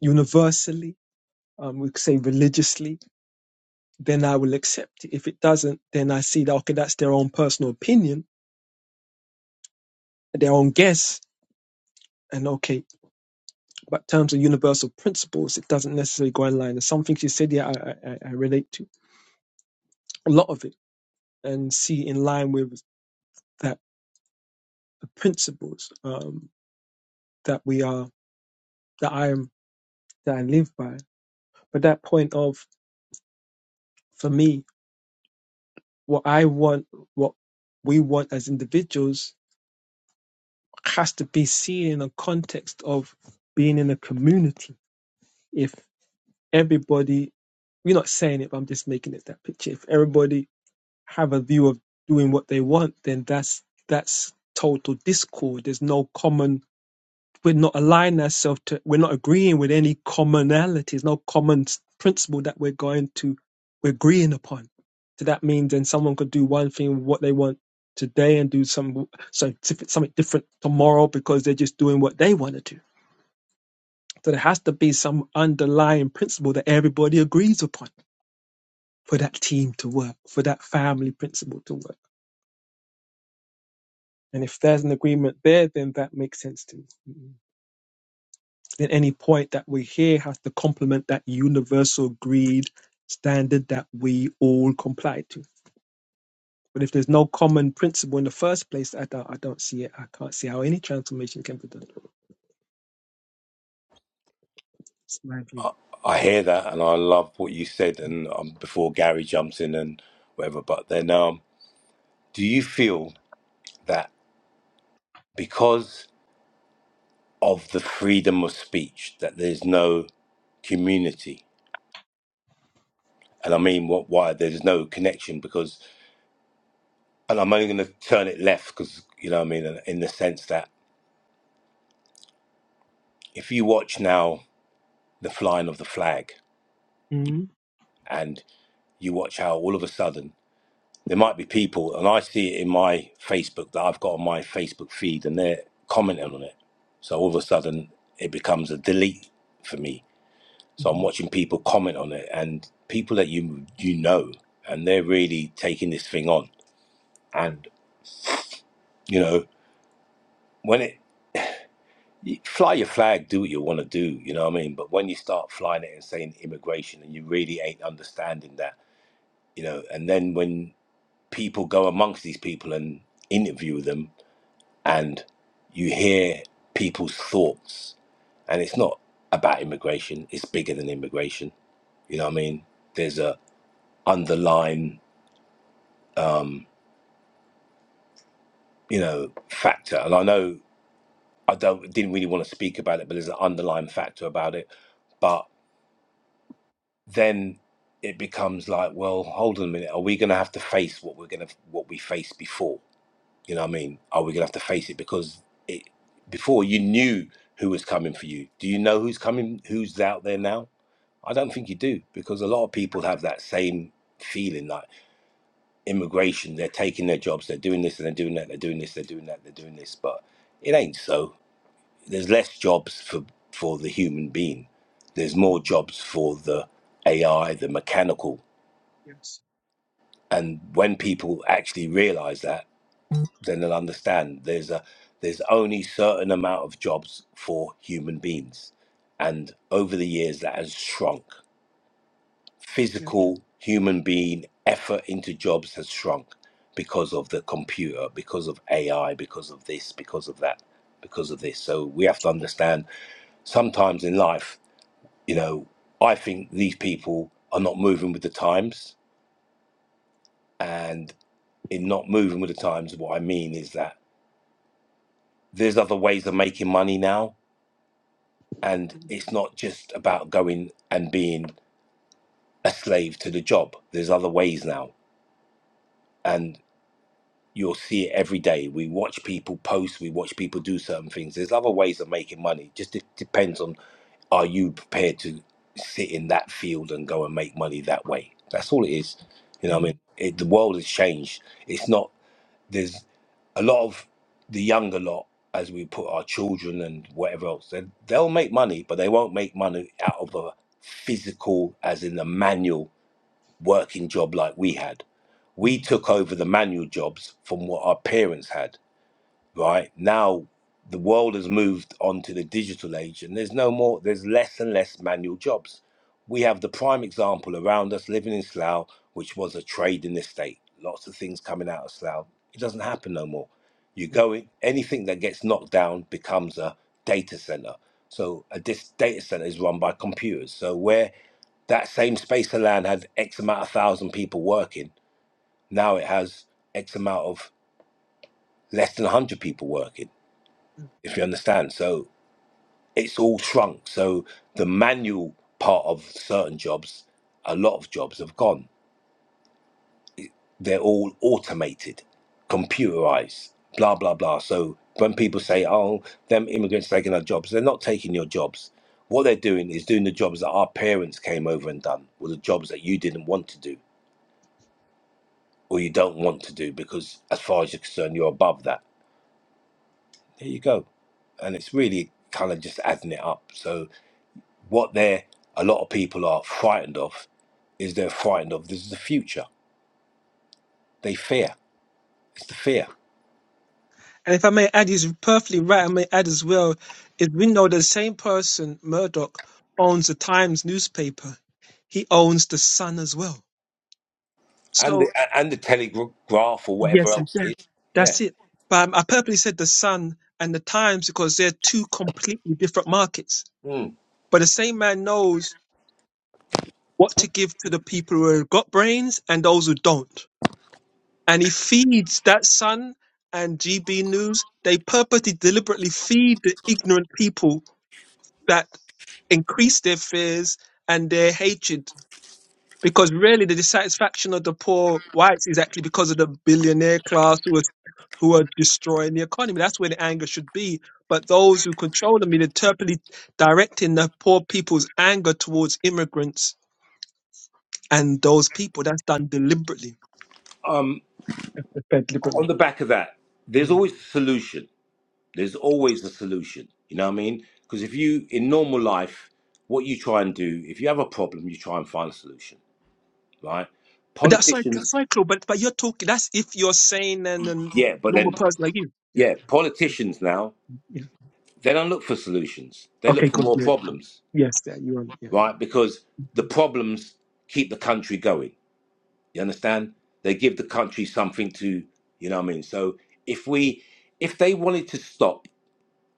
universally, um, we could say religiously? Then I will accept it. If it doesn't, then I see that okay, that's their own personal opinion, their own guess, and okay. But in terms of universal principles, it doesn't necessarily go in line. There's some things you said, yeah, I, I, I I relate to a lot of it, and see in line with that the principles um, that we are that I am that I live by. But that point of, for me, what I want, what we want as individuals has to be seen in a context of being in a community. If everybody, you're not saying it, but I'm just making it that picture. If everybody have a view of doing what they want, then that's, that's total discord. There's no common we're not aligning ourselves to we're not agreeing with any commonalities no common s- principle that we're going to we're agreeing upon so that means then someone could do one thing what they want today and do some so diff- something different tomorrow because they're just doing what they want to do so there has to be some underlying principle that everybody agrees upon for that team to work for that family principle to work and if there's an agreement there then that makes sense to me Then any point that we hear has to complement that universal agreed standard that we all comply to. But if there's no common principle in the first place, I don't, I don't see it. I can't see how any transformation can be done. It's my view. I hear that, and I love what you said, and um, before Gary jumps in and whatever. But then, um, do you feel that because of the freedom of speech, that there's no community? And I mean, what? Why there's no connection? Because and I'm only going to turn it left because you know what I mean in in the sense that if you watch now the flying of the flag Mhm, and you watch how all of a sudden there might be people and I see it in my Facebook that I've got on my Facebook feed and they're commenting on it so all of a sudden it becomes a delete for me so I'm mhm, watching people comment on it and people that you you know and they're really taking this thing on and you know when it you fly your flag, do what you want to do, you know what I mean? But when you start flying it and saying immigration and you really ain't understanding that, you know, and then when people go amongst these people and interview them and you hear people's thoughts, and it's not about immigration, it's bigger than immigration, you know what I mean? There's a underlying, um, you know, factor. And I know I don't didn't really want to speak about it, but there's an underlying factor about it. but. then it becomes like, well, hold on a minute. Are we going to have to face what we're going to what we faced before? You know what I mean? Are we going to have to face it because it before you knew who was coming for you? Do you know who's coming? Who's out there now? I don't think you do because a lot of people have that same feeling like immigration. They're taking their jobs. They're doing this and they're doing that. They're doing this. They're doing that. They're doing this. But it ain't so. There's less jobs for for the human being. There's mhm. more jobs for the AI, the mechanical Yes. and when people actually realize that then they'll understand there's a there's only certain amount of jobs for human beings and over the years that has shrunk Yeah. physical human being effort into jobs has shrunk because of the computer because of ai because of this because of that because of this so we have to understand sometimes in life you know i think these people are not moving with the times and in not moving with the times what i mean is that there's other ways of making money now and Mm, it's not just about going and being a slave to the job there's other ways now and you'll see it every day we watch people post we watch people do certain things there's other ways of making money just it depends on are you prepared to sit in that field and go and make money that way that's all it is you know what i mean mm, it, the world has changed it's not There's a lot of the younger lot, as we put our children and whatever else, they, they'll make money, but they won't make money out of a physical, as in the manual working job like we had. We mm, took over the manual jobs from what our parents had right? Now the world has moved on to the digital age and there's no more there's less and less manual jobs. We have the prime example around us living in Slough, which was a trade in the state. Lots of things coming out of Slough. It doesn't happen no more. You mm, go in anything that gets knocked down becomes a data center. So a dis- data center is run by computers. So where that same space of land had X amount of thousand people working, now it has X amount of less than 100 people working mm. if you understand. So it's all shrunk. So the manual part of certain jobs, a lot of jobs have gone. They're all automated, computerized, blah, blah, blah. So when people say, oh, them immigrants taking our jobs, they're not taking your jobs. What they're doing is doing the jobs that our parents came over and done, or the jobs that you didn't want to do, or you don't want to do, because as far as you're concerned, you're above that. There you go. And it's really kind of just adding it up. So What they're, a lot of people are frightened of is they're frightened of this is the future. They fear. It's the fear. And if I may add, he's perfectly right. I may add as well, is we know the same person, Murdoch, owns the Times newspaper. He owns the Sun as well. And So. the, a- and the telegraph or whatever Yes, it else does. it is. Yeah. That's it. But um, I purposely said the Sun and the Times because they're two completely different markets. Mm. But the same man knows what to give to the people who have got brains and those who don't. And he feeds that Sun and GB News. They purposely, deliberately feed the ignorant people that increase their fears and their hatred Because really, the dissatisfaction of the poor whites is actually because of the billionaire class who are, who are destroying the economy. That's where the anger should be. But those who control the media interpret directing the poor people's anger towards immigrants and those people. That's done deliberately. Um, That's done on deliberately. the back of that, there's Mm. always a solution. There's always a solution. You know what I mean? Because if you, in normal life, what you try and do, if you have a problem, you try and find a solution, right? But that's like, that's Politicians, like, Claude, but, but you're talking, that's if you're sane and a yeah, but normal then, person like you. Yeah. yeah, politicians now, Yeah. they don't look for solutions. They look Okay, for good. more Yeah. problems Yes, yeah, you're on it. Yeah, yeah. right? Because the problems keep the country going. You understand? They give the country something to, you know what I mean? So if we, if they wanted to stop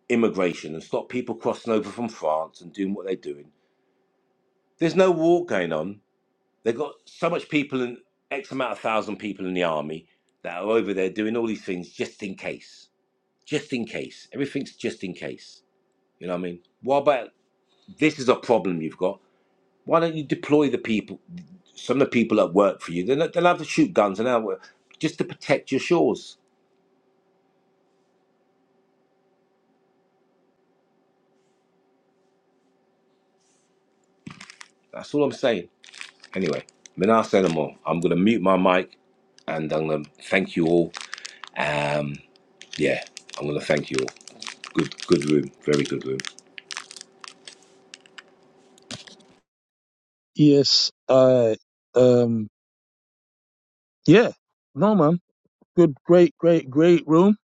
immigration and stop people crossing over from France and doing what they're doing, there's no war going on. They've got so much people and X amount of thousand people in the army that are over there doing all these things just in case. Just in case. Everything's just in case. You know what I mean? What about this is a problem you've got? Why don't you deploy the people, some of the people that work for you? They'll, they'll have to shoot guns and they just to protect your shores. That's all I'm saying. Anyway, Minas Animal, I'm going to mute my mic and I'm going to thank you all. Um, yeah, I'm going to thank you all. Good, good room, very good room. yes. I um. Yeah. No man. Good. Great. Great. Great room.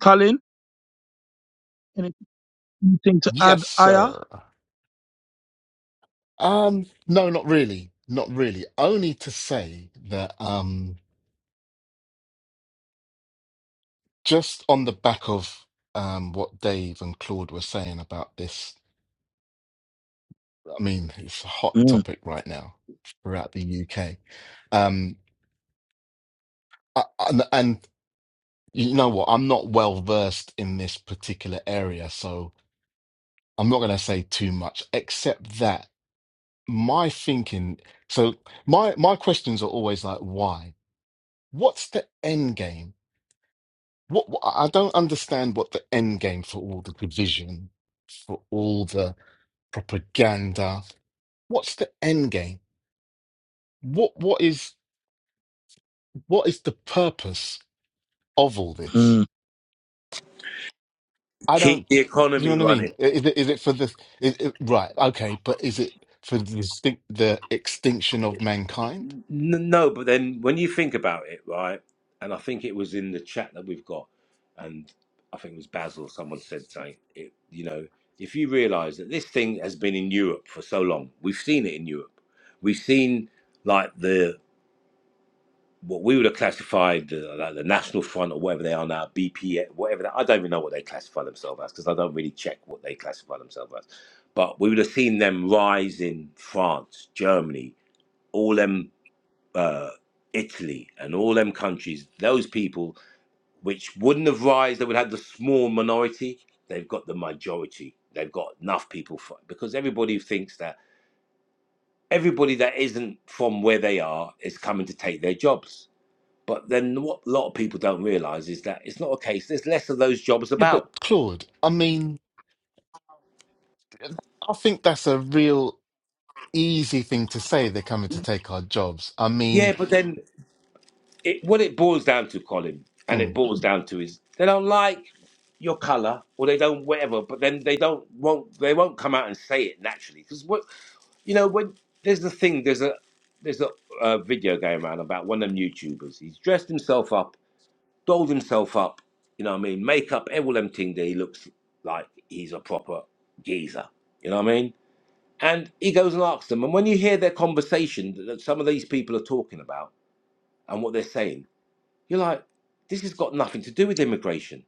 Colin, anything to add? Yes, Aya. sir. Um, no, not really. Not really. Only to say that um just on the back of um what Dave and Claude were saying about this, I mean, it's a hot Mm, topic right now throughout the UK. Um I, and, and you know what? I'm not well versed in this particular area, so I'm not going to say too much except that my thinking so my my questions are always like why what's the end game what, what i don't understand what the end game for all the division for all the propaganda what's the end game what what is what is the purpose of all this mm. i Keep don't the you know economy what i running. mean I- is it, is it for the is it, right okay but is it for the, extinct- the extinction of mankind N- No, but then when you think about it, right? And I think it was in the chat that we've got, and I think it was Basil. Someone said something. It, you know, if you realise that this thing has been in Europe for so long, we've seen it in Europe. We've seen like the what we would have classified the, like the National Front or whatever they are now, BP, whatever. That, I don't even know what they classify themselves as because I don't really check what they classify themselves as. But we would have seen them rise in France, Germany, all them uh, Italy and all them countries, those people which wouldn't have rise, they would have the small minority. They've got the majority. They've got enough people for because everybody thinks that everybody that isn't from where they are is coming to take their jobs. But then what a lot of people don't realize is that it's not a case. There's less of those jobs yeah about. but claude i mean I think that's a real. easy thing to say they're coming to take our jobs. I Yeah, mean, but then it what it boils down to, Colin, and it mm. boils down to is they don't like your color or they don't whatever, but then they don't won't they won't come out and say it naturally because what you know when there's the thing there's a there's a, uh video going around about one of them YouTubers. He's dressed himself up, dolled himself up, you know what I mean, makeup, every them thing that he looks like he's a proper geezer, you know what I mean. And he goes and asks them, and when you hear their conversation that that some of these people are talking about and what they're saying, you're like, this has got nothing to do with immigration.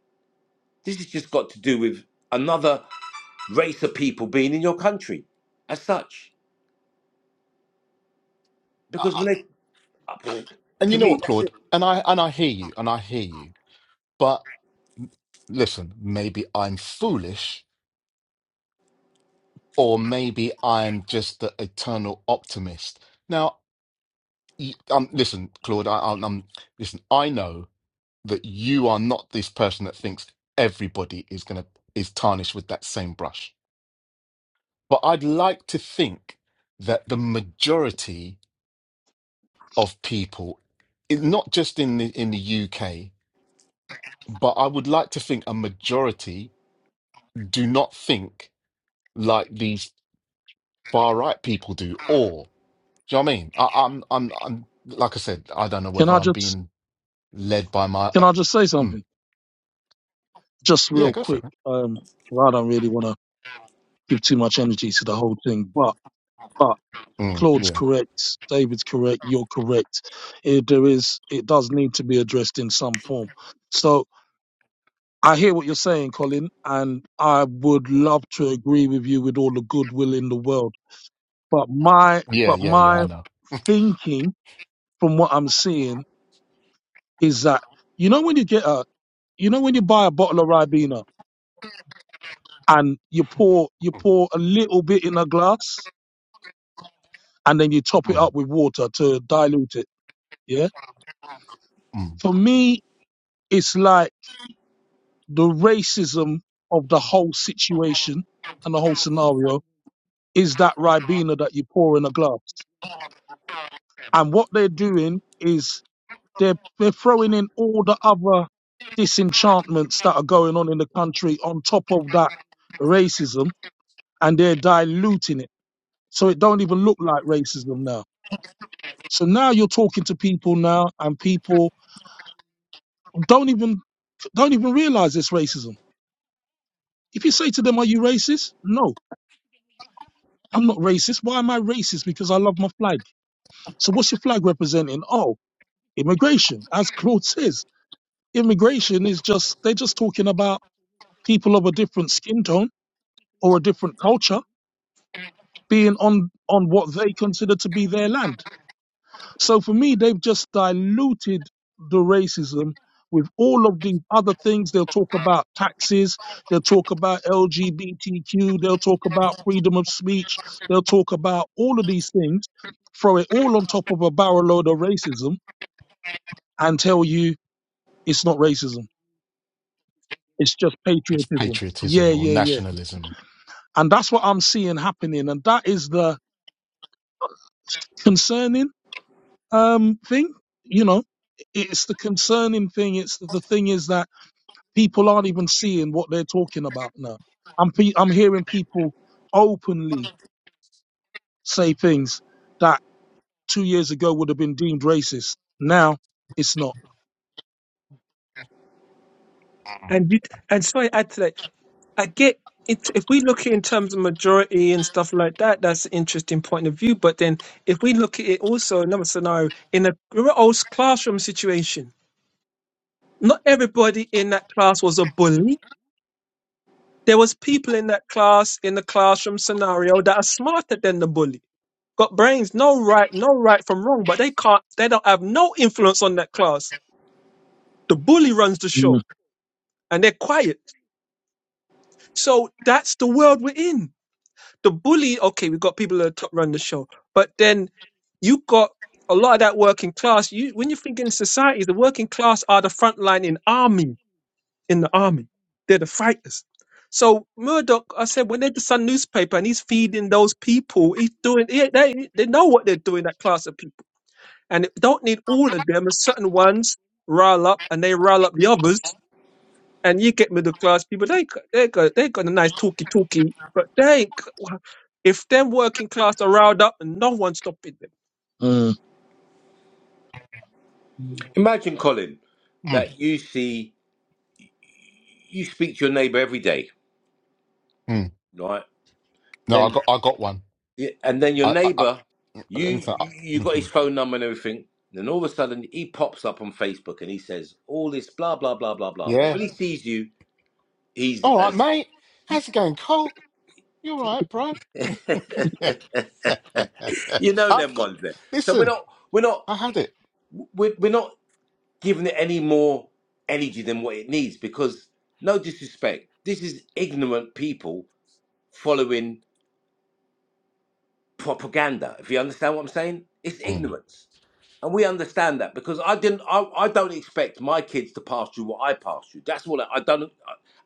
This has just got to do with another race of people being in your country as such. Because when they, and to you know me, what, that's it. Claude, and I and I hear you, and I hear you, but listen, maybe I'm foolish, or maybe I'm just the eternal optimist. Now, y- um, listen, Claude, I, I'm I'm- listen. I know that you are not this person that thinks everybody is gonna is tarnished with that same brush, but I'd like to think that the majority of people, it- not just in the in the UK, but I would like to think a majority do not think like these far right people do. Or do you know what I mean? I, I'm I'm I'm like I said, I don't know Can whether I I'm just being led by my. Can Uh, I just say mm, something? Just yeah, real go for it, quick. man. Um, 'cause I don't really want to give too much energy to the whole thing, but, but Mm, Claude's yeah, correct. David's correct. You're correct. It, there is, it does need to be addressed in some form. So I hear what you're saying, Colin, and I would love to agree with you with all the goodwill in the world. But my, yeah, but yeah, yeah. I my know. thinking from what I'm seeing is that, you know, when you get a, you know, when you buy a bottle of Ribena and you pour you Mm, pour a little bit in a glass and then you top it mm, up with water to dilute it. Yeah. mm. For me, it's like the racism of the whole situation and the whole scenario is that ribena that you pour in a glass. And what they're doing is they're they're throwing in all the other disenchantments that are going on in the country on top of that racism and they're diluting it. So it don't even look like racism now So now you're talking to people now, and people don't even don't even realize it's racism. If you say to them, "Are you racist?" No, I'm not racist. Why am I racist? Because I love my flag. So what's your flag representing? Oh, immigration. As Claude says, immigration is just they're just talking about people of a different skin tone or a different culture being on on what they consider to be their land. So for me, they've just diluted the racism with all of the other things. They'll talk about taxes, they'll talk about LGBTQ, they'll talk about freedom of speech, they'll talk about all of these things, throw it all on top of a barrel load of racism and tell you it's not racism, it's just It's patriotism. Yeah, patriotism or yeah, yeah. nationalism. And that's what I'm seeing happening. And that is the concerning um, thing, you know. It's the concerning thing. It's the, the thing is that People aren't even seeing what they're talking about now. I'm pe- I'm hearing people openly say things that two years ago would have been deemed racist. Now it's not. Mm, And it, and so I add to that. I get it. If we look at it in terms of majority and stuff like that, that's an interesting point of view. But then, if we look at it also another scenario in a real old classroom situation, not everybody in that class was a bully. There was people in that class in the classroom scenario that are smarter than the bully, got brains, no right, no right from wrong, but they can't. They don't have no influence on that class. The bully runs the Mm, show, and they're quiet. So that's the world we're in the bully, okay, we've got people that top run the show, but then you got a lot of that working class. You when you think in society, the working class are the front line in army in the army. They're the fighters. So Murdoch, I said, when they're the Sun newspaper and he's feeding those people, he's doing. He, they they know what they're doing. That class of people, and it don't need all of them. A certain ones rile up, and they rile up the others and you get middle class people. They c- they got they got a nice talkie talkie, but they ain't c- if they're working class are riled up and no one's stopping them. mm. Mm, Imagine, Colin, mm, that you see, you speak to your neighbor every day, mm. right? No, I Then, got I got one. and then your I I, I neighbor, you, listen. I, you, you got his mhm. phone number and everything. Then all of a sudden, he pops up on Facebook and he says all this blah blah blah blah blah. But Yeah, when he sees you, he's All right, as mate. How's it going, Cole? You all right, bro? you know I've them got, ones there. So we're listen, not we're not I had it. we're, we're not giving it any more energy than what it needs because no disrespect, this is ignorant people following propaganda. If you understand what I'm saying, it's Mm. ignorance, and we understand that because I didn't. I, I don't expect my kids to pass through what I passed through. That's all I, I don't.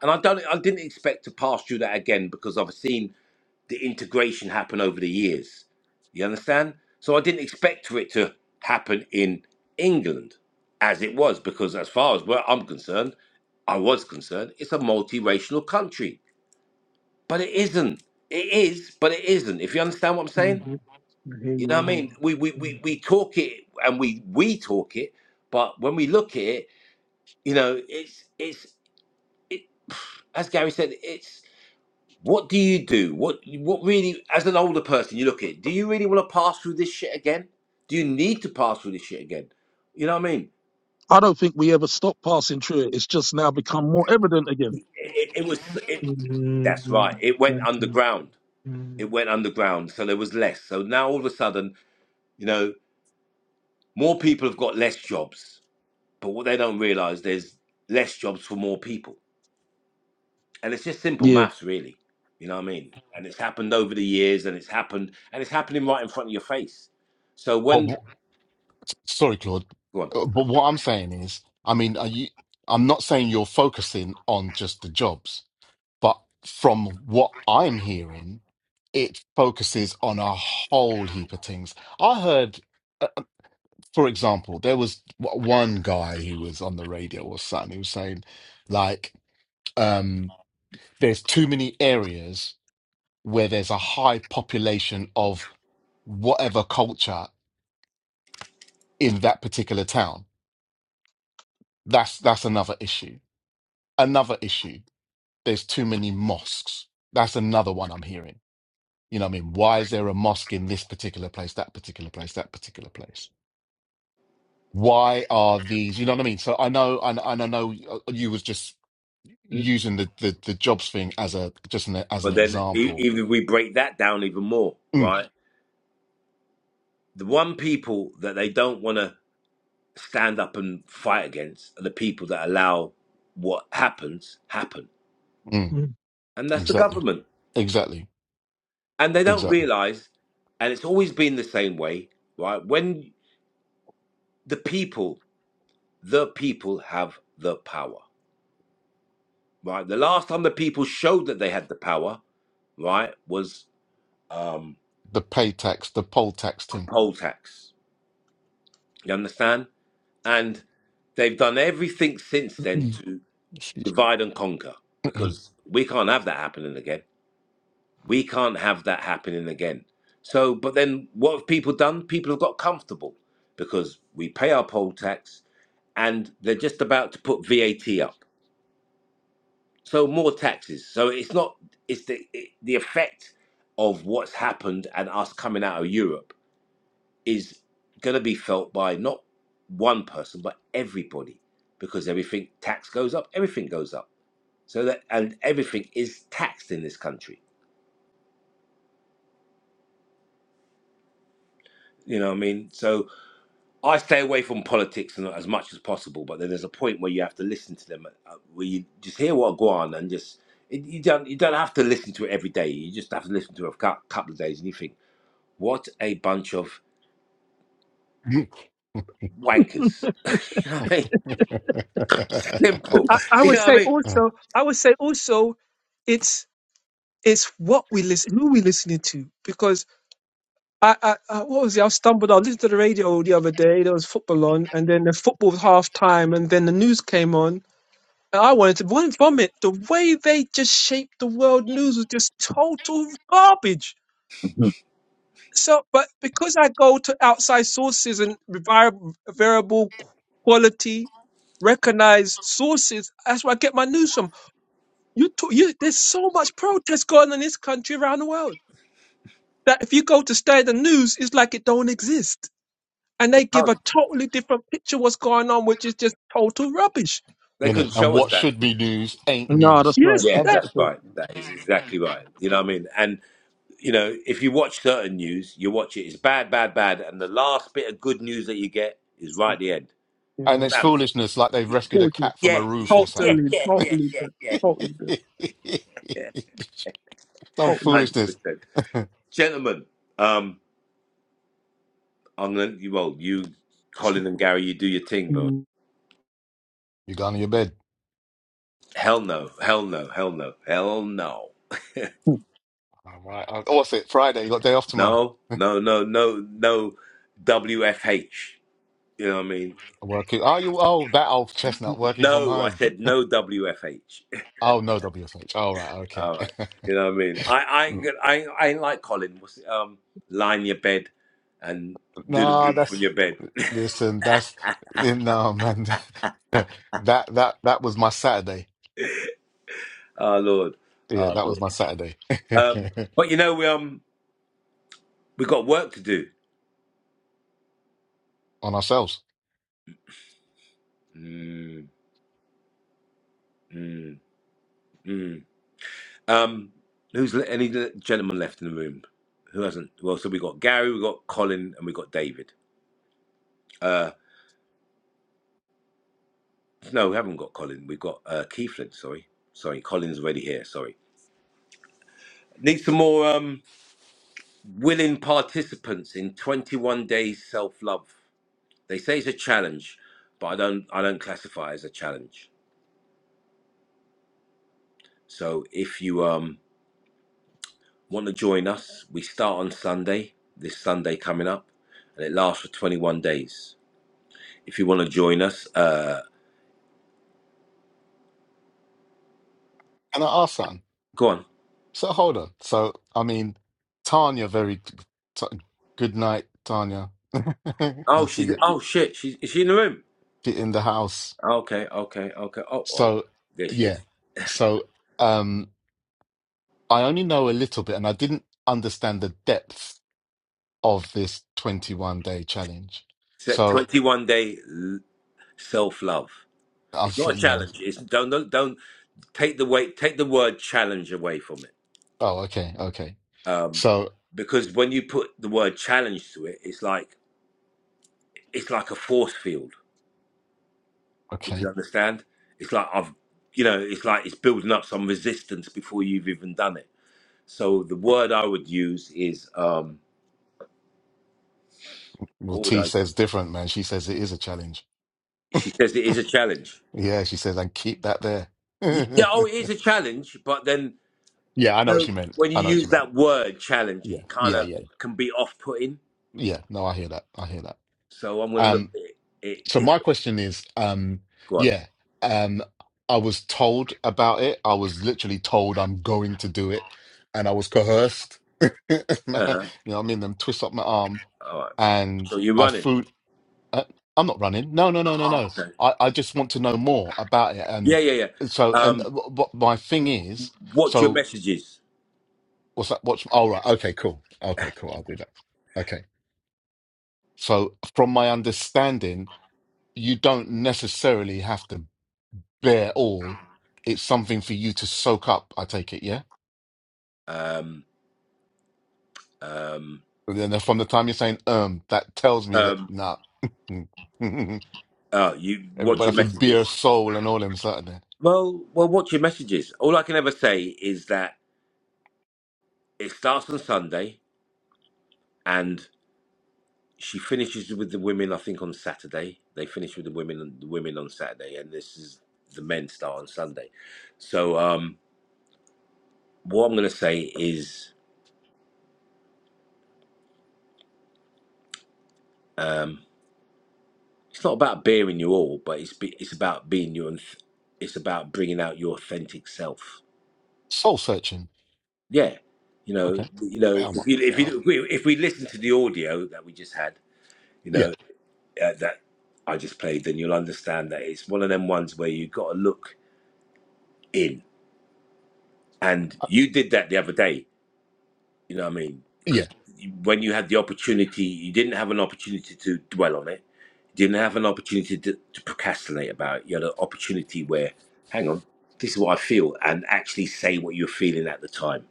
And I don't. I didn't expect to pass through that again because I've seen. the integration happen over the years. You understand? So I didn't expect for it to happen in England as it was, because as far as where I'm concerned, I was concerned, it's a multiracial country. But it isn't. It is, but it isn't. If you understand what I'm mm, saying? mhm. I hear You you know what I 100. mean? We we, Mm, we, we talk it and we we talk it, but when we look at it, you know, it's it's it, as Gary said, it's. What do you do? What what really, as an older person, you look at it, do you really want to pass through this shit again? Do you need to pass through this shit again? You know what I mean? I don't think we ever stopped passing through it. It's just now become more evident again. It, it, was. It, mm, that's mm, right. It went Exactly. underground. Mm, It went underground, so there was less. So now all of a sudden, you know, more people have got less jobs. But what they don't realise, there's less jobs for more people, and it's just simple Yeah. maths, really. You know what I mean? And it's happened over the years, and it's happened, and it's happening right in front of your face. So But when wh- sorry, Claude. go Uh, on. But what I'm saying is, I mean, are you, I'm not saying you're focusing on just the jobs, but from what I'm hearing, it focuses on a whole heap of things. I heard, uh, uh, for example, there was w- one guy who was on the radio or something who was saying, like, um, there's too many areas where there's a high population of whatever culture in that particular town. That's that's another issue. Another issue. There's too many mosques. That's another one I'm hearing. You know what I mean? Why is there a mosque in this particular place, that particular place, that particular place? Why are these, you know what I mean? So I know and, and I know you was just using the, the the jobs thing as a just an, as an But then, e- example. even if we break that down even more, Mm, right? The one people that they don't want to stand up and fight against are the people that allow what happens happen, mm, mm, and that's the exactly. government. Exactly. And they don't Exactly. realize, and it's always been the same way, right? When the people, the people have the power, right? The last time the people showed that they had the power, right, was um, The pay tax, the poll tax thing. poll tax. You understand? And they've done everything since then to Excuse me. divide and conquer because we can't have that happening again. We can't have that happening again. So, but then what have people done? People have got comfortable because we pay our poll tax and they're just about to put VAT up. So, more taxes. So, it's not, it's the, it, the effect of what's happened and us coming out of Europe is going to be felt by not one person but everybody because everything tax goes up everything goes up so that and everything is taxed in this country you know what i mean so i stay away from politics and as much as possible but then there's a point where you have to listen to them uh, where you just hear what go on and just it, you don't you don't have to listen to it every day you just have to listen to it a cou- couple of days and you think what a bunch of wankers you know what i mean But simple I, I you would know what i say mean also I would say also it's it's what we listen who we listening to because I, I, I what was it I stumbled I listened to the radio the other day there was football on and then the football was half time and then the news came on I wanted to von- vomit. The way they just shaped the world news was just total garbage. Mhm. So, but because I go to outside sources and revi- variable quality, recognized sources, that's where I get my news from. You, t- you, there's so much protest going on in this country around the world that if you go to standard news, it's like it don't exist, and they they give can't a totally different picture of what's going on, which is just total rubbish. they In it, couldn't and show us what that should be news ain't No, that's news, right. Yes, I Yeah, think that. that's that's right. That is exactly right. You know what I mean? And, you know, if you watch certain news, you watch it, it's bad, bad, bad. And the last bit of good news that you get is right at the end. and it's Yeah. Bam. foolishness. Like they have rescued a cat from a Yeah, roof or yeah, something. totally, yeah, yeah, totally, yeah, good, yeah. totally, good, Some totally. 100%. Good. foolishness. Gentlemen, um, I'm going to, well, you, Colin and Gary, you do your thing, but Mm. You gone to your bed. hell no, hell no, hell no, hell no. it. All right. Oh, what's it? Friday. You got day off tomorrow. No, no, no, no, no WFH. You know what I mean? Working. Are you. Oh, that old chestnut working from No, I home. said no WFH. Oh no, WFH. All right. Okay. All right. You know what I mean? I I ain't I I ain't like Colin. What's it? Um, lie in your bed and do the no, room from that's your bed. Listen, that's no man. That that that was my Saturday. Oh Lord, Yeah, oh that was Lord. my Saturday Um, but you know we um we got work to do. on ourselves Mm, mm, mm. Um, who's le- any le- gentleman left in the room? Who hasn't? Well, so we got Gary, we got Colin, and we got David. Uh, no, we haven't got Colin. We've got uh Keithlin. Sorry, sorry. Colin's already here. Sorry. Need some more. Um, willing participants in 21 days self-love they say it's a challenge but i don't i don't classify it as a challenge so if you um, want to join us we start on sunday this sunday coming up and it lasts for 21 days if you want to join us uh and our son. go on So hold on. So I mean, Tanya, very t good night, Tanya. I oh she's see it. oh shit she's is she in the room Get in the house. okay okay okay oh oh So there she is yeah. So um, I only know a little bit, and I didn't understand the depth of this 21 day challenge. Set So 21 day self-love I'll It's not say a yeah. challenge. It's don't don't, don't take the way take the word challenge away from it. Oh, okay, okay. Um, So, because when you put the word challenge to it, it's like it's like a force field. If you okay. understand, it's like I've you know it's like it's building up some resistance before you've even done it. So the word I would use is um, Well, what would T I? says different, man. She says it is a challenge. She says it is a challenge. Yeah, she says, and keep that there. Yeah, oh, it is a challenge. But then Yeah, I you know what know, she meant. when you I know what you use meant. that word challenge, Yeah, it kind yeah, of yeah, can be off putting yeah. No, I hear that. I hear that. So I'm going to look Um, at it, it so my different. question is, um, Go on. yeah, um, I was told about it. I was literally told I'm going to do it, and I was coerced. You know, what Uh-huh. I mean, them twist up my arm, All right. So and you're I running. threw. Uh, I'm not running. No, no, no, no, Oh, no. okay. I, I just want to know more about it. Yeah, And yeah, yeah. so, and Um, what what my thing is, watch your so messages. what's that? What's, all right. Okay, cool. Okay, cool. I'll do that. Okay. So, from my understanding, you don't necessarily have to bear all. It's something for you to soak up, I take it, yeah? Um, um, And then from the time you're saying, um, that tells me that, um, nah. Everybody oh, you watch your have to messages. bear soul and all them certain. Well, well, watch your messages. All I can ever say is that it starts on Sunday, and she finishes with the women. I think on Saturday they finish with the women. The women on Saturday, and this is the men start on Sunday. So um, what I'm going to say is. Um, It's not about bearing you all, but it's be, it's about being you, and it's about bringing out your authentic self. Soul searching. Yeah, you know, Okay. you know, Yeah, I'm if up. you if Yeah, I'm- you if we, if we listen to the audio that we just had, you yeah. know, uh, that I just played, then you'll understand that it's one of them ones where you got to look in, and Uh, you did that the other day You know what I mean? Because yeah. when you had the opportunity, you didn't have an opportunity to dwell on it. You didn't have an opportunity to, to procrastinate about it. You had an opportunity where, hang on, this is what I feel, and actually say what you're feeling at the time.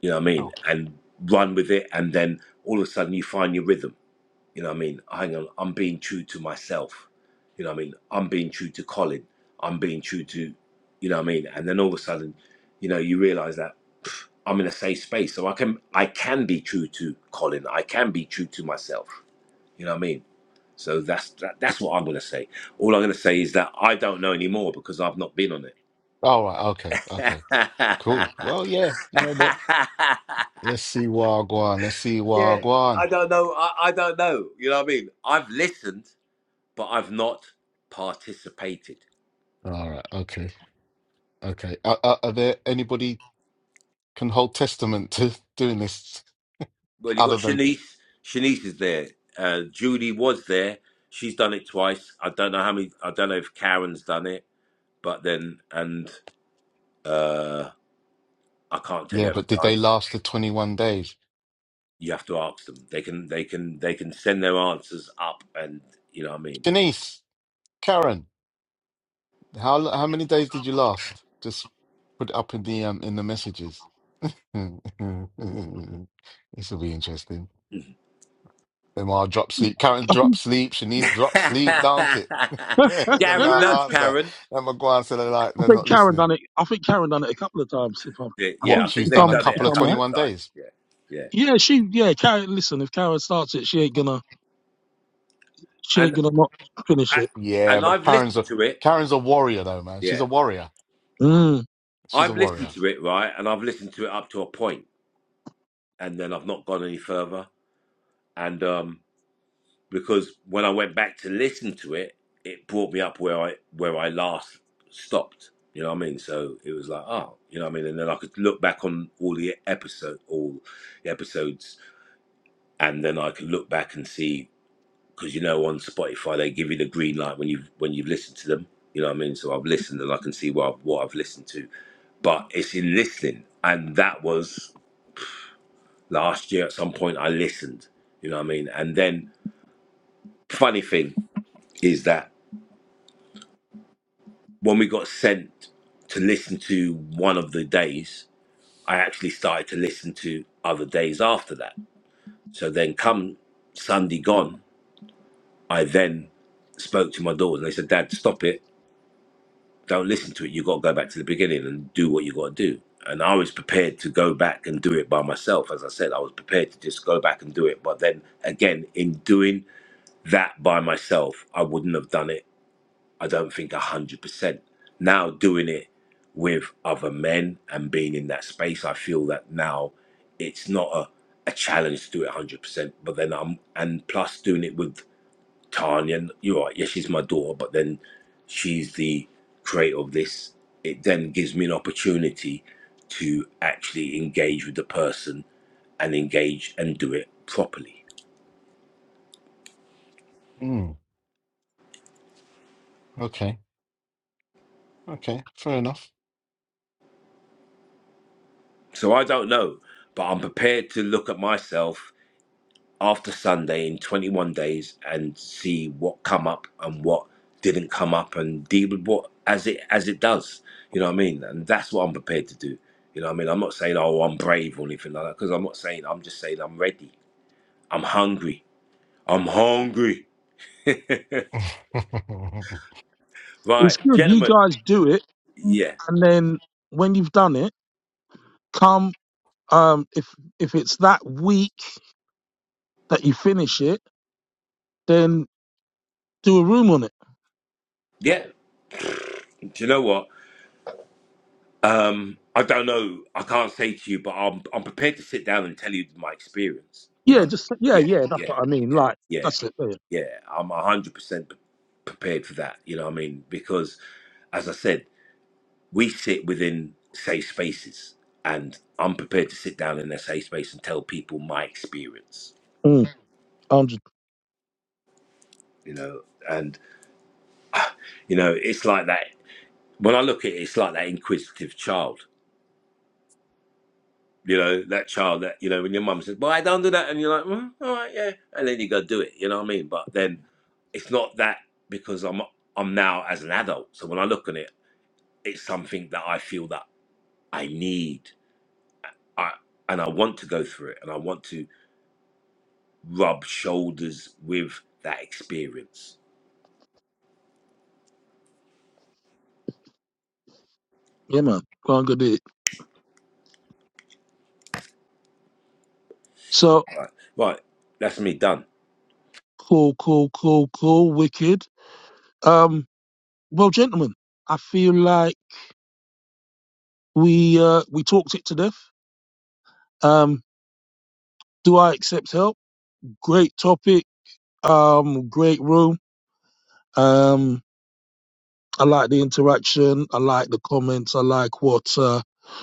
You know what I mean? Sure. And run with it, and then all of a sudden you find your rhythm you know what I mean? Hang on, I'm being true to myself. You know what I mean? I'm being true to Colin. I'm being true to, you know what I mean? And then all of a sudden, you know, you realize that pff, I'm in a safe space, so I can I can be true to Colin. I can be true to myself. You know what I mean? So that's that, that's what I'm gonna say. All I'm gonna say is that I don't know anymore because I've not been on it. All right. Okay. Okay. Cool. Well, yeah. You know what? Let's see Wagwan. Let's see yeah, Wagwan. I don't know. I, I don't know. You know what I mean? I've listened. but I've not participated. All right. Okay. Okay. Are, are, are there anybody can hold testament to doing this Well, you got other than Shanice. Shanice is there. Uh, Judy was there. She's done it twice. I don't know how many. I don't know if Karen's done it, but then and uh, I can't tell you yeah? how many But did they times. last the twenty one days? You have to ask them. They can. They can. They can send their answers up, and you know what I mean. Janice, Karen, how how many days did you last? Just put it up in the um in the messages. this will be interesting. Them all drop sleep. Karen I drop think sleep. Shanice drop sleep, don't it? them Gary, not nudge answer. Karen. Them a go and say they're like I they're think not Karen listening. done it. I think Karen done it a couple of times. If I'm, Yeah, I yeah, I What? think She's think if they've done a I'm, done it if couple a of I'm right. couple of 21 times. days. Yeah, yeah, Yeah, she. Yeah, Karen. Listen, if Karen starts it, she ain't gonna, she ain't and gonna not finish I, it. Yeah, and but I've Karen's listened a to it. Karen's a warrior though, man. Yeah. She's a warrior. Mm. She's a I've listened warrior. to it, right? And I've listened to it up to a point, and then I've not gone any further. And um, because when I went back to listen to it, it brought me up where I where I last stopped. You know what I mean? So it was like, oh, you know what I mean? And then I could look back on all the episode, all the episodes, and then I could look back and see because you know on Spotify they give you the green light when you have when you've listened to them. You know what I mean? So I've listened and I can see what I've, what I've listened to, but it's in listening, and that was last year at some point I listened, you know what I mean? And then funny thing is that when we got sent to listen to one of the days, I actually started to listen to other days after that. So then come Sunday gone, I then spoke to my daughters and they said, Dad, stop it. Don't listen to it. You've got to go back to the beginning and do what you got to do. And I was prepared to go back and do it by myself. As I said, I was prepared to just go back and do it. But then again, in doing that by myself, I wouldn't have done it. I don't think 100%. Now, doing it with other men and being in that space, I feel that now it's not a, a challenge to do it 100%. But then I'm, and plus doing it with Tanya, and you're right, yeah, she's my daughter, but then she's the creator of this. It then gives me an opportunity to actually engage with the person and engage and do it properly Mm, okay. Okay. Fair enough. So I don't know, but I'm prepared to look at myself after Sunday in 21 days and see what come up and what didn't come up and deal with what as it as it does. You know what I mean? And that's what I'm prepared to do. You know what I mean? I'm not saying oh I'm brave or anything like that because I'm not saying I'm just saying I'm ready. I'm hungry. I'm hungry. you're It's Right, good. You gentlemen. guys do it, Yeah, and then when you've done it, come. Um, if if it's that week that you finish it, then do a room on it. yeah. Do you know what? Um, I don't know. I can't say to you, but I'm I'm prepared to sit down and tell you my experience. You Yeah, know, just yeah, yeah, yeah. That's yeah, what I mean. Like yeah, that's it. Yeah. yeah. I'm hundred percent prepared for that. You know, what I mean, because as I said, we sit within safe spaces, and I'm prepared to sit down in a safe space and tell people my experience. Mm, Hundred. You know, and you know, it's like that. When I look at it, it's like that inquisitive child. You know, that child that, you know, when your mum says, Well, I don't do that and you're like, well, all right, yeah and then you go do it, you know what I mean? But then it's not that because I'm I'm now as an adult. So when I look on it, it's something that I feel that I need. I and I want to go through it and I want to rub shoulders with that experience. Yeah, man. Go on, go do it. So Right. Right. That's me done. cool, cool, cool, cool. Wicked. Um, well, gentlemen, I feel like we uh we talked it to death. Um, do I accept help? Great topic. Um, great room. Um, I like the interaction. I like the comments. I like what uh,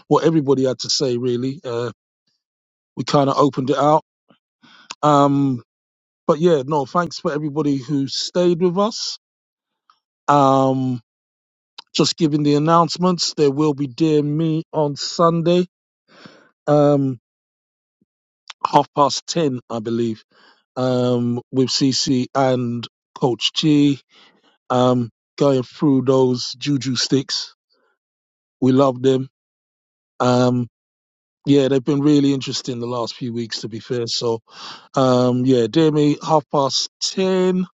what everybody had to say. Really, uh, we kind of opened it out. Um, but yeah, no, thanks for everybody who stayed with us. Um, just giving the announcements. There will be Dear Me on Sunday, um, half past ten, I believe, um, with CC and Coach T. Um, going through those juju sticks. We love them. Um, Yeah, they've been really interesting the last few weeks, to be fair. So, um, yeah, dear me, half past 10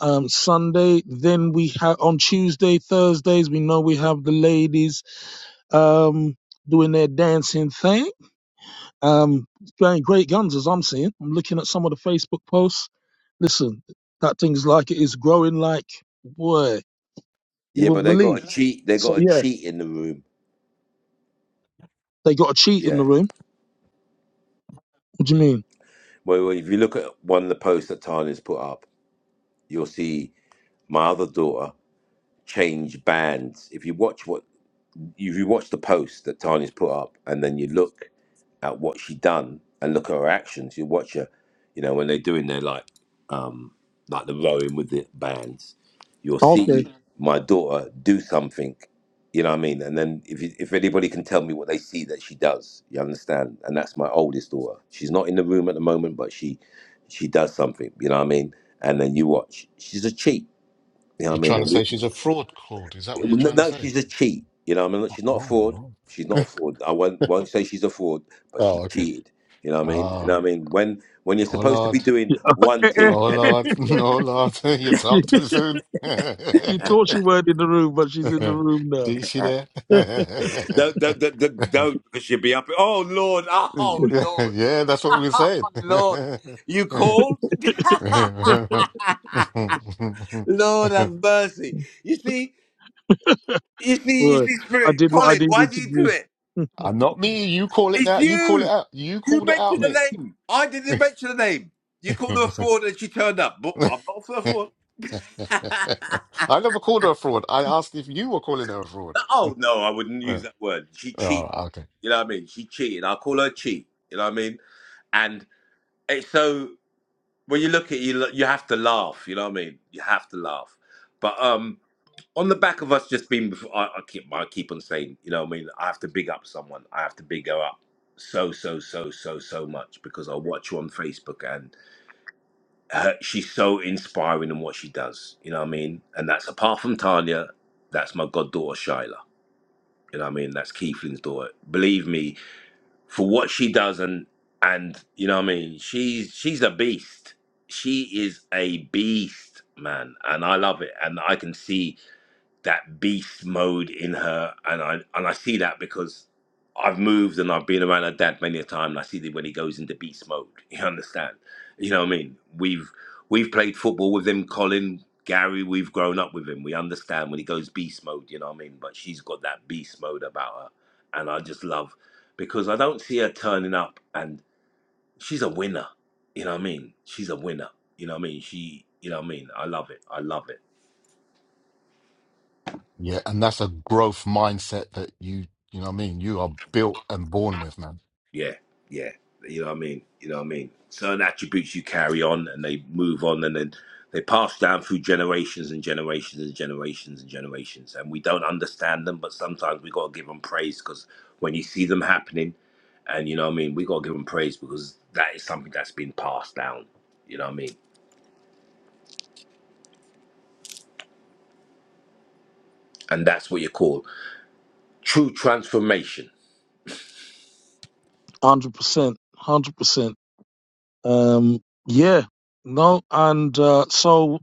um, Sunday. Then we have on Tuesday, Thursdays, we know we have the ladies um, doing their dancing thing. Um, going great guns, as I'm seeing. I'm looking at some of the Facebook posts. Listen, that thing's like it is growing like, boy, you Yeah, but wouldn't they got believe. a cheat. They So, got a yeah, cheat in the room. they got a cheat in Yeah. the room. What do you mean? Well, well, if you look at one of the posts that Tanya's put up, you'll see my other daughter. change bands. If you watch what if you watch the post that Tanya's put up, and then you look at what she done and look at her actions, you watch her. You know when they're doing their like um like the rowing with the bands, you'll see Mhm. my daughter do something. You know what I mean? And then if you, if anybody can tell me what they see that she does, you understand? And that's my oldest daughter. She's not in the room at the moment, but she she does something. You know what I mean? And then you watch. She's a cheat. You know what I mean? trying to And we, say she's a fraud Claude? Is that what you're no, trying to no, say? she's a cheat. You know, what I mean, she's not a fraud. Oh, She's not a right. fraud. I won't won't say she's a fraud, but she oh, okay. cheated. You know what I mean? You know Oh, what I mean? When when you're oh supposed to be Lord. doing one thing Oh and then you, Lord. Oh Lord. you Okay. talk too soon. You thought she weren't in the room, but she's in the room now. see, see there? yeah, don't don't don't don't don't, because you'll be up. Oh Lord, oh Lord, that's what we oh said. Lord, you called? Lord have mercy. You see, you see, you Boy, see, I Spirit, did what I Colin, why needed do to you do do. it? I'm not me. You call it It's that. You call it you. out. You You called it out, mentioned mate. the name. I didn't mention the name. You called her a fraud and she turned up. But I'm not a fraud. I never called her a fraud. I asked if you were calling her a fraud. No, oh no, I wouldn't Uh, use that word. She oh, cheat. okay. You know what I mean? She cheated. I call her cheat. You know what I mean? And it's so when you look at it, you, lo- you have to laugh. You know what I mean? You have to laugh. But um, on the back of us just being, I, I keep I keep on saying, you know what I mean? I have to big up someone. I have to big her up so so so so so much because I watch her on Facebook and her, she's so inspiring in what she does. You know what I mean? And that's apart from Tanya, that's my goddaughter Shyla You know what I mean? That's Keithling's daughter. Believe me, for what she does and and you know what I mean, she's she's a beast. She is a beast, man. And I love it. And I can see that beast mode in her, and I and I see that because I've moved and I've been around her dad many a time, and I see that when he goes into beast mode, you understand? You know what I mean? We've we've played football with him, Colin, Gary. We've grown up with him. We understand when he goes beast mode. You know what I mean? But she's got that beast mode about her, and I just love because I don't see her turning up, and she's a winner. You know what I mean? She's a winner. You know what I mean? She. You know what I mean? I love it. I love it. Yeah, and that's a growth mindset that you, you know what I mean? You are built and born with, man. Yeah, yeah. You know what I mean? You know what I mean? Certain attributes you carry on and they move on and then they pass down through generations and generations and generations and generations. And we don't understand them, but sometimes we got to give them praise because when you see them happening, and you know what I mean, we got to give them praise because that is something that's been passed down. You know what I mean? And that's what you call true transformation. Hundred percent, hundred percent. Um, yeah, no, and uh, so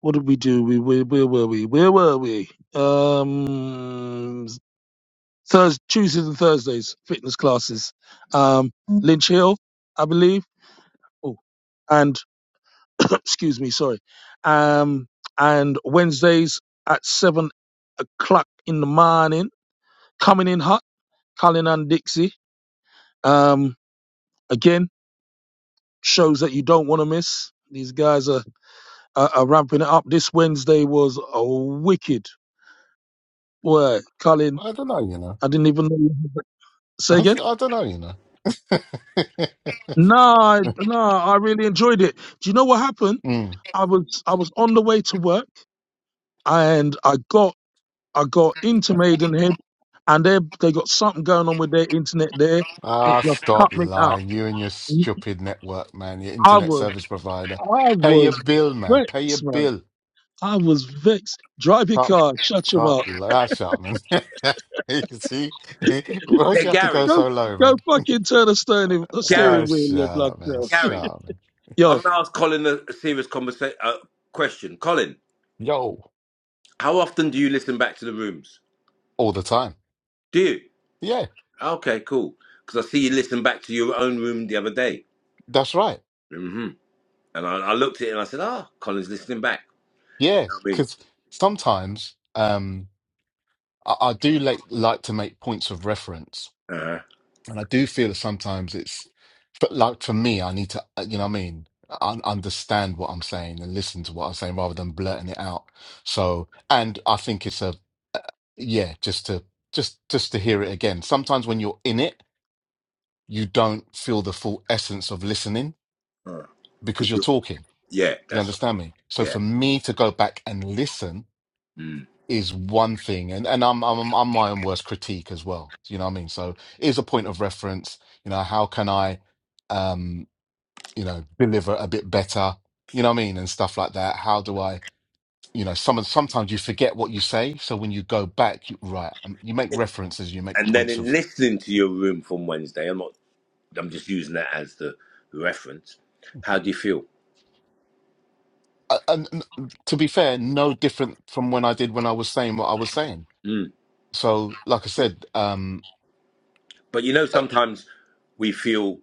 what did we do? We where, where were we? Where were we? Um, Thursday, Tuesdays and Thursdays, fitness classes. Um, Lynch Hill, I believe. Oh, and excuse me, sorry. Um, and Wednesdays at seven o'clock in the morning. Coming in hot. Colin and Dixie. Um, again, shows that you don't want to miss. These guys are, are are ramping it up. This Wednesday was a wicked. Boy, Colin, I don't know, I didn't even know. You had that. Say again? I don't know, you know. No, I- no, I really enjoyed it. Do you know what happened? Mm. I was I was on the way to work and I got I got into Maidenhead and they they got something going on with their internet there and Ah, it just cut stop me out. lying. You and your stupid network, man. Your I internet was service provider. I Pay your was bill, man. Pay your vexed, man. bill. I was vexed. Drive your Top, car, shut your top. mouth. li- Ah, shut up, man. You see? Why'd Hey, you have to go Gary, Go, so low, go man? fucking turn the steering, the Ah, Gary, steering wheel, shut your blood up, man. cell. Shut Gary, up, man. I'm Yo, going to ask Colin a, a serious conversation, uh, question. Colin, Yo. How often do you listen back to the rooms? All the time. Do you? Yeah, Okay, cool. Because I see you listen back to your own room the other day. that's right. hmm And I, I looked at it and I said, ah, Colin's listening back. Yeah, because sometimes um, I, I do like, like to make points of reference I mean, And I do feel sometimes it's, but like for me, I need to, uh, you know what I mean? I understand what I'm saying and listen to what I'm saying rather than blurting it out. So, and I think it's a, uh, yeah, just to, just, just to hear it again. Sometimes when you're in it, you don't feel the full essence of listening uh-huh. uh Cause because you're you talking. yeah, You that's right. understand me? So Yeah. for me to go back and listen Mm. is one thing, and and I'm I'm I'm my own worst critique as well. You know what I mean? So is a point of reference. You know, how can I, um, you know, deliver a bit better? You know what I mean, and stuff like that. How do I? You know, some sometimes you forget what you say, so when you go back, you right, um, you make references, you make And then points in of. listening to your room from Wednesday, I'm not, I'm just using that as the reference. How do you feel? uh, And and to be fair, no different from when I did when I was saying what I was saying. Mm. So, like I said, um, But you know, sometimes we feel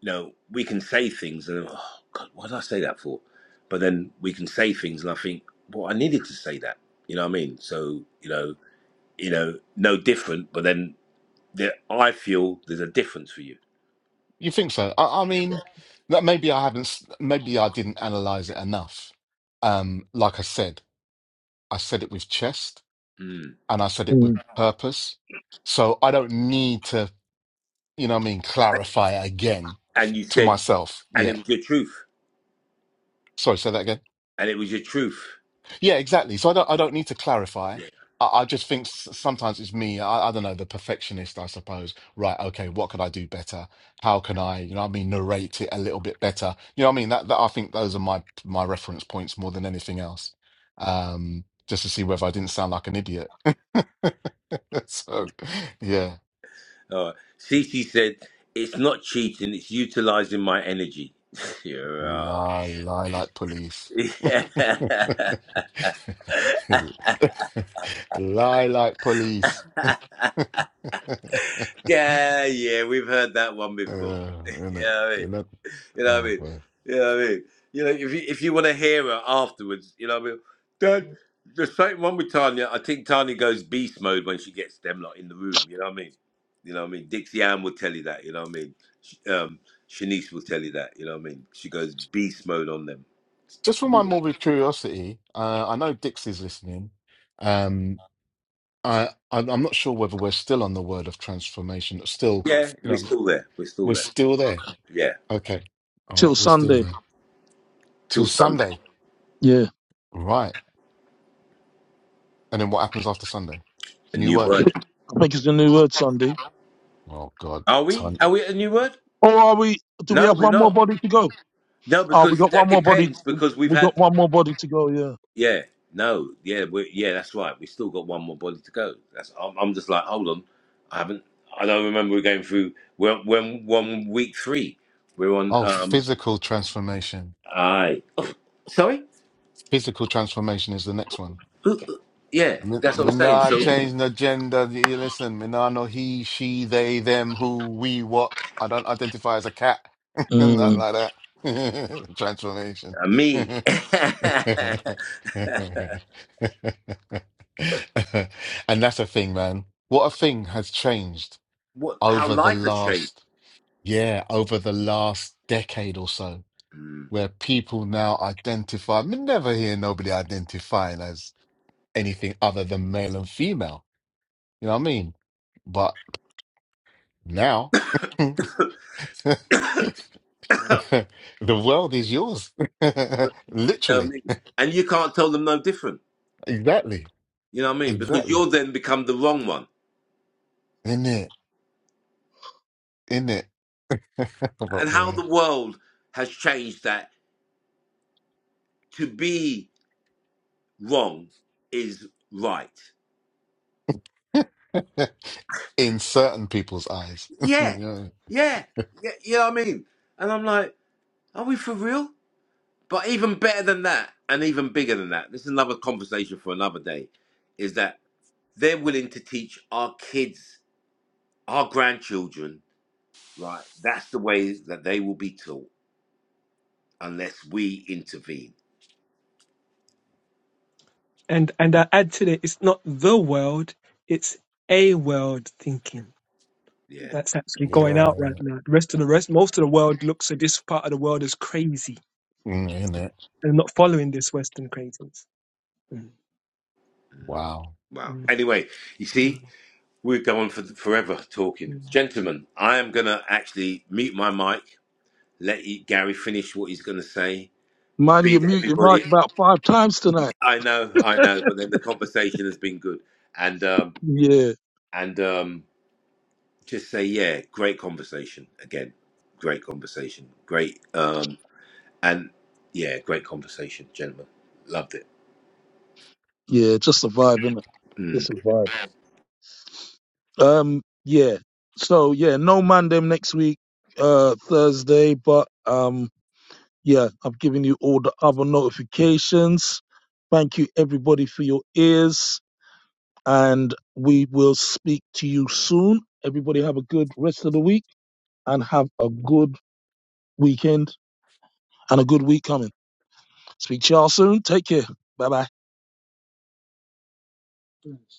you know, we can say things and oh God, why did I say that for? But then we can say things and I think, well, I needed to say that. You know what I mean? So, you know, you know, no different, but then there, I feel there's a difference for you. You think so? I, I mean, that maybe I haven't, s- maybe I didn't analyze it enough. Um, like I said, I said it with chest Mm. and I said it with mm. purpose. So I don't need to, you know what I mean, clarify it again And you to said, myself. and it Yeah. was your truth. Sorry, say that again. And it was your truth. Yeah, exactly. So I don't I don't need to clarify. Yeah. I, I just think s- sometimes it's me. I, I don't know, the perfectionist, I suppose. Right, okay, what could I do better? How can I, you know what I mean, narrate it a little bit better? You know what I mean? That, that I think those are my my reference points more than anything else. Um, just to see whether I didn't sound like an idiot. So yeah. All right. Cece said, it's not cheating, it's utilizing my energy. yeah. Lie, lie like police. Yeah, Lie like police. yeah, yeah, we've heard that one before. Uh, and that, Yeah. and that, You know what I oh, mean? boy. You know what I mean? You know, if you, if you want to hear her afterwards, you know what I mean? Dad, there's something wrong with Tanya. I think Tanya goes beast mode when she gets them lot in the room. You know what I mean? You know what I mean? Dixie Ann will tell you that. You know what I mean? Sh- Um, Shanice will tell you that. You know what I mean? She goes beast mode on them. Just for my morbid curiosity, uh, I know Dixie's listening. Um, I, I, I'm not sure whether we're still on the word of transformation. Still, Yeah, you we're know, still there. We're still we're there. still there. Yeah, Okay, all till right, we're still Sunday. there till till Sunday. Sunday, Yeah, right? And then what happens after Sunday? A New new I word. word. think, I think it's the new word Sunday. Oh God, Are we? ton. Are we at a new word? Or are we? Do we No, have we're one more not. body to go? No, Oh, we because got that one more body. depends. Because we've We had got one more body to go. Yeah. Yeah, no, yeah, we yeah, that's right. We still got one more body to go. That's I'm, I'm just like, hold on, I haven't. I don't remember we are going through when when when week three we're on. Oh, Um, physical transformation. I sorry, Physical transformation is the next one. Who- who- yeah, Me that's what me I'm saying. nah So change the gender. You Listen, me nah no he, she, they, them, who, we, what. I don't identify as a cat. Not Mm. like that. Transformation. uh, me, And that's a thing, man. What a thing has changed what? How over the life has changed. last, yeah, over the last decade or so, Mm. where people now identify. Me never hear nobody identifying as anything other than male and female you know what I mean? But now, the you world is yours. know what I Literally. mean? And you can't tell them no different. Exactly. You know what I mean? Because Exactly. you'll then become the wrong one. In it. In it. But And how boy. the world has changed that to be wrong is right. In certain people's eyes. Yeah, yeah. yeah, yeah, you know what I mean? And I'm like, are we for real? But even better than that, and even bigger than that, this is another conversation for another day, is that they're willing to teach our kids, our grandchildren, right? That's the way that they will be taught unless we intervene. And and I add to that, it's not the world, it's a world thinking Yeah. that's actually going Yeah. out right now. The rest of the rest, most of the world looks at this part of the world as crazy In it. and not following this Western craziness. Mm, Wow. Wow. mm, Anyway, you mm, see, we're going for forever talking. Gentlemen, I am going to actually mute my mic let you, Gary finish what he's going to say. Man, you Bid mute your everybody. mic about five times tonight. I know, I know, but then the conversation has been good, and um, Yeah, and um, just say, yeah, great conversation again, great conversation, great, um, and yeah, great conversation, gentlemen, loved it. yeah, just a vibe, innit? Hmm. Just a vibe. Um, yeah. So yeah, no man them next week, uh, Thursday, but um. Yeah, I've given you all the other notifications. Thank you, everybody, for your ears. And we will speak to you soon. Everybody, have a good rest of the week and have a good weekend and a good week coming. Speak to y'all soon. Take care. Bye bye. mm.